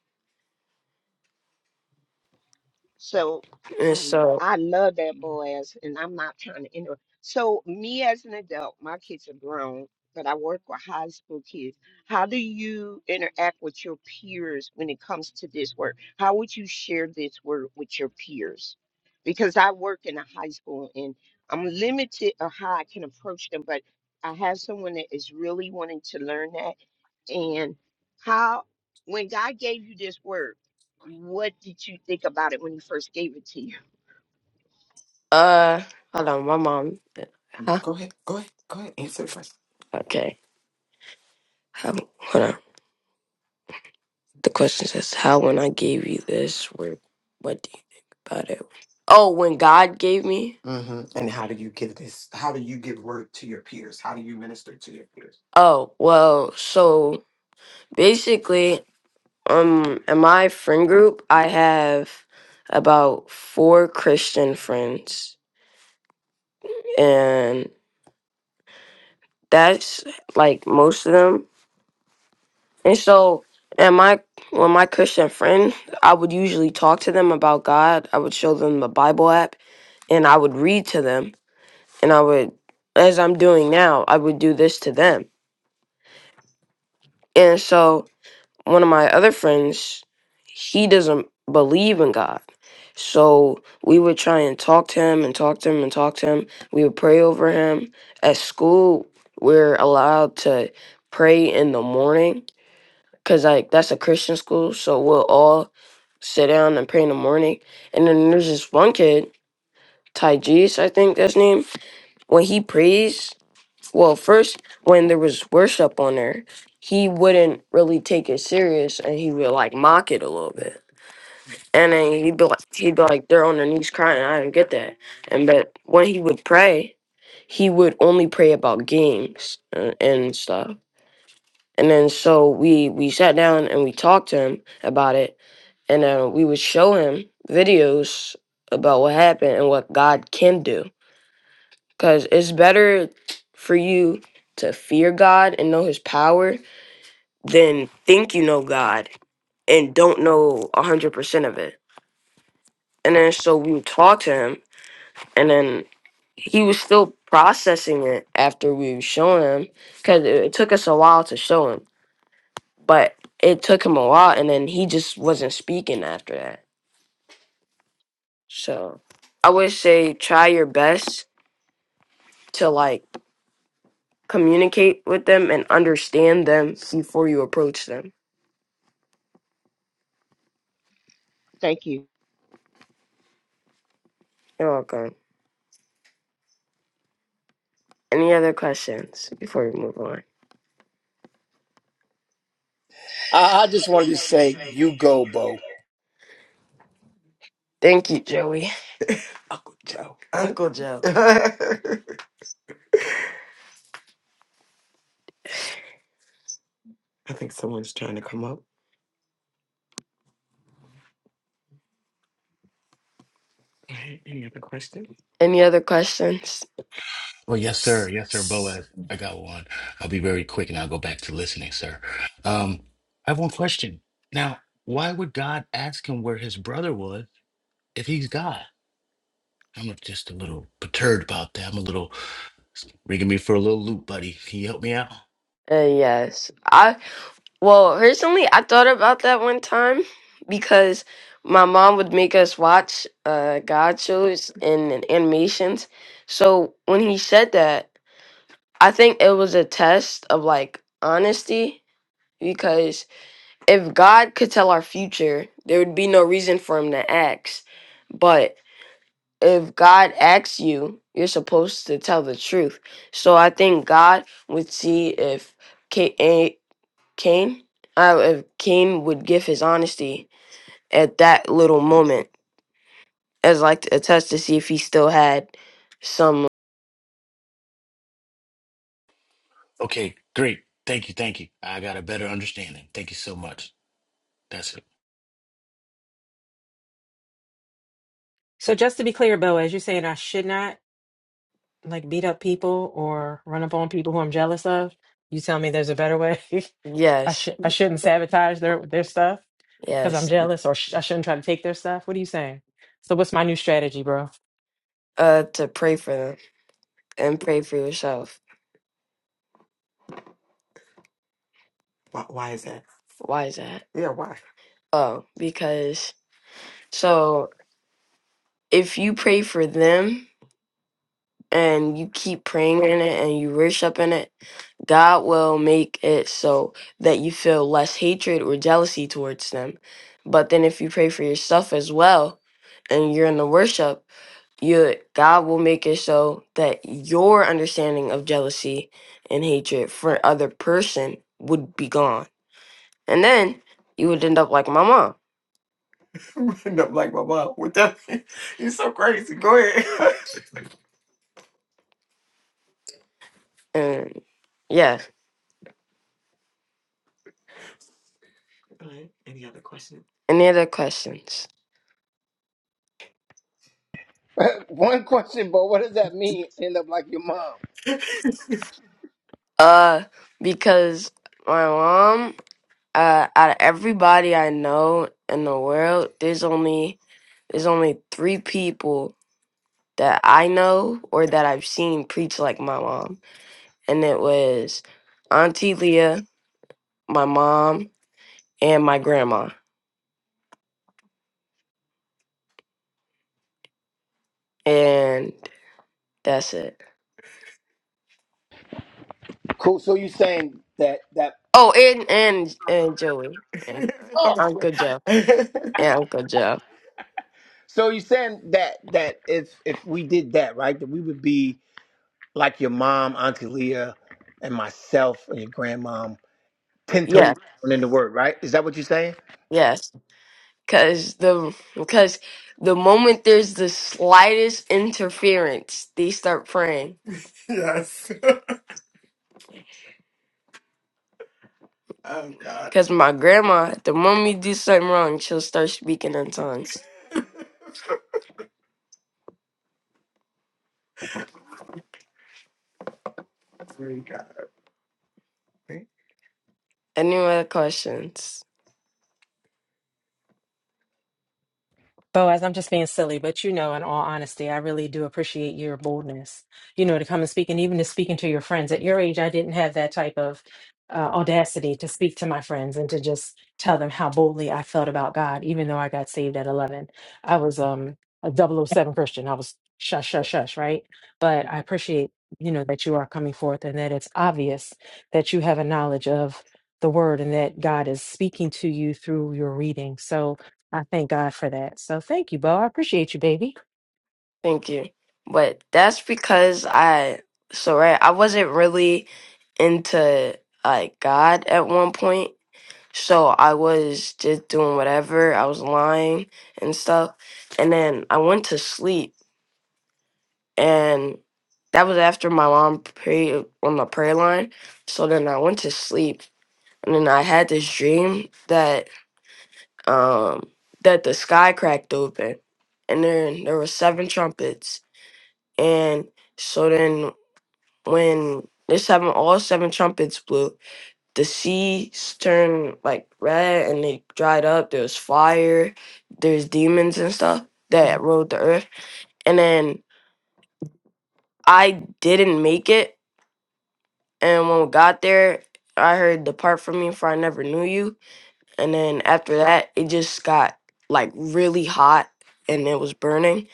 S4: So
S3: and
S4: I
S3: so
S4: I love that Boaz, and I'm not trying to interrupt. So me as an adult, my kids are grown, but I work with high school kids. How do you interact with your peers when it comes to this work? How would you share this work with your peers? Because I work in a high school and I'm limited of how I can approach them, but I have someone that is really wanting to learn that. And how, when God gave you this word. What did you think about it when he first gave it to you?
S3: uh hold on my mom Mm, huh Go ahead. Go ahead. Go ahead. Answer the question. okay How? Hold on. The question says, "How when I gave you this, where? What do you think about it?" Oh, when God gave me. hmm And how do you give this? How do you give word to your peers? How do you minister to your peers? Oh well, so basically, um, in my friend group, I have about four Christian friends, and that's like most of them And so, and my when my Christian friend, I would usually talk to them about God. I would show them the Bible app, and I would read to them. And I would, as I'm doing now, I would do this to them. And so, one of my other friends, he doesn't believe in God. So we would try and talk to him and talk to him and talk to him. We would pray over him. At school, we're allowed to pray in the morning because like that's a Christian school, so we'll all sit down and pray in the morning. And then there's this one kid, Ty I think that's his name. When he prays, well, first when there was worship on there, he wouldn't really take it serious, and he would like mock it a little bit. And then he'd be like, he'd be like, they're on their knees crying. I don't get that. And but when he would pray, he would only pray about games and, and stuff. And then so we we sat down and we talked to him about it and uh, we would show him videos about what happened and what God can do. Because it's better for you to fear God and know His power than think you know God and don't know 100% of it. And then so we would talk to him, and then he was still processing it after we were showing him because it, it took us a while to show him, but it took him a while, and then he just wasn't speaking after that So I would say try your best to like communicate with them and understand them before you approach them.
S4: Thank you.
S3: You're welcome. Any other questions before we move on?
S1: I just wanted to say, you go, Bo.
S3: Thank you, Joey. Uncle Joe. Uncle Joe. I think someone's trying to come up. Any other questions? Any other questions?
S8: Oh, yes, sir. Yes, sir, Boaz. I got one. I'll be very quick and I'll go back to listening, sir. Um, I have one question. Now, why would God ask him where his brother was if he's God? I'm just a little perturbed about that. I'm a little rigging me for a little loop, buddy. Can you help me out?
S3: Uh, yes. I well, recently I thought about that one time because my mom would make us watch uh God shows and, and animations. So when he said that, I think it was a test of like honesty because if God could tell our future, there would be no reason for him to ask. But if God asks you, you're supposed to tell the truth. So I think God would see if Kate Cain. I, if Cain would give his honesty at that little moment as like a test to see if he still had some.
S8: Okay, great. Thank you. Thank you. I got a better understanding. Thank you so much. That's it.
S6: So just to be clear, Boaz, you're saying I should not like beat up people or run up on people who I'm jealous of? You tell me there's a better way. I
S3: Yes,
S6: should I shouldn't sabotage their their stuff because I'm
S3: yes.
S6: jealous, or sh- I shouldn't try to take their stuff. What are you saying? So what's my new strategy, bro?
S3: Uh, to pray for them and pray for yourself. Why, why is that? Why is that? Yeah, why? Oh, because so if you pray for them and you keep praying in it and you worship in it, God will make it so that you feel less hatred or jealousy towards them. But then if you pray for yourself as well and you're in the worship, you God will make it so that your understanding of jealousy and hatred for other person would be gone. And then you would end up like my mom. You would end up like my mom. What that? mean? You're so crazy. Go ahead. And yeah. All right. Any other questions? Any other questions?
S2: One question, but what does that mean? End up like your mom.
S3: Uh, because my mom, uh, out of everybody I know in the world, there's only there's only three people that I know or that I've seen preach like my mom, and it was Auntie Leah, my mom, and my grandma, and that's it.
S2: Cool. So you saying that that
S3: Oh, and and and Joey, and Uncle Joe, and Uncle Joe.
S2: so you saying that that if if we did that right, that we would be like your mom, Auntie Leah, and myself and your grandmom, ten
S3: Yeah.
S2: toes down in the word, right? Is that what you're saying?
S3: Yes, because the because the moment there's the slightest interference, they start praying. Yes. oh God. Because my grandma, the moment you do something wrong, she'll start speaking in tongues. Three God. Any other questions?
S6: Boaz, I'm just being silly, but you know, in all honesty, I really do appreciate your boldness, you know, to come and speak and even to speaking to your friends. At your age, I didn't have that type of uh, audacity to speak to my friends and to just tell them how boldly I felt about God, even though I got saved at 11. I was um, a double oh 007 Christian. I was shush, shush, shush, right? But I appreciate, you know, that you are coming forth and that it's obvious that you have a knowledge of the word and that God is speaking to you through your reading. So, I thank God for that. So thank you, Bo. I appreciate you, baby.
S3: Thank you. But that's because I so right, I wasn't really into like God at one point. So I was just doing whatever. I was lying and stuff. And then I went to sleep and that was after my mom prayed on the prayer line. So then I went to sleep and then I had this dream that um that the sky cracked open and then there were seven trumpets. And so then when the seven all seven trumpets blew, the seas turned like red and they dried up. There was fire. There's demons and stuff that rode the earth. And then I didn't make it. And when we got there, I heard depart from me for I never knew you. And then after that, it just got like really hot and it was burning.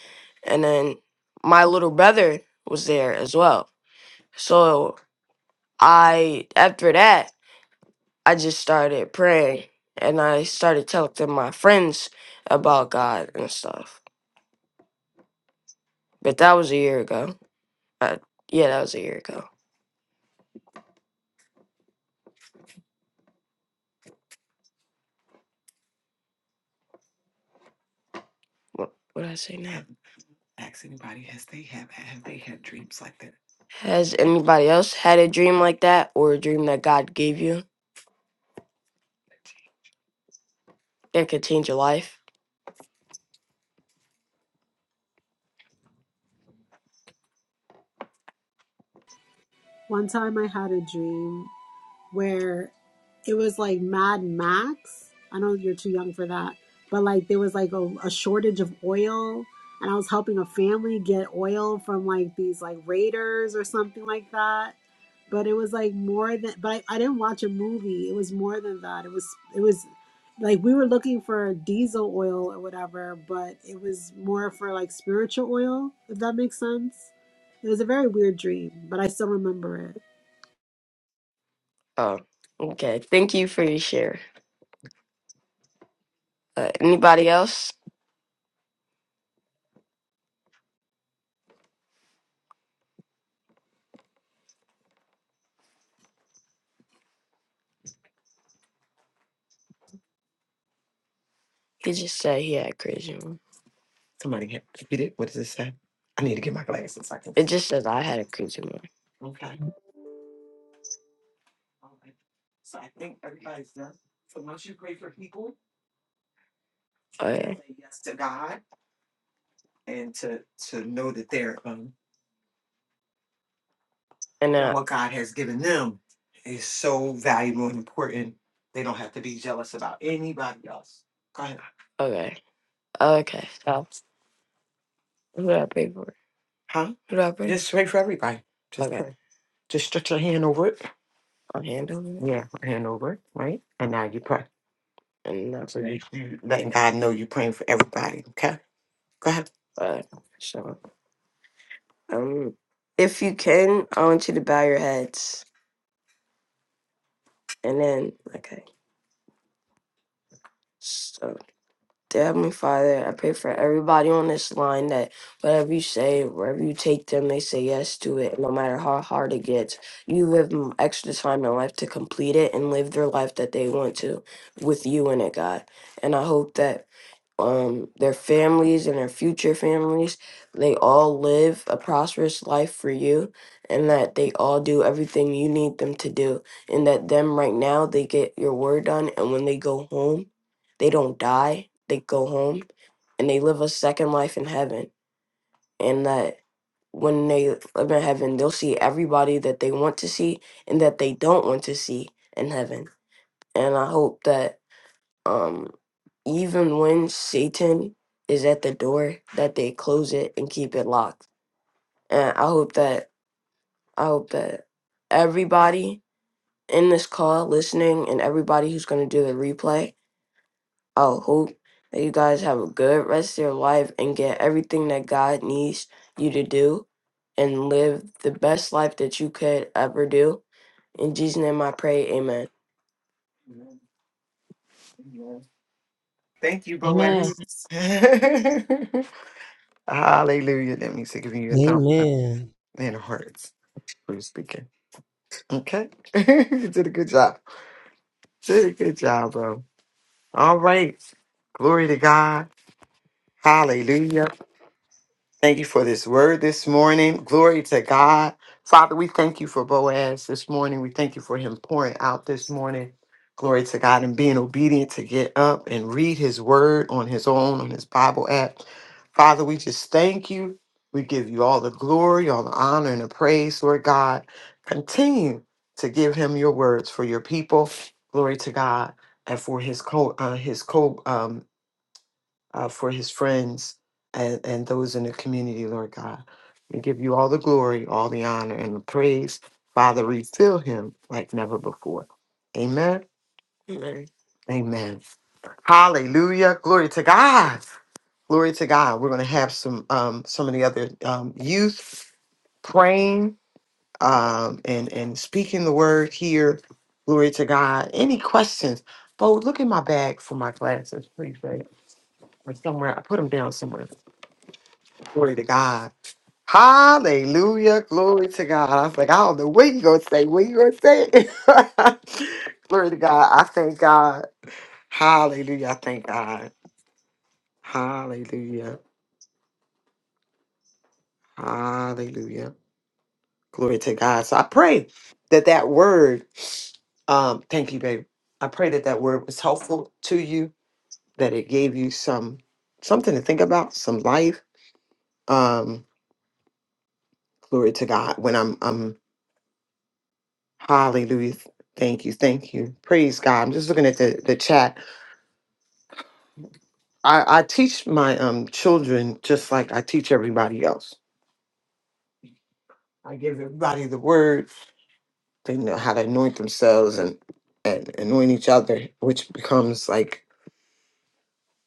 S3: And then my little brother was there as well. So I after that I just started praying and I started telling my friends about God and stuff. But that was a year ago. Uh, yeah, that was a year ago. What what did I say now? Ask anybody. Has they have have they had dreams like that? Has anybody else had a dream like that or a dream that God gave you that could change your life?
S7: One time I had a dream where it was like Mad Max. I know you're too young for that, but like there was like a, a shortage of oil, and I was helping a family get oil from like these like raiders or something like that. But it was like more than. But I, I didn't watch a movie. It was more than that. It was it was like we were looking for diesel oil or whatever, but it was more for like spiritual oil. If that makes sense. It was a very weird dream, but I still remember
S3: Oh, okay. Thank you for your share. Uh, anybody else? He just said he had a crazy one. Somebody hit, hit it. What does it say? I need to get my glasses. so I can It see. just says I had a creature more. Okay. All right. So I think everybody's done. So once you pray for people, Oh yeah. say yes to God and to to know that they're um And that uh what God has given them is so valuable and important. They don't have to be jealous about anybody else. Go ahead. I- okay. Okay. So who do I pray for? Huh? Who do I pray Just pray for everybody. Just Okay. pray. Just stretch your hand over it Or handle it. Yeah, hand over, right? And now you pray. And now So you, you letting God know you're praying for everybody. Okay, go ahead. uh, so um if you can, I want you to bow your heads and then okay. Dear Heavenly Father, I pray for everybody on this line that whatever you say, wherever you take them, they say yes to it, no matter how hard it gets. You live m- extra time in life to complete it and live their life that they want to with you in it, God. And I hope that um, their families and their future families, they all live a prosperous life for you, and that they all do everything you need them to do, and that them right now they get your word done, and when they go home they don't die, they go home, and they live a second life in heaven. And that when they live in heaven, they'll see everybody that they want to see and that they don't want to see in heaven. And I hope that um, even when Satan is at the door, that they close it and keep it locked. And I hope that I hope that everybody in this call listening and everybody who's going to do the replay I hope that you guys have a good rest of your life and get everything that God needs you to do and live the best life that you could ever do. In Jesus' name I pray, amen. Thank you,
S7: it. Amen.
S6: Amen.
S3: Boaz. Hallelujah. That means they're giving you a thumbs up
S5: Amen.
S3: and hearts. heart for you speaking. Okay. you did a good job. Did a good job, bro. All right. Glory to God. Hallelujah. Thank you for this word this morning. Glory to God. Father, we thank you for Boaz this morning. We thank you for him pouring out this morning. Glory to God and being obedient to get up and read his word on his own, on his Bible app. Father, we just thank you. We give you all the glory, all the honor, and the praise, Lord God. Continue to give him your words for your people. Glory to God and for his co uh, his co um, uh, for his friends and, and those in the community, Lord God. We give you all the glory, all the honor, and the praise. Father, refill him like never before. Amen. Amen. Amen. Hallelujah. Glory to God. Glory to God. We're going to have some um, some of the other um, youth praying um, and and speaking the word here. Glory to God. Any questions? Oh, look in my bag for my glasses, please, babe, or somewhere. I put them down somewhere. Glory to God. Hallelujah. Glory to God. I was like, I don't know what you going to say. What you going to say? Glory to God. I thank God. Hallelujah. I thank God. Hallelujah. Hallelujah. Glory to God. So I pray that that word, um, thank you, babe. I pray that that word was helpful to you, that it gave you some something to think about, some life. Um, glory to God. When I'm, I'm Hallelujah. Thank you. Thank you. Praise God. I'm just looking at the, the chat. I, I teach my um children just like I teach everybody else. I give everybody the word. They know how to anoint themselves and, and anoint each other, which becomes like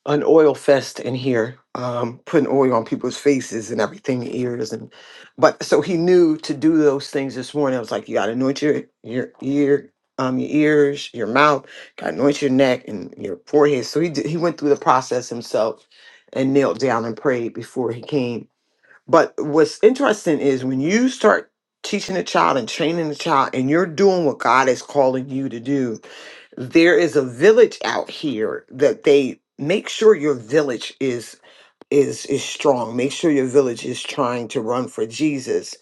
S3: an oil fest in here, um, putting oil on people's faces and everything, ears and but so he knew to do those things this morning. I was like, you gotta anoint your your ear, um, your ears, your mouth, gotta anoint your neck and your forehead. So he did, he went through the process himself and knelt down and prayed before he came. But what's interesting is when you start teaching a child and training a child and you're doing what God is calling you to do there is a village out here that they make sure your village is is is strong make sure your village is trying to run for jesus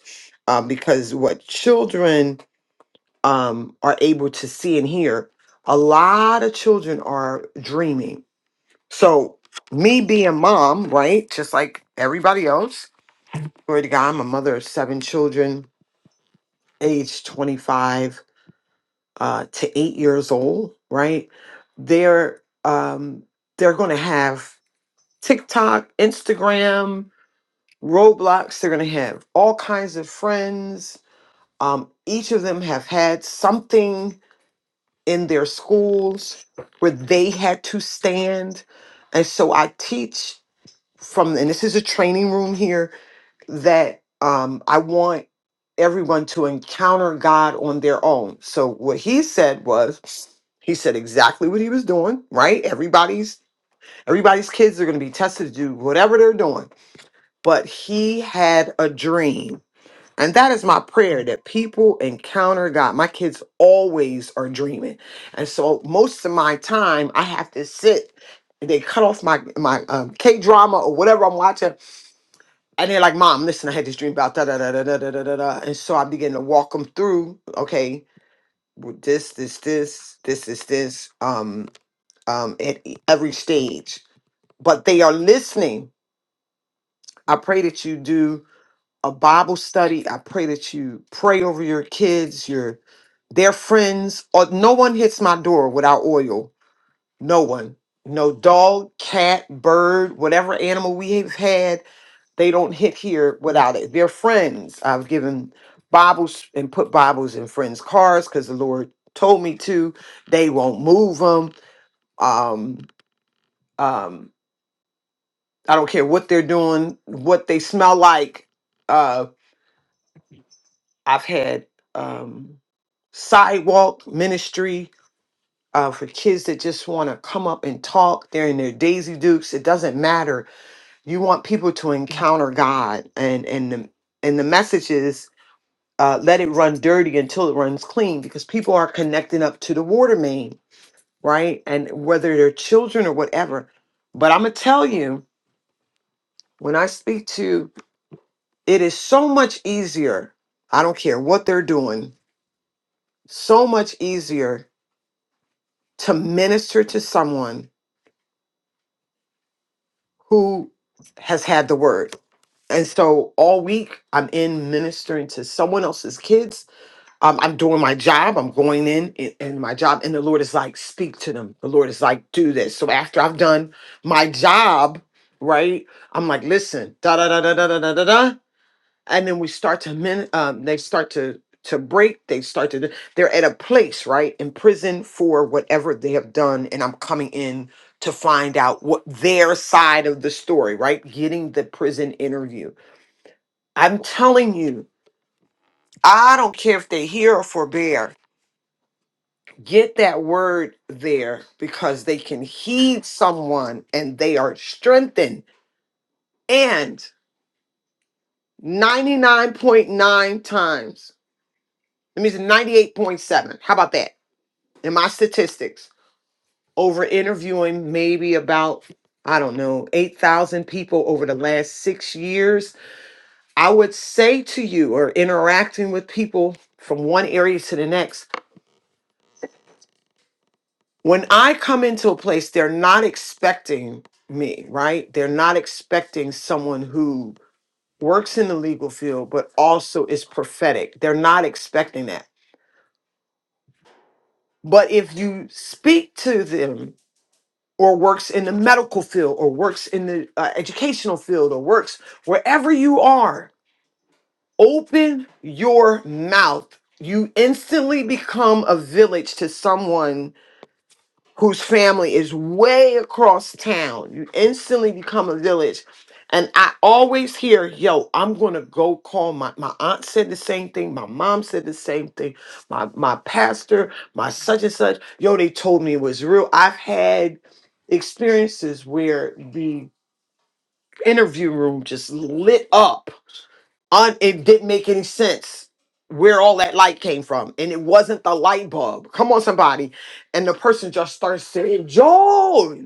S3: um, because what children um, are able to see and hear a lot of children are dreaming so me being mom right just like everybody else glory to god i'm a mother of seven children age 25 uh, to eight years old, right? They're um, they're going to have TikTok, Instagram, Roblox. They're going to have all kinds of friends. Um, each of them have had something in their schools where they had to stand, and so I teach from, and this is a training room here that um, I want everyone to encounter God on their own. So what he said was, he said exactly what he was doing. Right? Everybody's everybody's kids are going to be tested to do whatever they're doing, but he had a dream. And that is my prayer that people encounter God. My kids always are dreaming. And so most of my time I have to sit they cut off my my um, K drama or whatever I'm watching and they're like, Mom, listen, I had this dream about da da da da da da da da. da." And so I begin to walk them through, okay, w- this, this, this, this, this, this, um, um, at e- every stage. But they are listening. I pray that you do a Bible study. I pray that you pray over your kids, your their friends, or no one hits my door without oil. No one. No dog, cat, bird, whatever animal we have had they don't hit here without it. They're friends. I've given Bibles and put Bibles in friends' cars because the Lord told me to. They won't move them. Um, um, I don't care what they're doing, what they smell like. Uh, I've had um, sidewalk ministry uh, for kids that just want to come up and talk. They're in their Daisy Dukes. It doesn't matter. You want people to encounter God, and and the, and the message is. uh, let it run dirty until it runs clean because people are connecting up to the water main, right? And whether they're children or whatever. But I'm going to tell you, when I speak to, it is so much easier. I don't care what they're doing, so much easier to minister to someone who has had the word. And so all week, I'm in ministering to someone else's kids um, I'm doing my job. I'm going in and, and my job. And the Lord is like, speak to them. The Lord is like, do this. So after I've done my job, right? I'm like, listen, da da da da da da da da. da. And then we start to min. Um, they start to to break. They start to. They're at a place, right, in prison for whatever they have done. And I'm coming in to find out what their side of the story, right? Getting the prison interview. I'm telling you, I don't care if they hear or forbear get that word there because they can heed someone and they are strengthened. And 99.9 times, that means 98.7. How about that? In my statistics, over interviewing maybe about, I don't know, 8,000 people over the last six years, I would say to you, or interacting with people from one area to the next, when I come into a place, they're not expecting me, right? They're not expecting someone who works in the legal field, but also is prophetic. They're not expecting that. But if you speak to them or works in the medical field or works in the uh, educational field or works wherever you are, open your mouth. You instantly become a village to someone whose family is way across town. You instantly become a village. And I always hear, yo, I'm gonna go call my my aunt said the same thing, my mom said the same thing, my my pastor, my such and such. Yo, they told me it was real. I've had experiences where the interview room just lit up un- it didn't make any sense where all that light came from and it wasn't the light bulb come on somebody and the person just starts saying joel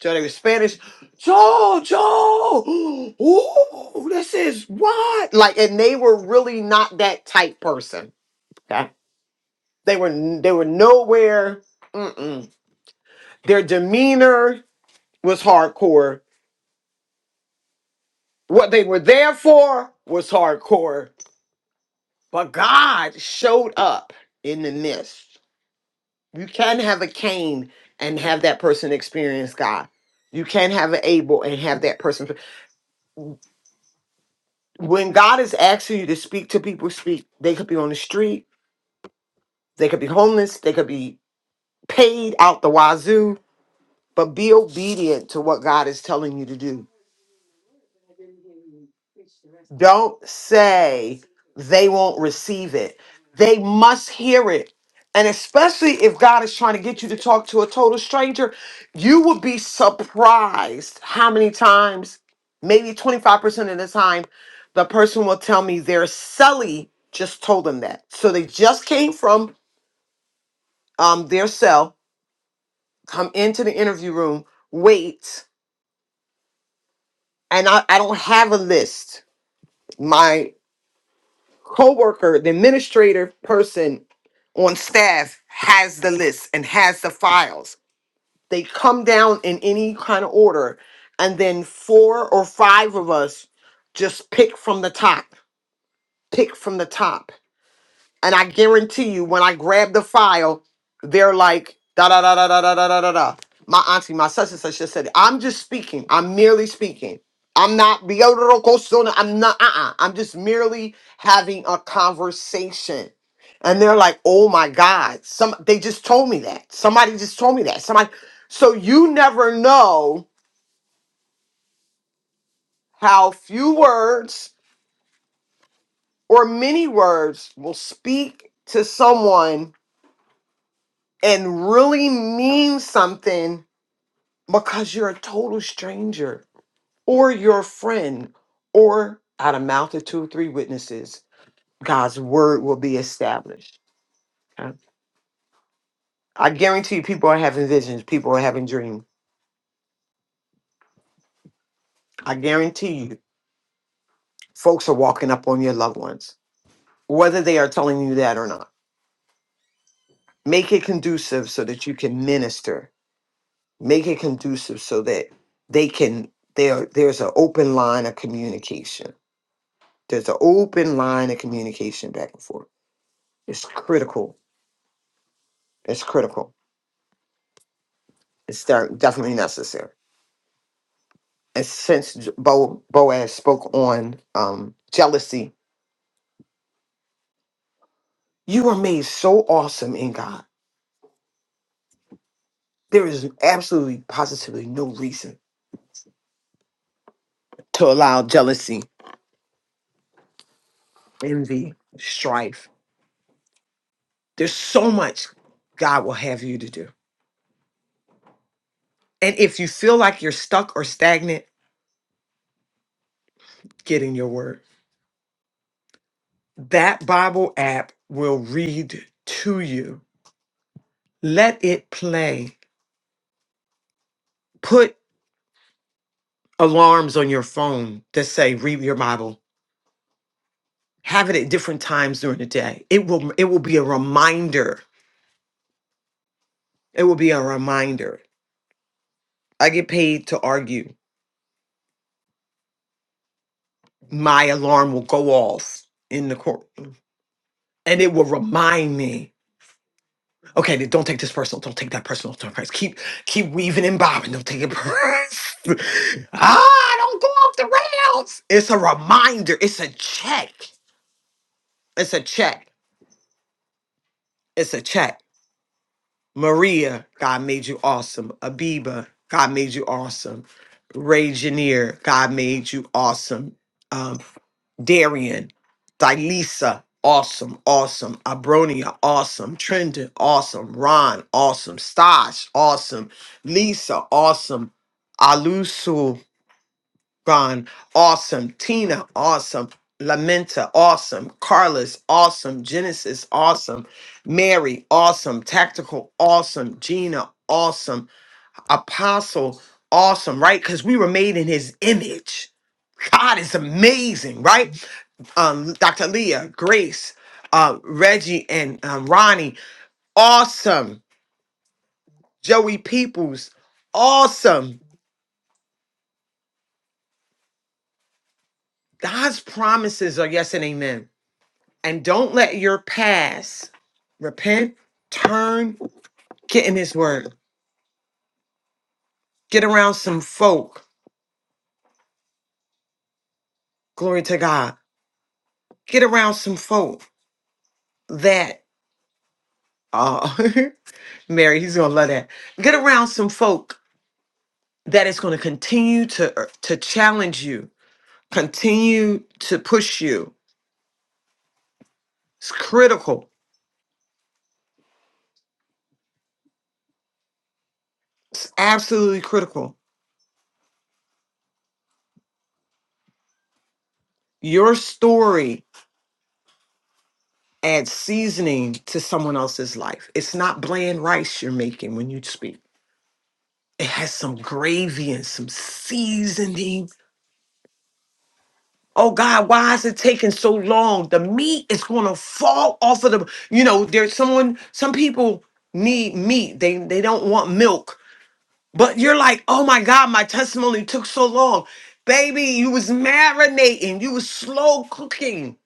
S3: so they were spanish joel joel ooh, this is what like and they were really not that type person okay they were n- they were nowhere mm-mm. their demeanor was hardcore what they were there for was hardcore but god showed up in the midst You can have a Cain and have that person experience God. You can have an Abel and have that person. When God is asking you to speak to people, speak. They could be on the street, they could be homeless, they could be paid out the wazoo, but be obedient to what God is telling you to do. Don't say they won't receive it. They must hear it. And especially if God is trying to get you to talk to a total stranger, you would be surprised how many times, maybe 25% of the time, the person will tell me their cellie just told them that. So they just came from um, their cell, come into the interview room, wait, and I, I don't have a list. coworker, the administrative person on staff has the list and has the files. They come down in any kind of order, and then four or five of us just pick from the top. Pick from the top and I guarantee you, when I grab the file, they're like, da da da da da da da da da. da. My auntie, my such and such just said, it. I'm just speaking. I'm merely speaking. I'm not Biodorokosona. I'm not, uh uh-uh. uh. i am just merely having a conversation. And they're like, oh my God. Some they just told me that. Somebody just told me that. Somebody so you never know how few words or many words will speak to someone and really mean something because you're a total stranger or your friend or out of mouth of two or three witnesses god's word will be established okay? i guarantee you people are having visions people are having dreams i guarantee you folks are walking up on your loved ones whether they are telling you that or not make it conducive so that you can minister make it conducive so that they can there there's an open line of communication There's an open line of communication back and forth. It's critical. It's critical. It's de- definitely necessary. And since J- Bo- Boaz spoke on um, jealousy, you are made so awesome in God. There is absolutely, positively no reason to allow jealousy, envy, strife. There's so much God will have you to do. And if you feel like you're stuck or stagnant, get in your word. That Bible app will read to you Let it play. Put alarms on your phone that say read your Bible. Have it at different times during the day. It will it will be a reminder. It will be a reminder. I get paid to argue. My alarm will go off in the courtroom, and it will remind me. Okay, then don't take this personal. Don't take that personal. Don't press. Keep keep weaving and bobbing. Don't take it. personal. ah, don't go off the rails. It's a reminder. It's a check. It's a check. It's a check Maria, God made you awesome. Abiba, God made you awesome. Ray Janier, God made you awesome. Um, Darian, Dilisa, awesome, awesome. Abronia, awesome. Trendon, awesome. Ron, awesome. Stash, awesome. Lisa, awesome. Alusu, Ron, awesome. Tina, awesome. Lamenta, awesome. Carlos, awesome. Genesis, awesome. Mary, awesome. Tactical, awesome. Gina, awesome. Apostle, awesome, right? Because we were made in his image. God is amazing, right? Um, Dr. Leah, Grace, uh, Reggie, and um, Ronnie, awesome. Joey Peoples, awesome. God's promises are yes and amen. and don't let your past repent, turn, get in his word. Get around some folk. Glory to God. Get around some folk that uh Mary, he's gonna love that. Get around some folk that is gonna continue to uh, to challenge you, continue to push you. It's critical. It's absolutely critical. Your story adds seasoning to someone else's life. It's not bland rice you're making when you speak It has some gravy and some seasoning. Oh God, why is it taking so long? The meat is gonna fall off of the, you know, there's someone, some people need meat. They they don't want milk. But you're like, oh my God, my testimony took so long. Baby, you was marinating, you was slow cooking.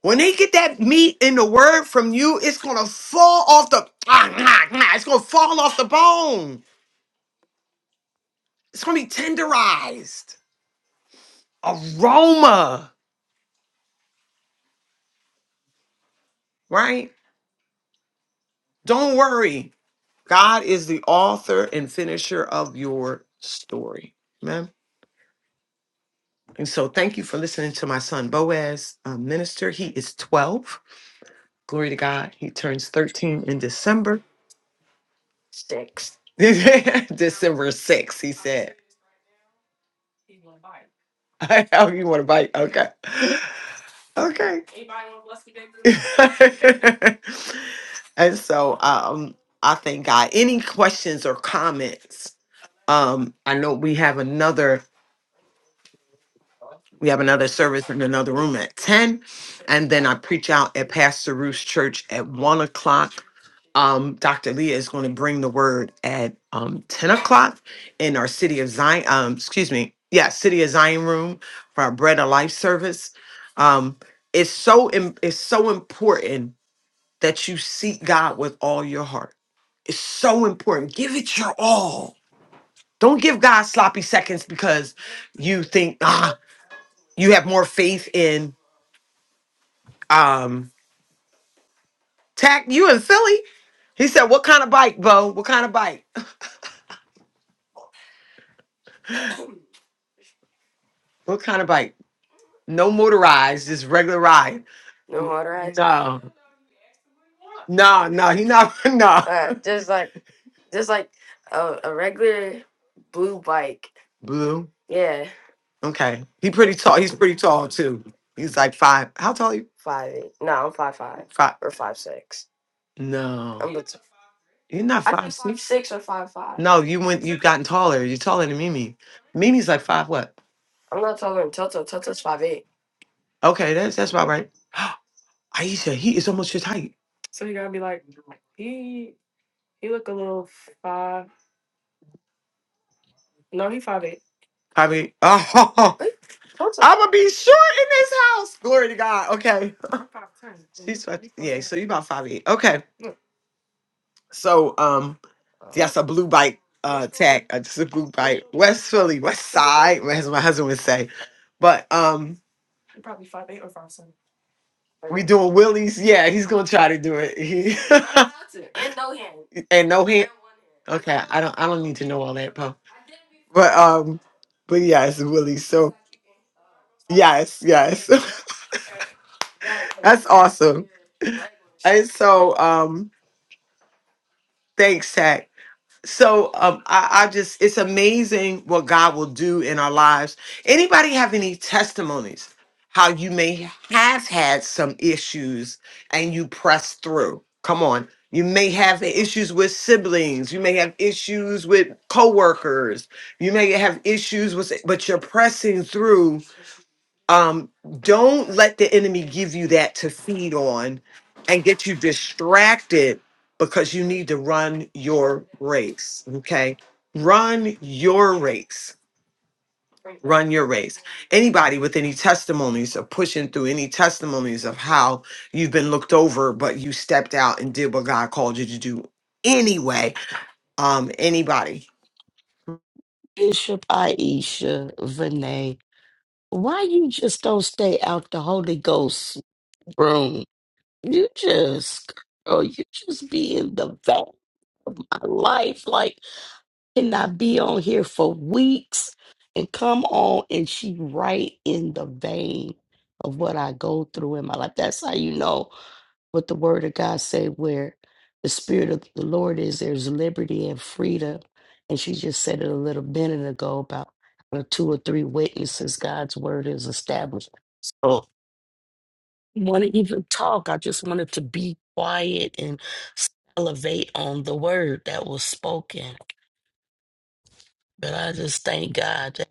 S3: When they get that meat in the word from you, it's gonna fall off the it's gonna fall off the bone. It's gonna be tenderized. Aroma. right? Don't worry. God is the author and finisher of your story. Amen. And so thank you for listening to my son Boaz, a minister. He is 12. Glory to God. He turns 13 in December. Six. December 6, he said. "Oh, you want to bite? Okay. Okay. and so um I thank God. Any questions or comments? Um, I know we have another We have another service in another room at 10. And then I preach out at Pastor Ruth's church at 1 o'clock. Um, Dr. Leah is going to bring the word at um, 10 o'clock in our City of Zion, um, excuse me, yeah, City of Zion room for our Bread of Life service. Um, it's so im- it's so important that you seek God with all your heart. It's so important. Give it your all. Don't give God sloppy seconds because you think ah, you have more faith in. Um, Tack, you in Philly? He said, What kind of bike, Bo? What kind of bike? What kind of bike? No motorized, just regular ride. No motorized. No, no, no, he not, no. Uh, just like just like a, a regular blue bike. Blue. Yeah, Okay. He pretty tall. He's pretty tall too. He's like five. How tall are you? five eight. No, I'm five five five. Five or five six. No. You're not I think five think five six. six or five five. No, you went. You've gotten taller. You're taller than Mimi. Mimi's like five what? I'm not taller than Toto. Toto's five eight. Okay, that's that's about right. Aisha, he is almost your height. So you gotta be like he he look a little five. No, he five eight. I mean, oh, Eh, Toto. I'm gonna be short in this house. Glory to God. Okay, I'm five ten. she's five, yeah. So you about five eight. Okay. So um, Oh, that's a blue bike uh tag. Uh, just a blue bike. West Philly, West Side, as my husband would say. But um, we doing wheelies. Yeah, he's gonna try to do it. He and no hand. Okay, I don't. I don't need to know all that, Poe. But um, but yeah, it's wheelies. So yes, yes, that's awesome. And so um, thanks, Tech. So um, I, I just, it's amazing what God will do in our lives. Anybody have any testimonies? How you may have had some issues and you press through. Come on. You may have issues with siblings. You may have issues with coworkers. You may have issues with, but you're pressing through um, don't let the enemy give you that to feed on and get you distracted because you need to run your race. Okay. Run your race. Run your race. Anybody with any testimonies of pushing through any testimonies of how you've been looked over, but you stepped out and did what God called you to do anyway. Um, anybody?
S9: Bishop Aisha Vinay, why you just don't stay out the Holy Ghost room? You just, girl, you just be in the van of my life. Like, can I be on here for weeks and come on and she right in the vein of what I go through in my life? That's how you know what the word of God say where the spirit of the Lord is there's liberty and freedom. And she just said it a little minute ago about the two or three witnesses, God's word is established. So I want to even talk. I just wanted to be quiet and elevate on the word that was spoken. But I just thank God that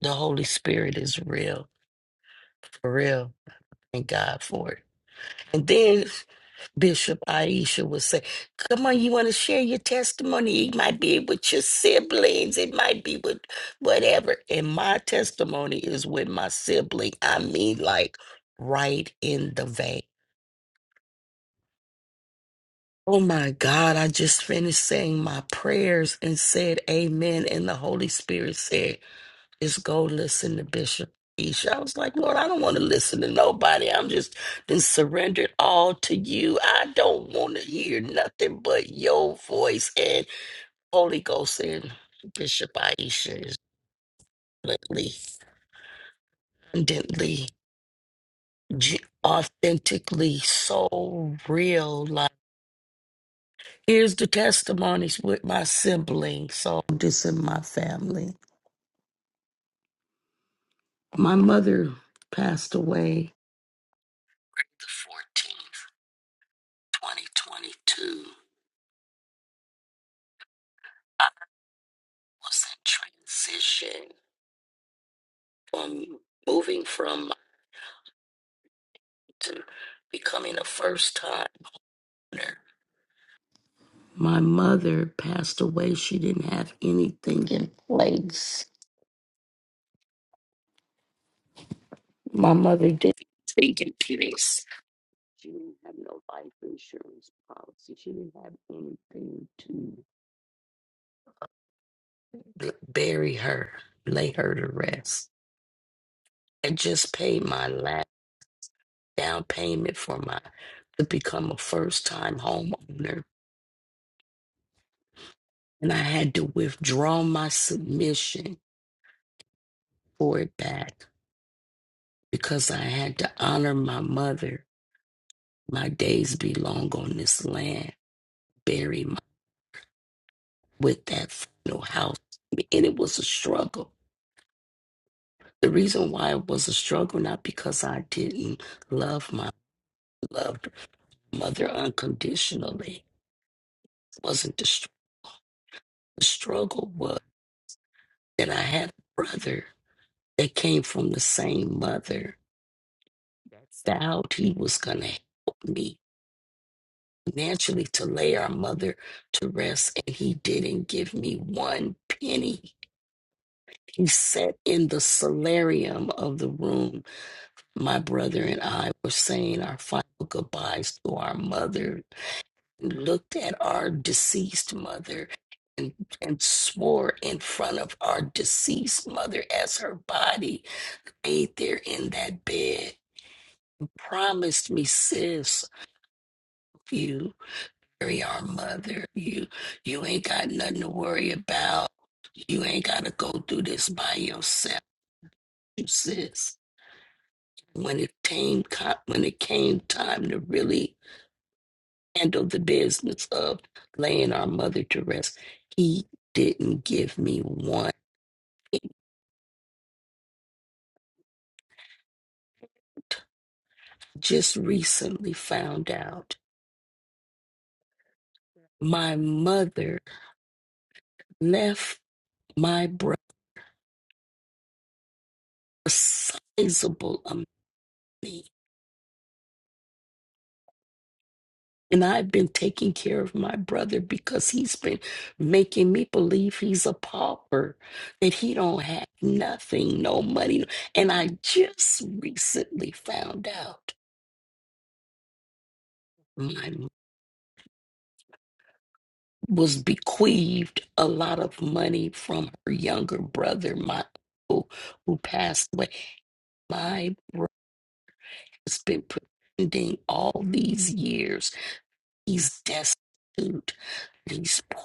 S9: the Holy Spirit is real, for real. Thank God for it. And then Bishop Aisha would say, Come on, you want to share your testimony? It might be with your siblings, it might be with whatever. And my testimony is with my sibling. I mean, like right in the vein. Oh my God, I just finished saying my prayers and said amen. And the Holy Spirit said, Is go listen to Bishop Isha. I was like, Lord, I don't want to listen to nobody. I'm just been surrendered all to you. I don't want to hear nothing but your voice and Holy Ghost and Bishop Aisha is blatantly, abundantly, ge- authentically so real. Like, here's the testimonies with my siblings. So this in my family. My mother passed away the 14th, 2022. was that transition from moving from to becoming a first time owner. My mother passed away. She didn't have anything in place. My mother didn't take in place. She didn't have no life insurance policy. She didn't have anything to b- bury her, lay her to rest. And just paid my last down payment for my to become a first time homeowner And I had to withdraw my submission for it back because I had to honor my mother. My days be long on this land, bury my, with that final house. And it was a struggle. The reason why it was a struggle, not because I didn't love my loved mother unconditionally, wasn't the, str- the struggle was that I had a brother that came from the same mother. that vowed he was gonna help me financially to lay our mother to rest, and he didn't give me one penny. He sat in the solarium of the room. My brother and I were saying our final goodbyes to our mother, looked at our deceased mother. And, and swore in front of our deceased mother as her body laid there in that bed. Promised me, sis, you. worry our mother. You you ain't got nothing to worry about. You ain't gotta go through this by yourself, you sis. When it came co- when it came time to really handle the business of laying our mother to rest, he didn't give me one hint. Just recently found out my mother left my brother a sizable amount. of money And I've been taking care of my brother because he's been making me believe he's a pauper, that he don't have nothing, no money. no, And I just recently found out my m- was bequeathed a lot of money from her younger brother, my uncle, who passed away. My brother has been pretending all these years he's destitute. he's poor.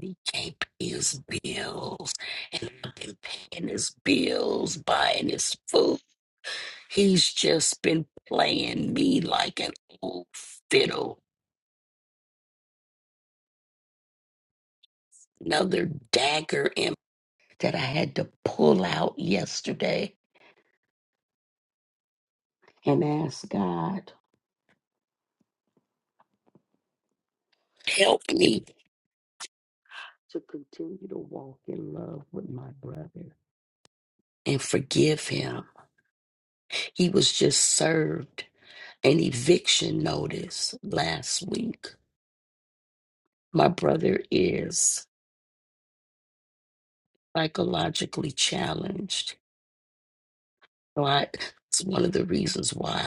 S9: He can't pay his bills, and I've been paying his bills, buying his food. He's just been playing me like an old fiddle. Another dagger in that I had to pull out yesterday and ask God, help me to continue to walk in love with my brother and forgive him. He was just served an eviction notice last week. My brother is. psychologically challenged. So I, it's one of the reasons why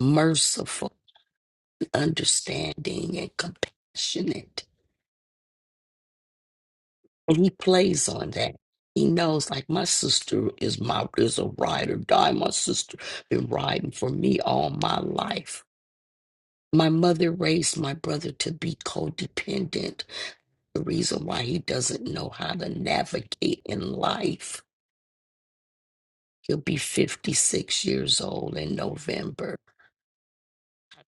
S9: merciful, understanding, and compassionate. And he plays on that. He knows, like my sister is my is a ride or die. My sister been riding for me all my life. My mother raised my brother to be codependent. The reason why he doesn't know how to navigate in life. He'll be 56 years old in November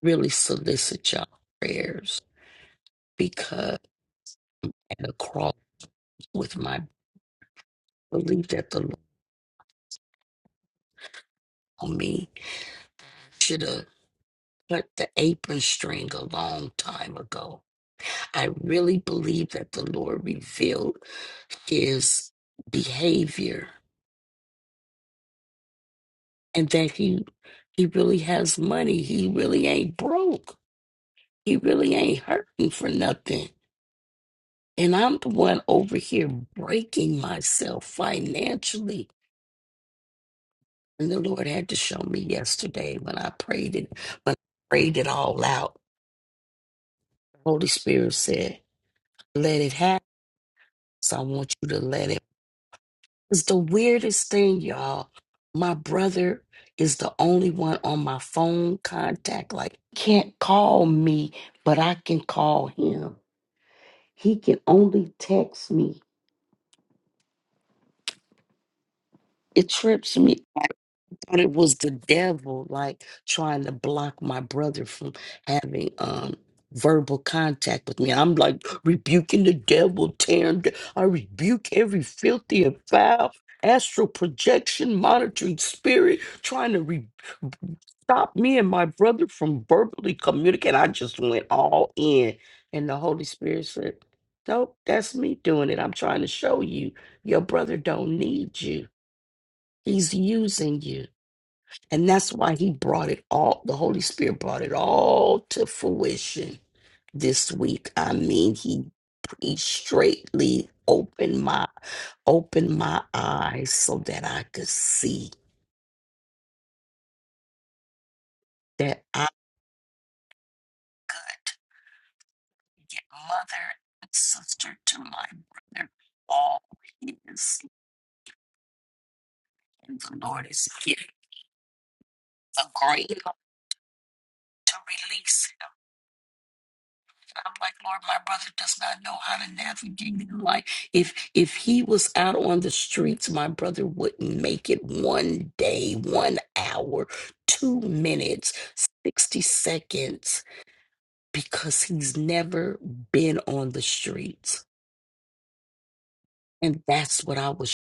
S9: really solicit y'all prayers because at the cross with my belief that the Lord on me should have cut the apron string a long time ago. I really believe that the Lord revealed his behavior and that he he really has money. He really ain't broke. He really ain't hurting for nothing. And I'm the one over here breaking myself financially And the Lord had to show me yesterday when I prayed it, when I prayed it all out. The Holy Spirit said, Let it happen. So I want you to let it. It's the weirdest thing, y'all. My brother is the only one on my phone contact. Like, can't call me, but I can call him. He can only text me. It trips me. thought it was the devil like trying to block my brother from having um verbal contact with me. I'm like rebuking the devil, tearing d- I rebuke every filthy and foul astral projection monitoring spirit trying to re- stop me and my brother from verbally communicating. I just went all in and the Holy Spirit said, Nope, that's me doing it. I'm trying to show you your brother don't need you. He's using you. And that's why he brought it all, the Holy Spirit brought it all to fruition this week. I mean, he he straightly opened my opened my eyes so that I could see that I could get mother and sister to my brother all his and the Lord is here agreeing to release. I'm like, Lord, my brother does not know how to navigate in life. If if he was out on the streets, my brother wouldn't make it one day, one hour, two minutes, 60 seconds, because he's never been on the streets. And that's what I was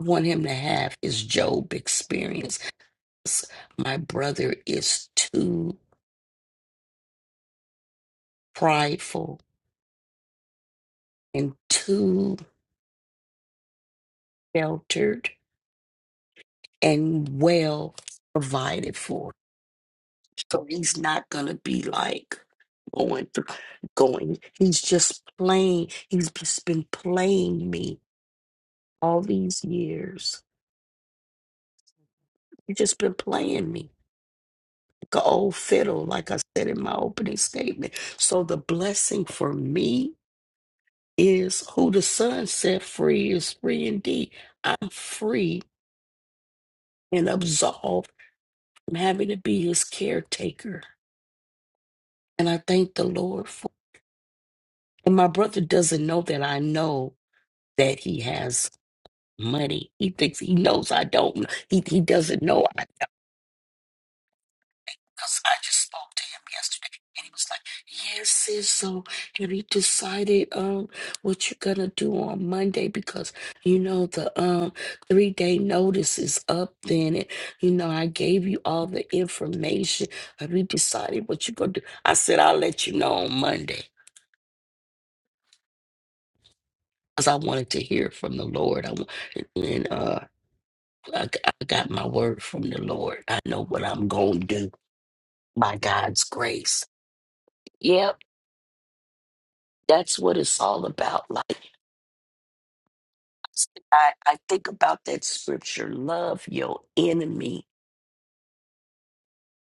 S9: I want him to have his Job experience. My brother is too prideful and too sheltered and well provided for. So he's not gonna be like going through going. He's just playing. He's just been playing me all these years. He's just been playing me like an old fiddle, like I said in my opening statement. So the blessing for me is who the son set free is free indeed. I'm free and absolved from having to be his caretaker. And I thank the Lord And my brother doesn't know that I know that he has money. He thinks he knows I don't. He he doesn't know. I, because I just spoke to him yesterday, and he was like, "Yes, sis. So have you decided um what you're gonna do on Monday? Because you know the um three day notice is up then, and you know I gave you all the information. Have you decided what you're gonna do?" I said, "I'll let you know on Monday." Because I wanted to hear from the Lord. I, wa- and uh, I, g- I got my word from the Lord. I know what I'm going to do by God's grace. Yep, that's what it's all about. Like, I, I think about that scripture love your enemy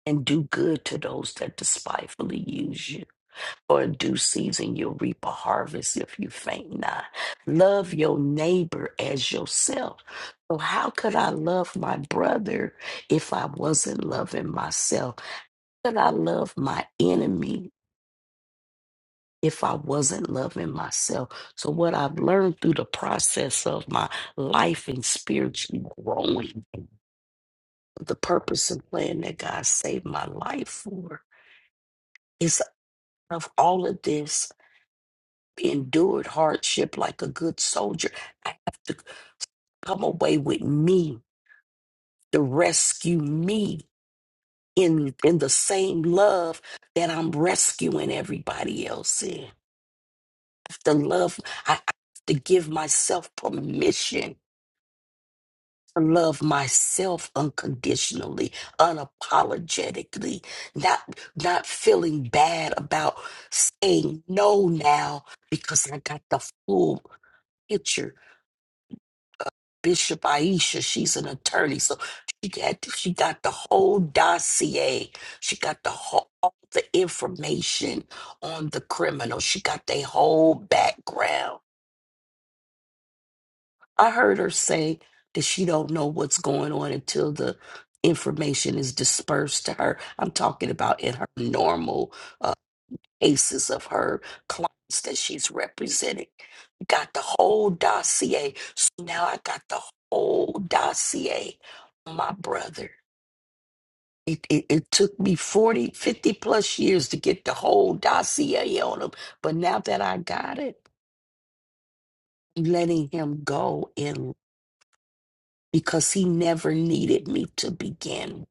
S9: and do good to those that despitefully use you. For in due season, you'll reap a harvest if you faint not. Love your neighbor as yourself. So, how could I love my brother if I wasn't loving myself? Could I love my enemy if I wasn't loving myself. So, what I've learned through the process of my life and spiritually growing, the purpose and plan that God saved my life for is of all of this endured hardship like a good soldier. I have to come away with me to rescue me. In, in the same love that I'm rescuing everybody else in. I have to love, I I have to give myself permission love myself unconditionally unapologetically not not feeling bad about saying no now because i got the full picture bishop aisha she's an attorney so she got she got the whole dossier she got the whole all the information on the criminal she got their whole background I heard her say that she don't know what's going on until the information is dispersed to her. I'm talking about in her normal uh, cases of her clients that she's representing. Got the whole dossier. So now I got the whole dossier on my brother. It, it, it took me 40, 50 plus years to get the whole dossier on him. But now that I got it, I'm letting him go in because he never needed me to begin.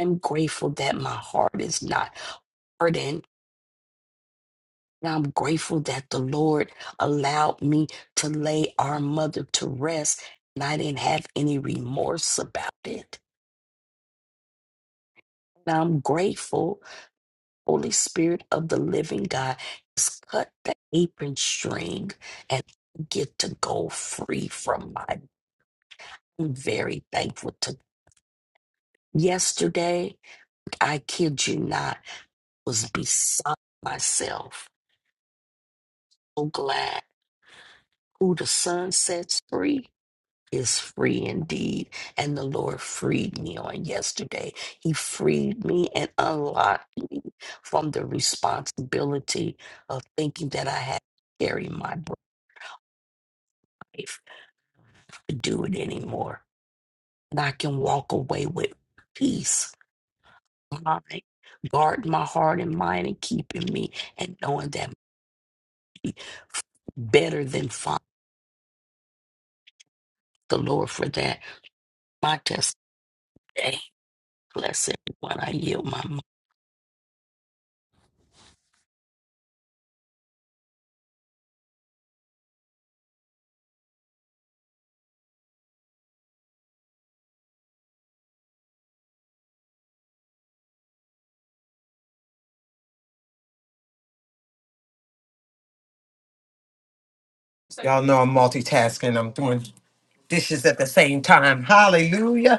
S9: I'm grateful that my heart is not hurting. And I'm grateful that the Lord allowed me to lay our mother to rest and I didn't have any remorse about it. And I'm grateful, Holy Spirit of the living God has cut the apron string and get to go free from my. I'm very thankful to yesterday. I kid you not. was beside myself, so glad. Who the sun sets free is free indeed. And the Lord freed me on yesterday. He freed me and unlocked me from the responsibility of thinking that I had to carry my life to do it anymore. And I can walk away with peace, mind, guard my heart and mind and keeping me and knowing that better than find the Lord for that. My day. Blessed I yield my mic.
S3: Y'all know I'm multitasking. I'm doing dishes at the same time. Hallelujah.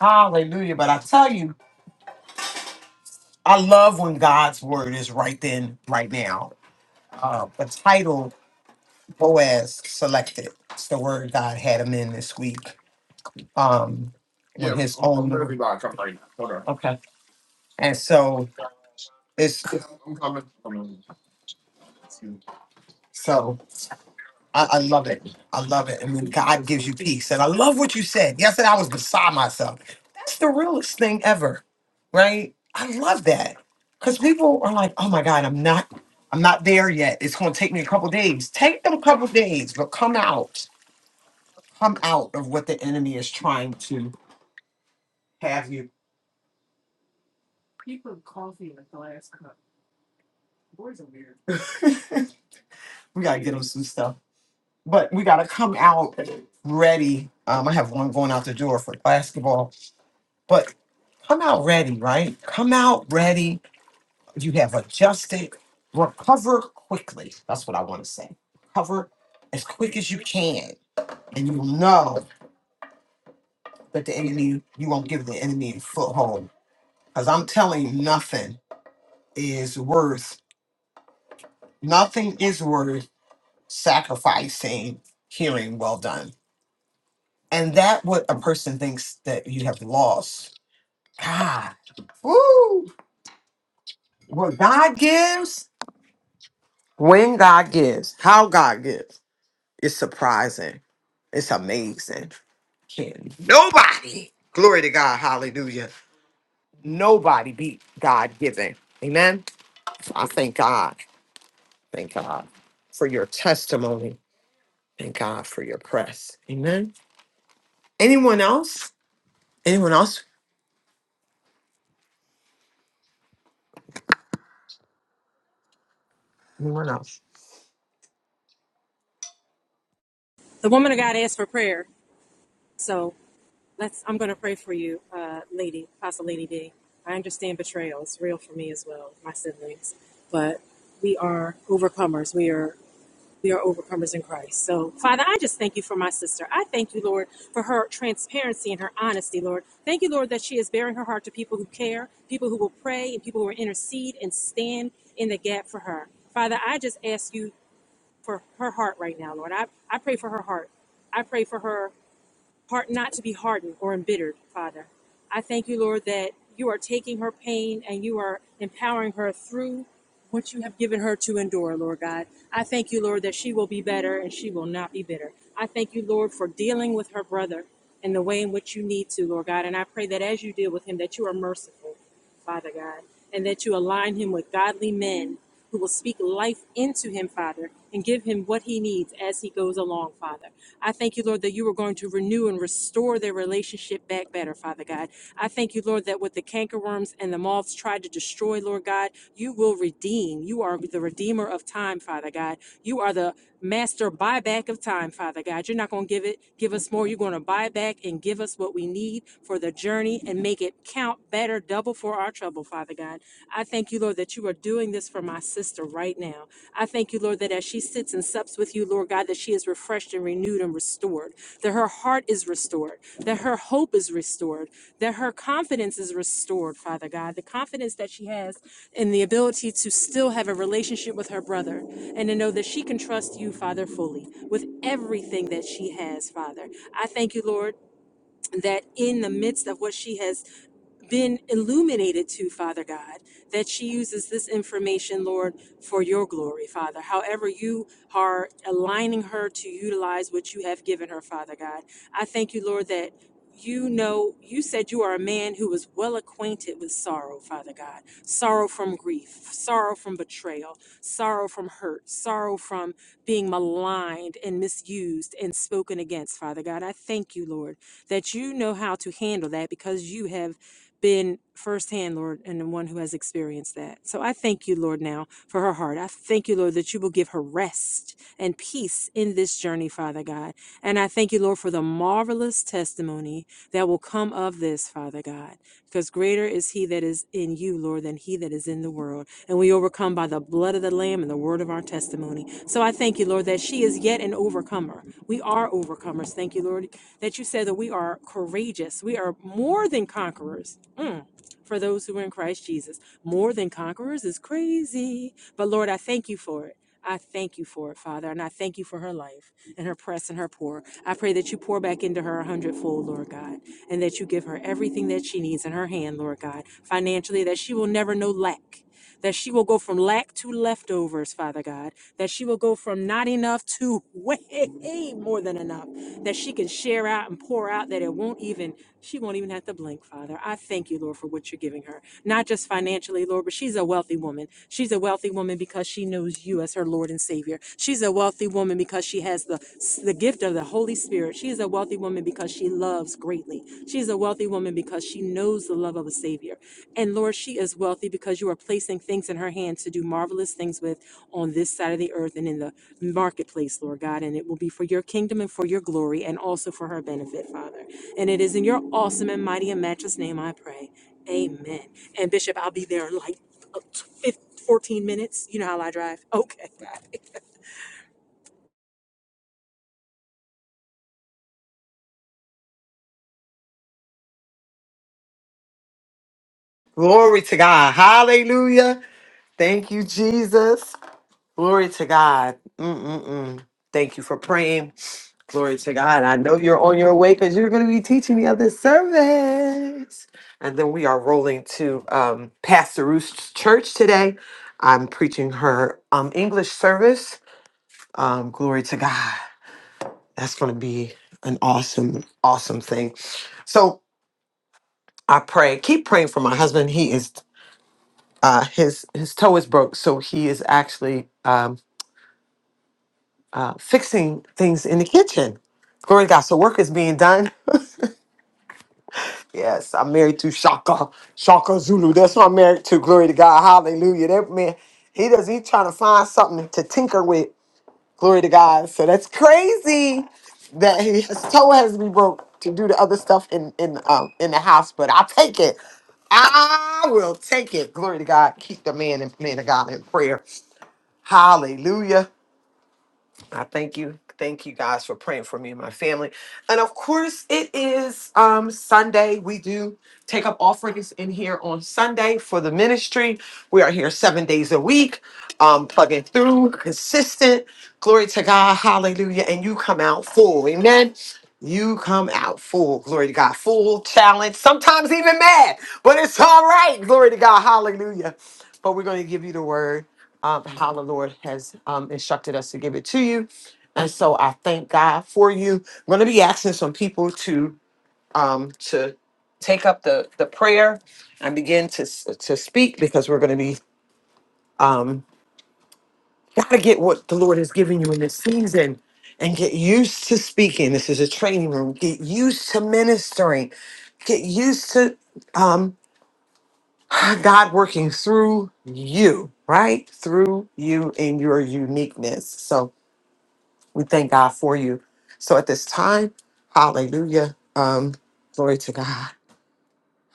S3: Hallelujah. But I tell you, I love when God's word is right then, right now. Uh, the title Boaz selected. It's the word God had him in this week. Um, okay. And so it's so. I, I love it. I love it. And when God gives you peace. And I love what you said. Yesterday I was beside myself. That's the realest thing ever. Right? I love that. Because people are like, oh my God, I'm not, I'm not there yet. It's gonna take me a couple days. Take them a couple days, but come out. Come out of what the enemy is trying to have you. we gotta get them some stuff. But we gotta come out ready. Um, I have one going out the door for basketball But come out ready, right? Come out ready. You have adjusted. Recover quickly. That's what I want to say. Recover as quick as you can. And you will know that the enemy, you won't give the enemy a foothold. Because I'm telling you, nothing is worth, nothing is worth sacrificing hearing well done. And that what a person thinks that you have lost. God. Woo! What God gives When God gives, how God gives, it's surprising. It's amazing. Can nobody, glory to God, hallelujah, nobody beat God giving. Amen. I thank God. Thank God for your testimony. Thank God for your press. Amen. Anyone else? Anyone else? Anyone else?
S6: The woman of God asked for prayer, so let's. I'm going to pray for you, uh, Lady Apostle Lady D. I understand betrayal; it's real for me as well, my siblings. But we are overcomers. We are we are overcomers in Christ. So, Father, I just thank you for my sister. I thank you, Lord, for her transparency and her honesty, Lord. Thank you, Lord, that she is bearing her heart to people who care, people who will pray, and people who will intercede and stand in the gap for her. Father, I just ask you for her heart right now, Lord. I, I pray for her heart. I pray for her heart not to be hardened or embittered, Father. I thank you, Lord, that you are taking her pain and you are empowering her through what you have given her to endure, Lord God. I thank you, Lord, that she will be better and she will not be bitter. I thank you, Lord, for dealing with her brother in the way in which you need to, Lord God. And I pray that as you deal with him, that you are merciful, Father God, and that you align him with godly men who will speak life into him, Father, and give him what he needs as he goes along, Father. I thank you, Lord, that you are going to renew and restore their relationship back better, Father God. I thank you, Lord, that what the cankerworms and the moths tried to destroy, Lord God, you will redeem. You are the redeemer of time, Father God. You are the master buyback of time, Father God. You're not going to give it, give us more. You're going to buy back and give us what we need for the journey and make it count better, double for our trouble, Father God. I thank you, Lord, that you are doing this for my sister right now. I thank you, Lord, that as she sits and sups with you, Lord God, that she is refreshed and renewed and restored, that her heart is restored, that her hope is restored, that her confidence is restored, Father God, the confidence that she has in the ability to still have a relationship with her brother and to know that she can trust you, Father, fully with everything that she has, Father. I thank you, Lord, that in the midst of what she has been illuminated to, Father God, that she uses this information, Lord, for your glory, Father. However, you are aligning her to utilize what you have given her, Father God. I thank you, Lord, that. You know, you said you are a man who was well acquainted with sorrow, Father God. Sorrow from grief, sorrow from betrayal, sorrow from hurt, sorrow from being maligned and misused and spoken against, Father God. I thank you, Lord, that you know how to handle that because you have been firsthand, Lord, and the one who has experienced that. So I thank you, Lord, now for her heart. I thank you, Lord, that you will give her rest and peace in this journey, Father God. And I thank you, Lord, for the marvelous testimony that will come of this, Father God, because greater is he that is in you, Lord, than he that is in the world. And we overcome by the blood of the Lamb and the word of our testimony. So I thank you, Lord, that she is yet an overcomer. We are overcomers. Thank you, Lord, that you said that we are courageous. We are more than conquerors Mm. For those who are in Christ Jesus, more than conquerors is crazy. But Lord, I thank you for it. I thank you for it, Father, and I thank you for her life and her press and her pour. I pray that you pour back into her a hundredfold, Lord God, and that you give her everything that she needs in her hand, Lord God, financially, that she will never know lack, that she will go from lack to leftovers, Father God, that she will go from not enough to way more than enough, that she can share out and pour out, that it won't even she won't even have to blink, Father. I thank you, Lord, for what you're giving her. Not just financially, Lord, but she's a wealthy woman. She's a wealthy woman because she knows you as her Lord and Savior. She's a wealthy woman because she has the, the gift of the Holy Spirit. She's a wealthy woman because she loves greatly. She's a wealthy woman because she knows the love of a Savior. And Lord, she is wealthy because you are placing things in her hands to do marvelous things with on this side of the earth and in the marketplace, Lord God. And it will be for your kingdom and for your glory and also for her benefit, Father. And it is in your awesome and mighty and matchless name I pray. Amen. And Bishop, I'll be there in like uh, 15, 14 minutes. You know how I drive. Okay.
S3: Glory to God. Hallelujah. Thank you, Jesus. Glory to God. Mm-mm-mm. Thank you for praying. Glory to God. I know you're on your way because you're going to be teaching the other service. And then we are rolling to um, Pastor Ruth's church today. I'm preaching her um, English service. Um, glory to God. That's going to be an awesome, awesome thing. So I pray. Keep praying for my husband. He is uh, his his toe is broke, so he is actually. um, uh, fixing things in the kitchen. Glory to God. So work is being done. yes, I'm married to Shaka, Shaka Zulu. That's who I'm married to. Glory to God. Hallelujah. That man, he does, he trying to find something to tinker with. Glory to God. So that's crazy that he, his toe has to be broke to do the other stuff in, in, um, in the house, but I'll take it. I will take it. Glory to God. Keep the man and man of God in prayer. Hallelujah. I thank you. Thank you guys for praying for me and my family. And of course, it is um Sunday. We do take up offerings in here on Sunday for the ministry. We are here seven days a week, um, plugging through, consistent. Glory to God, hallelujah. And you come out full. Amen. You come out full, glory to God, full, challenged, sometimes even mad, but it's all right, glory to God, hallelujah. But we're going to give you the word um, how the Lord has um, instructed us to give it to you. And so I thank God for you. I'm going to be asking some people to um, to take up the the prayer and begin to s- to speak because we're going to be um, got to get what the Lord has given you in this season and get used to speaking. This is a training room. Get used to ministering. Get used to um, God working through you, right? Through you and your uniqueness. So We thank God for you. So at this time, hallelujah. Um, glory to God.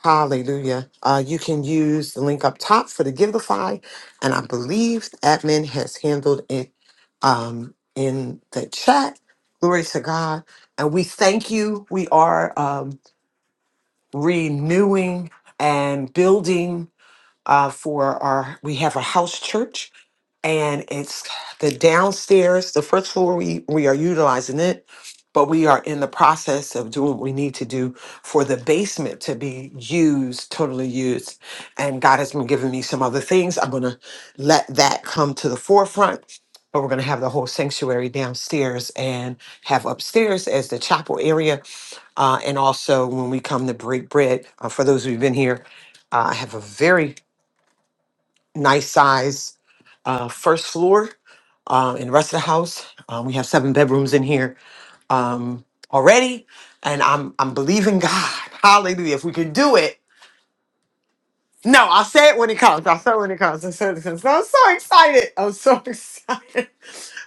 S3: Hallelujah. Uh, you can use the link up top for the Giveify. And I believe admin has handled it um, in the chat. Glory to God. And we thank you. We are um, renewing and building uh, for our, we have a house church and it's the downstairs, the first floor we, we are utilizing it, but we are in the process of doing what we need to do for the basement to be used, totally used. And God has been giving me some other things. I'm gonna let that come to the forefront. But we're gonna have the whole sanctuary downstairs and have upstairs as the chapel area. Uh, and also when we come to break bread, uh, for those who've been here, uh, I have a very nice size uh, first floor. Um, in the rest of the house, um, we have seven bedrooms in here um, already, and I'm I'm believing God, Hallelujah! If we can do it, no, I'll say it when it comes. I'll say it when it comes. I will say it when it comes. I'm so excited. I'm so excited.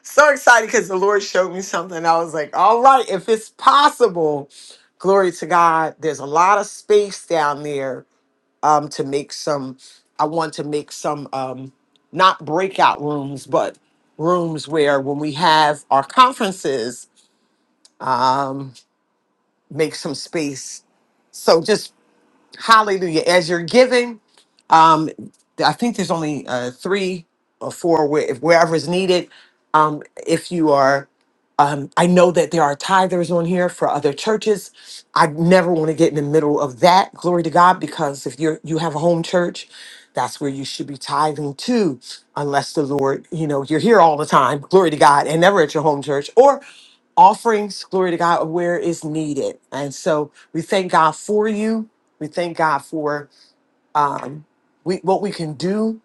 S3: so excited because the Lord showed me something. I was like, all right, if it's possible, glory to God. There's a lot of space down there um, to make some. I want to make some um, not breakout rooms, but rooms where when we have our conferences, um, make some space. So just Hallelujah. As you're giving, um, I think there's only uh, three or four where, if wherever is needed. Um, if you are, um, I know that there are tithers on here for other churches. I never want to get in the middle of that. Glory to God, because if you're you have a home church, that's where you should be tithing to, unless the Lord, you know, you're here all the time. Glory to God, and never at your home church, or offerings, glory to God, where is needed. And so we thank God for you. We thank God for um, we, what we can do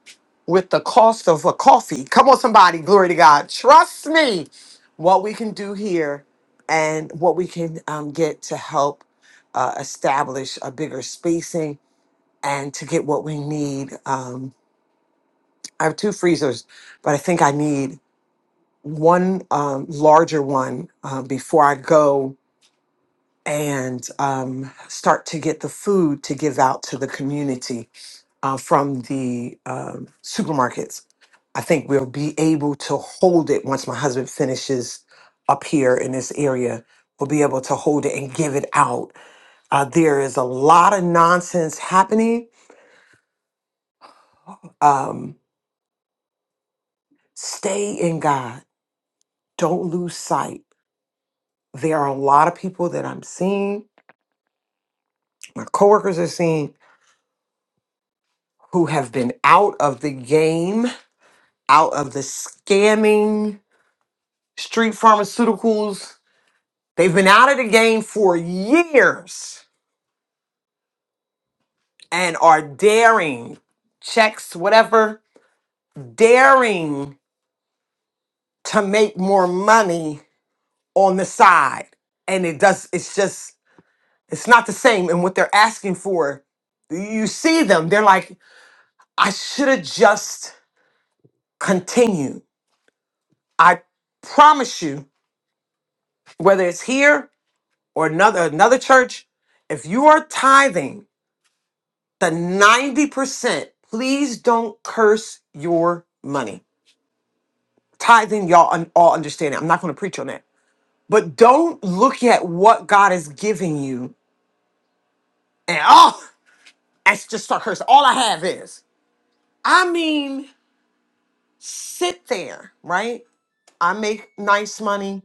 S3: with the cost of a coffee. Come on, somebody, glory to God. Trust me, what we can do here and what we can um, get to help uh, establish a bigger spacing and to get what we need. Um, I have two freezers, but I think I need one um, larger one uh, before I go and um, start to get the food to give out to the community uh, from the um, supermarkets. I think we'll be able to hold it once my husband finishes up here in this area. We'll be able to hold it and give it out. Uh, there is a lot of nonsense happening. Um, stay in God. Don't lose sight. There are a lot of people that I'm seeing, my coworkers are seeing, who have been out of the game out of the scamming street pharmaceuticals. They've been out of the game for years and are daring checks, whatever, daring to make more money on the side. And it does, it's just, it's not the same. And what they're asking for, you see them, they're like, I should have just continued. I promise you, whether it's here or another another church, if you are tithing the 90%, please don't curse your money. Tithing, y'all un- all understand it. I'm not going to preach on that. But don't look at what God is giving you and, oh, I just start cursing. All I have is. I mean, sit there, right? I make nice money,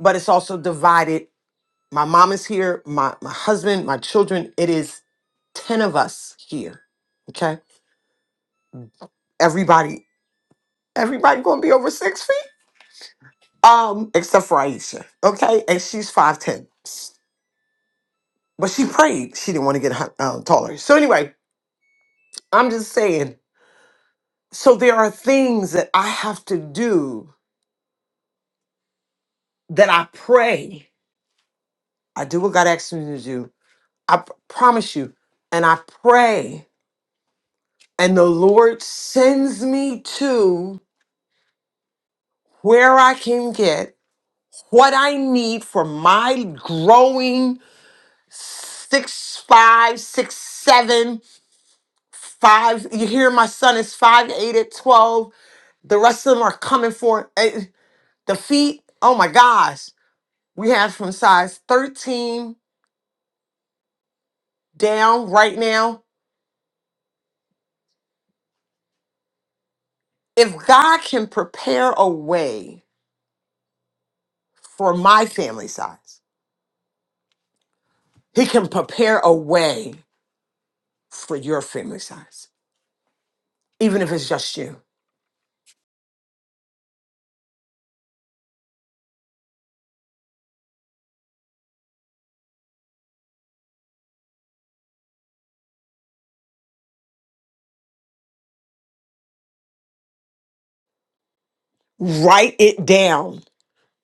S3: but it's also divided. My mom is here, my, my husband, my children. It is 10 of us here, okay? Everybody, everybody going to be over six feet Um, except for Aisha, okay, and she's five ten, but she prayed. She didn't want to get hu- uh, taller. So anyway, I'm just saying. So there are things that I have to do that I pray. I do what God asks me to do. I p- promise you, and I pray, and the Lord sends me to where I can get what I need for my growing six five, six seven. Five, you hear my son is five to eight at 12. The rest of them are coming for it. Eh, the feet. Oh my gosh. We have from size 13 down right now. If God can prepare a way for my family size, He can prepare a way for your family size, even if it's just you. Write it down.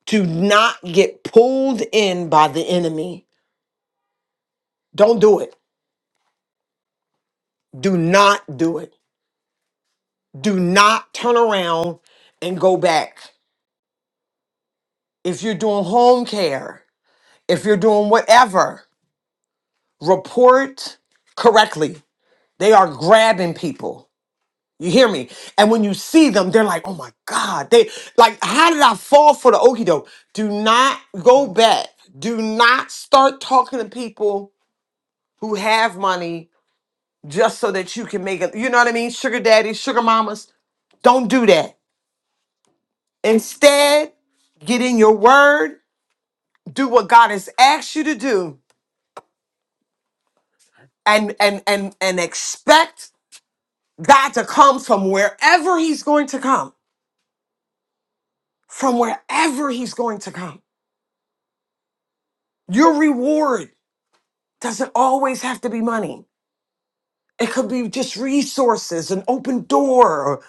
S3: Do not get pulled in by the enemy. Don't do it. Do not do it Do not turn around and go back. If you're doing home care, if you're doing whatever, report correctly. They are grabbing people. You hear me? And when you see them, they're like, oh my God. They like, how did I fall for the okie doke? Do not go back. Do not start talking to people who have money just so that you can make it. You know what I mean? Sugar daddies, sugar mamas. Don't do that. Instead, get in your word do what God has asked you to do and and and and expect God to come from wherever he's going to come. From wherever he's going to come. Your reward doesn't always have to be money. It could be just resources, an open door, or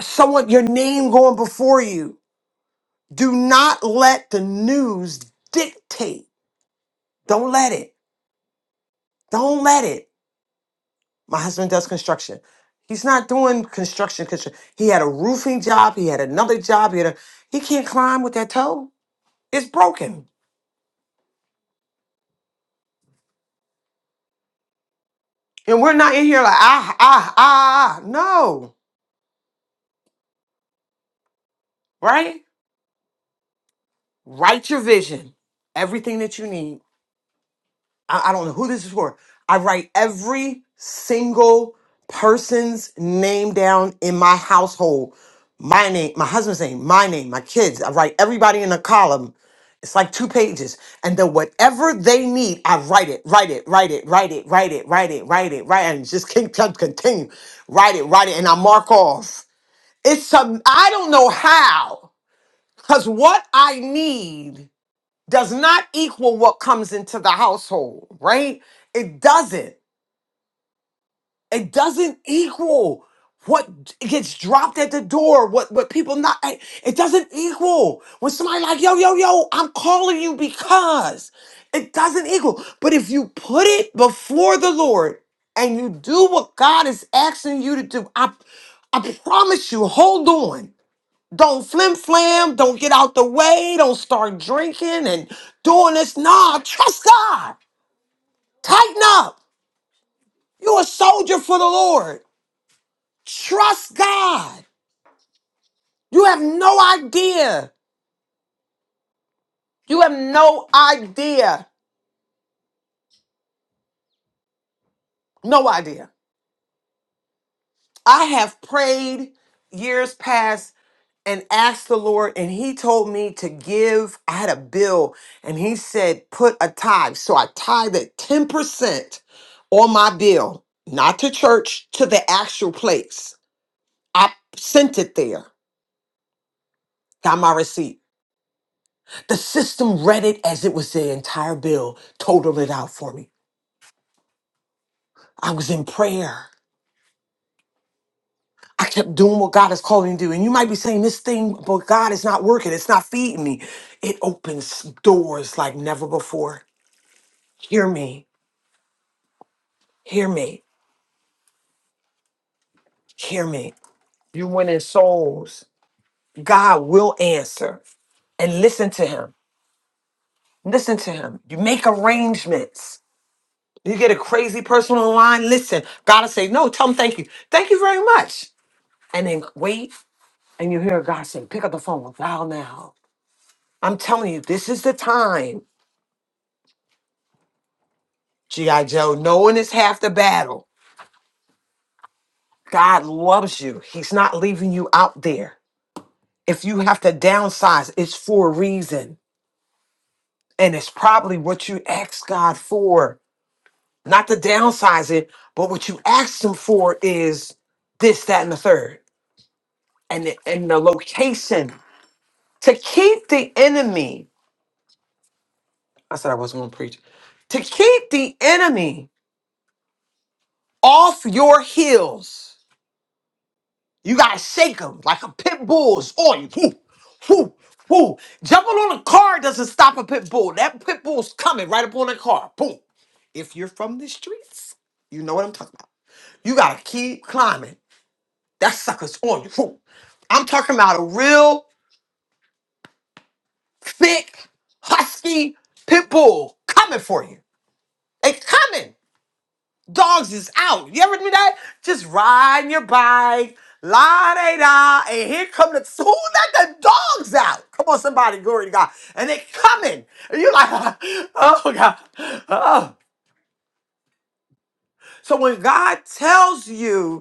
S3: someone your name going before you. Do not let the news dictate. Don't let it. Don't let it. My husband does construction. He's not doing construction. construction. He had a roofing job. He had another job. He, had a, he can't climb with that toe. It's broken. And we're not in here like, ah, ah, ah, ah. ah." No, right? Write your vision, everything that you need I, I don't know who this is for. I write every single person's name down in my household. My name, my husband's name, my name, my kids. I write everybody in a column. It's like two pages. And then whatever they need, I write it, write it, write it, write it, write it, write it, write it, write it, and just keep con- continue. Write it, write it, and I mark off. It's some I don't know how. Because what I need does not equal what comes into the household, right? It doesn't. It doesn't equal what gets dropped at the door, what what people not I- it doesn't equal. When somebody like, "Yo, yo, yo, I'm calling you because." It doesn't equal. But if you put it before the Lord and you do what God is asking you to do, I I promise you, hold on don't flim flam. Don't get out the way. Don't start drinking and doing this. Nah, trust God. Tighten up. You're a soldier for the Lord. Trust God. You have no idea. You have no idea. No idea. I have prayed years past and asked the Lord, and He told me to give. I had a bill, and He said, put a tithe. So I tithe at 10% on my bill, not to church, to the actual place. I sent it there, got my receipt. The system read it as it was the entire bill, totaled it out for me. I was in prayer. I kept doing what God is calling me to do. And you might be saying, This thing, but God is not working. It's not feeding me. It opens doors like never before. Hear me. Hear me. Hear me. You winning souls. God will answer and listen to him. Listen to him. You make arrangements. You get a crazy person online. Listen. God will say, no, tell him thank you. Thank you very much. And then wait. And you hear God say, pick up the phone. Dial now. I'm telling you, this is the time. G.I. Joe, knowing is half the battle. God loves you. He's not leaving you out there. If you have to downsize, it's for a reason. And it's probably what you asked God for, not to downsize it, but what you asked Him for is this, that, and the third, and the, and the location to keep the enemy. I said I wasn't going to preach. To keep the enemy off your heels, you gotta shake them like a pit bull's on you. Whoo, whoo, whoo. Jumping on a car doesn't stop a pit bull. That pit bull's coming right up on the car. Boom. If you're from the streets, you know what I'm talking. You gotta keep climbing. That sucker's on you. Whew. I'm talking about a real thick, husky pit bull coming for you. They coming. Dogs is out. You ever do that? Just riding your bike, la da da, and here come the who let the dogs out. Come on, somebody, glory to God. And they coming. And you're like, oh God. Oh. So when God tells you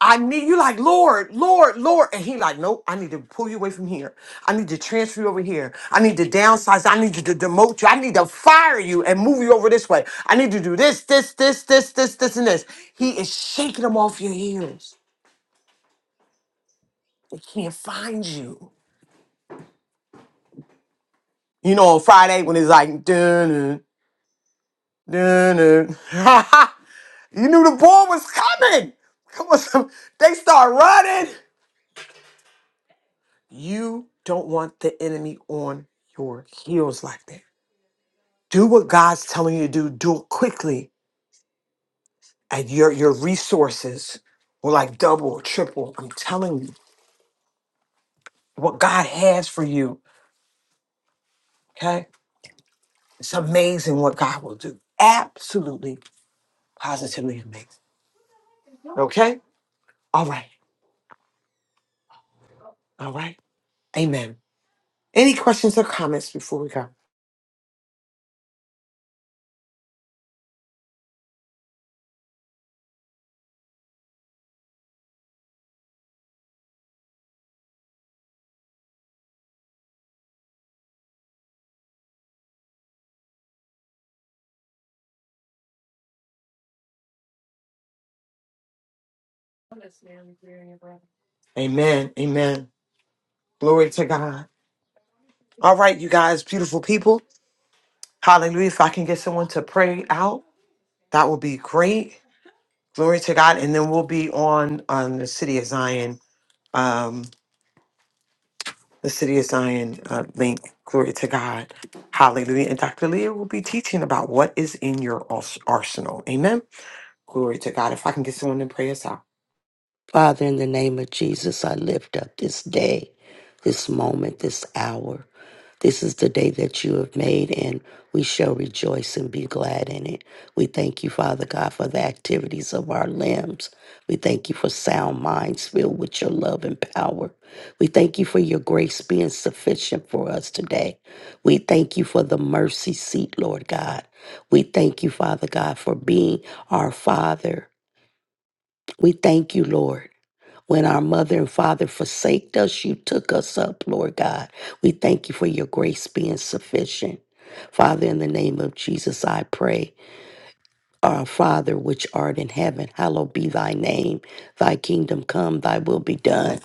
S3: I need you like Lord, Lord, Lord. And he like, nope, I need to pull you away from here. I need to transfer you over here. I need to downsize. I need to d- demote you. I need to fire you and move you over this way. I need to do this, this, this, this, this, this, and this. He is shaking them off your heels. They can't find you. You know, on Friday when it's like, dun, dun, dun, dun. you knew the ball was coming. Come on, some- they start running. You don't want the enemy on your heels like that. do what God's telling you to do. Do it quickly, and your your resources will like double, triple. I'm telling you, what God has for you. Okay, it's amazing what God will do. Absolutely, positively amazing. Okay, all right, all right. Amen. Any questions or comments before we go? Amen. Amen. Glory to God. All right, you guys, beautiful people. Hallelujah. If I can get someone to pray out, that would be great. Glory to God. And then we'll be on on the City of Zion, um, the City of Zion uh, link. Glory to God. Hallelujah. And Dr. Leah will be teaching about what is in your ars- arsenal. Amen. Glory to God. If I can get someone to pray us out.
S9: Father, in the name of Jesus, I lift up this day, this moment, this hour. This is the day that you have made, and we shall rejoice and be glad in it. We thank you, Father God, for the activities of our limbs. We thank you for sound minds filled with your love and power. We thank you for your grace being sufficient for us today. We thank you for the mercy seat, Lord God. We thank you, Father God, for being our Father. We thank you, Lord. When our mother and father forsaked us, you took us up, Lord God. We thank you for your grace being sufficient. Father, in the name of Jesus, I pray. Our Father, which art in heaven, hallowed be thy name. Thy kingdom come, thy will be done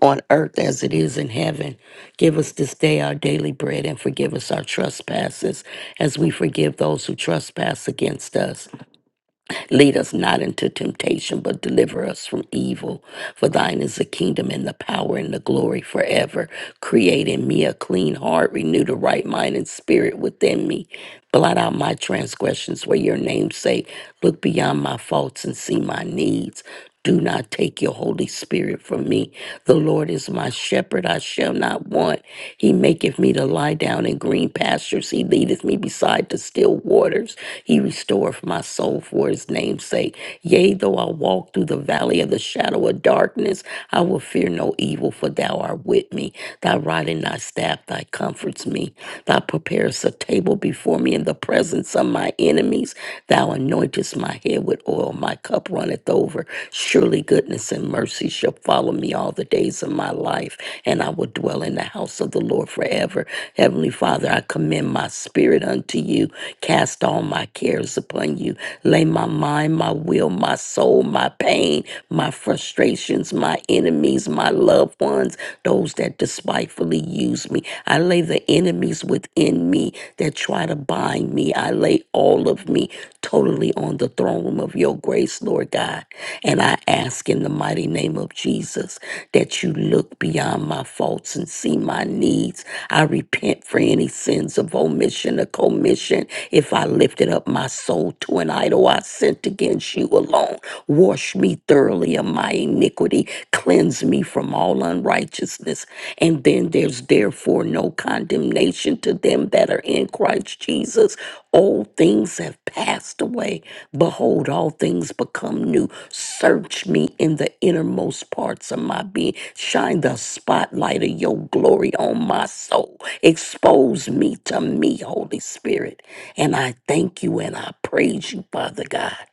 S9: on earth as it is in heaven. Give us this day our daily bread and forgive us our trespasses as we forgive those who trespass against us. Lead us not into temptation, but deliver us from evil. For thine is the kingdom and the power and the glory forever. Create in me a clean heart, renew the right mind and spirit within me. Blot out my transgressions where your name's sake. Look beyond my faults and see my needs. Do not take your Holy Spirit from me. The Lord is my shepherd, I shall not want. He maketh me to lie down in green pastures. He leadeth me beside the still waters. He restoreth my soul for his name's sake. Yea, though I walk through the valley of the shadow of darkness, I will fear no evil, for thou art with me. Thy rod and thy staff, thy comforts me. Thou preparest a table before me in the presence of my enemies enemies. Thou anointest my head with oil, my cup runneth over. Surely goodness and mercy shall follow me all the days of my life, and I will dwell in the house of the Lord forever. Heavenly Father, I commend my spirit unto you. Cast all my cares upon you. Lay my mind, my will, my soul, my pain, my frustrations, my enemies, my loved ones, those that despitefully use me. I lay the enemies within me that try to bind me. I lay all of me totally on the throne room of your grace, Lord God. And I ask in the mighty name of Jesus that you look beyond my faults and see my needs. I repent for any sins of omission or commission. If I lifted up my soul to an idol, I sinned against you alone. Wash me thoroughly of my iniquity. Cleanse Cleanse me from all unrighteousness. And then there's therefore no condemnation to them that are in Christ Jesus. Old things have passed away. Behold, all things become new. Search me in the innermost parts of my being. Shine the spotlight of your glory on my soul. Expose me to me, Holy Spirit. And I thank you and I praise you, Father God.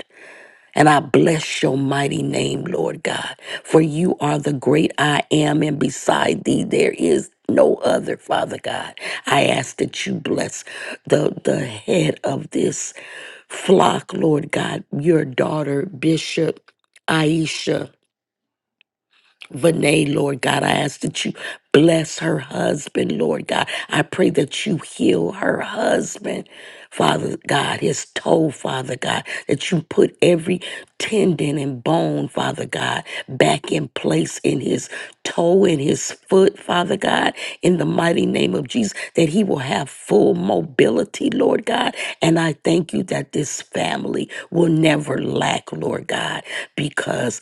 S9: And I bless your mighty name, Lord God, for you are the great I am, and beside thee there is no other, Father God. I ask that you bless the, the head of this flock, Lord God, your daughter, Bishop Aisha. Vinay, Lord God. I ask that you bless her husband, Lord God. I pray that you heal her husband, Father God, his toe, Father God, that you put every tendon and bone, Father God, back in place in his toe, in his foot, Father God, in the mighty name of Jesus, that he will have full mobility, Lord God. And I thank you that this family will never lack, Lord God, because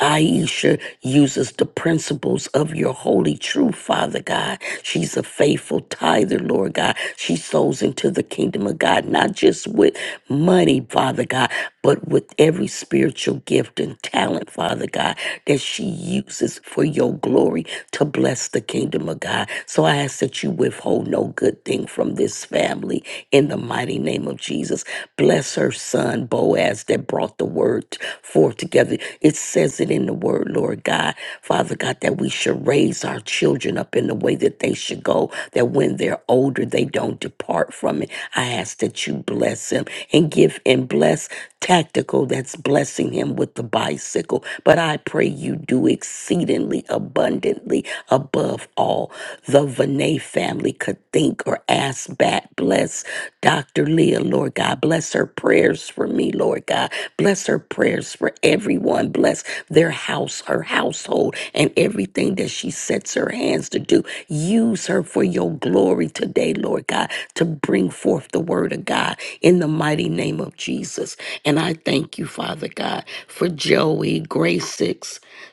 S9: Aisha uses the principles of your holy truth, Father God. She's a faithful tither, Lord God. She sows into the kingdom of God, not just with money, Father God, but with every spiritual gift and talent, Father God, that she uses for your glory to bless the kingdom of God. So I ask that you withhold no good thing from this family in the mighty name of Jesus. Bless her son, Boaz, that brought the word forth forth together. It says it in the word, Lord God. Father God, that we should raise our children up in the way that they should go, that when they're older, they don't depart from it. I ask that you bless him and give and bless tactical that's blessing him with the bicycle. But I pray you do exceedingly abundantly above all the Vinay family could think or ask back. Bless Dr. Leah, Lord God. Bless her prayers for me, Lord God. Bless her prayers for everyone. Bless their house, her household, and everything that she sets her hands to do. Use her for your glory today, Lord God, to bring forth the word of God in the mighty name of Jesus. And I thank you, Father God, for Joey, Grace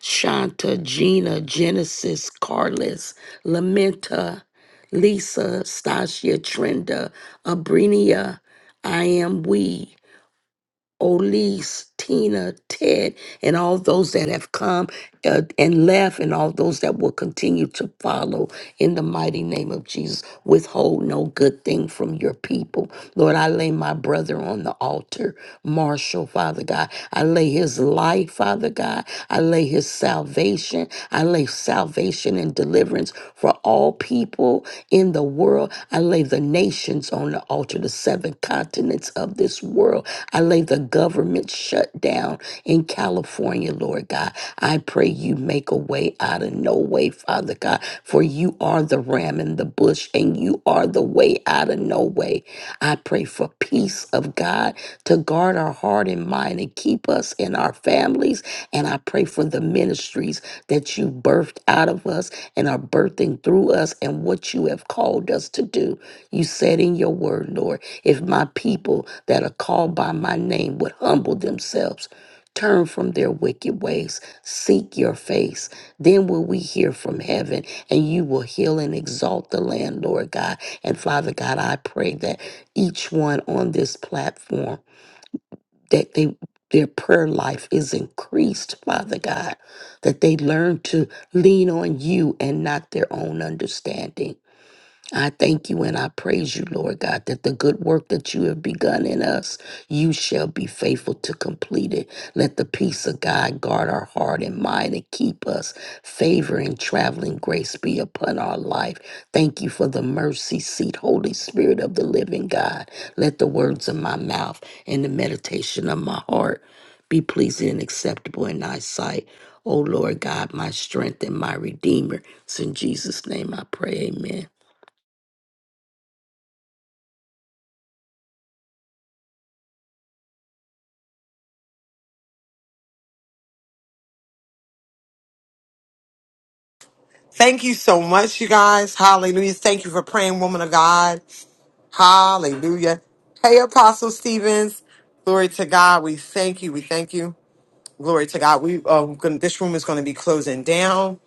S9: Shanta, Gina, Genesis, Carlos, Lamenta. Lisa, Stasia, Trenda, Abrinia, I am we. Elise, Tina, Ted, and all those that have come uh, and left, and all those that will continue to follow in the mighty name of Jesus. Withhold no good thing from your people. Lord, I lay my brother on the altar, Marshall, Father God. I lay his life, Father God. I lay his salvation. I lay salvation and deliverance for all people in the world world. I lay the nations on the altar, the seven continents of this world. I lay the government shut down in California, Lord God. I pray you make a way out of no way, Father God, for you are the ram in the bush and you are the way out of no way. I pray for peace of God to guard our heart and mind and keep us and our families. And I pray for the ministries that you birthed out of us and are birthing through us and what you have called us to do. You said in your word, Lord, if my people that are called by my name would humble themselves, turn from their wicked ways, seek your face, then will we hear from heaven and you will heal and exalt the land, Lord God. And Father God, I pray that each one on this platform that they their prayer life is increased, Father God, that they learn to lean on you and not their own understanding. I thank you and I praise you, Lord God, that the good work that you have begun in us, you shall be faithful to complete it. Let the peace of God guard our heart and mind and keep us. Favor and traveling grace be upon our life. Thank you for the mercy seat, Holy Spirit of the living God. Let the words of my mouth and the meditation of my heart be pleasing and acceptable in thy sight. O Lord God, my strength and my redeemer. It's in Jesus' name I pray. Amen.
S3: Thank you so much, you guys. Hallelujah. Thank you for praying, woman of God. Hallelujah. Hey, Apostle Stevens. Glory to God. We thank you. We thank you. Glory to God. We um, gonna, this room is going to be closing down.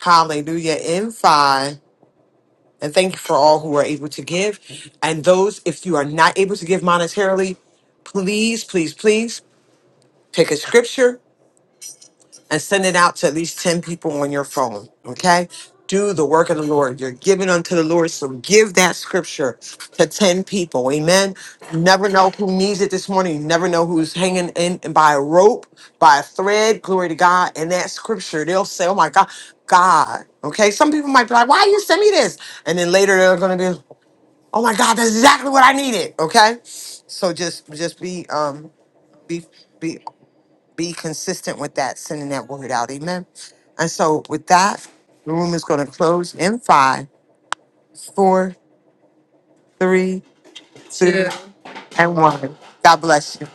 S3: Hallelujah. In five. And thank you for all who are able to give. And those, if you are not able to give monetarily, please, please, please take a scripture and send it out to at least 10 people on your phone. Okay? Do the work of the Lord. You're giving unto the Lord. So give that scripture to 10 people. Amen. You never know who needs it this morning. You never know who's hanging in by a rope, by a thread. Glory to God. And that scripture, they'll say, Oh my God, God. Okay. Some people might be like, Why you send me this? And then later they're gonna be, Oh my God, that's exactly what I needed. Okay. So just just be um be be be consistent with that, sending that word out. Amen. And so, with that, the room is going to close in five, four, three, two, and one. God bless you.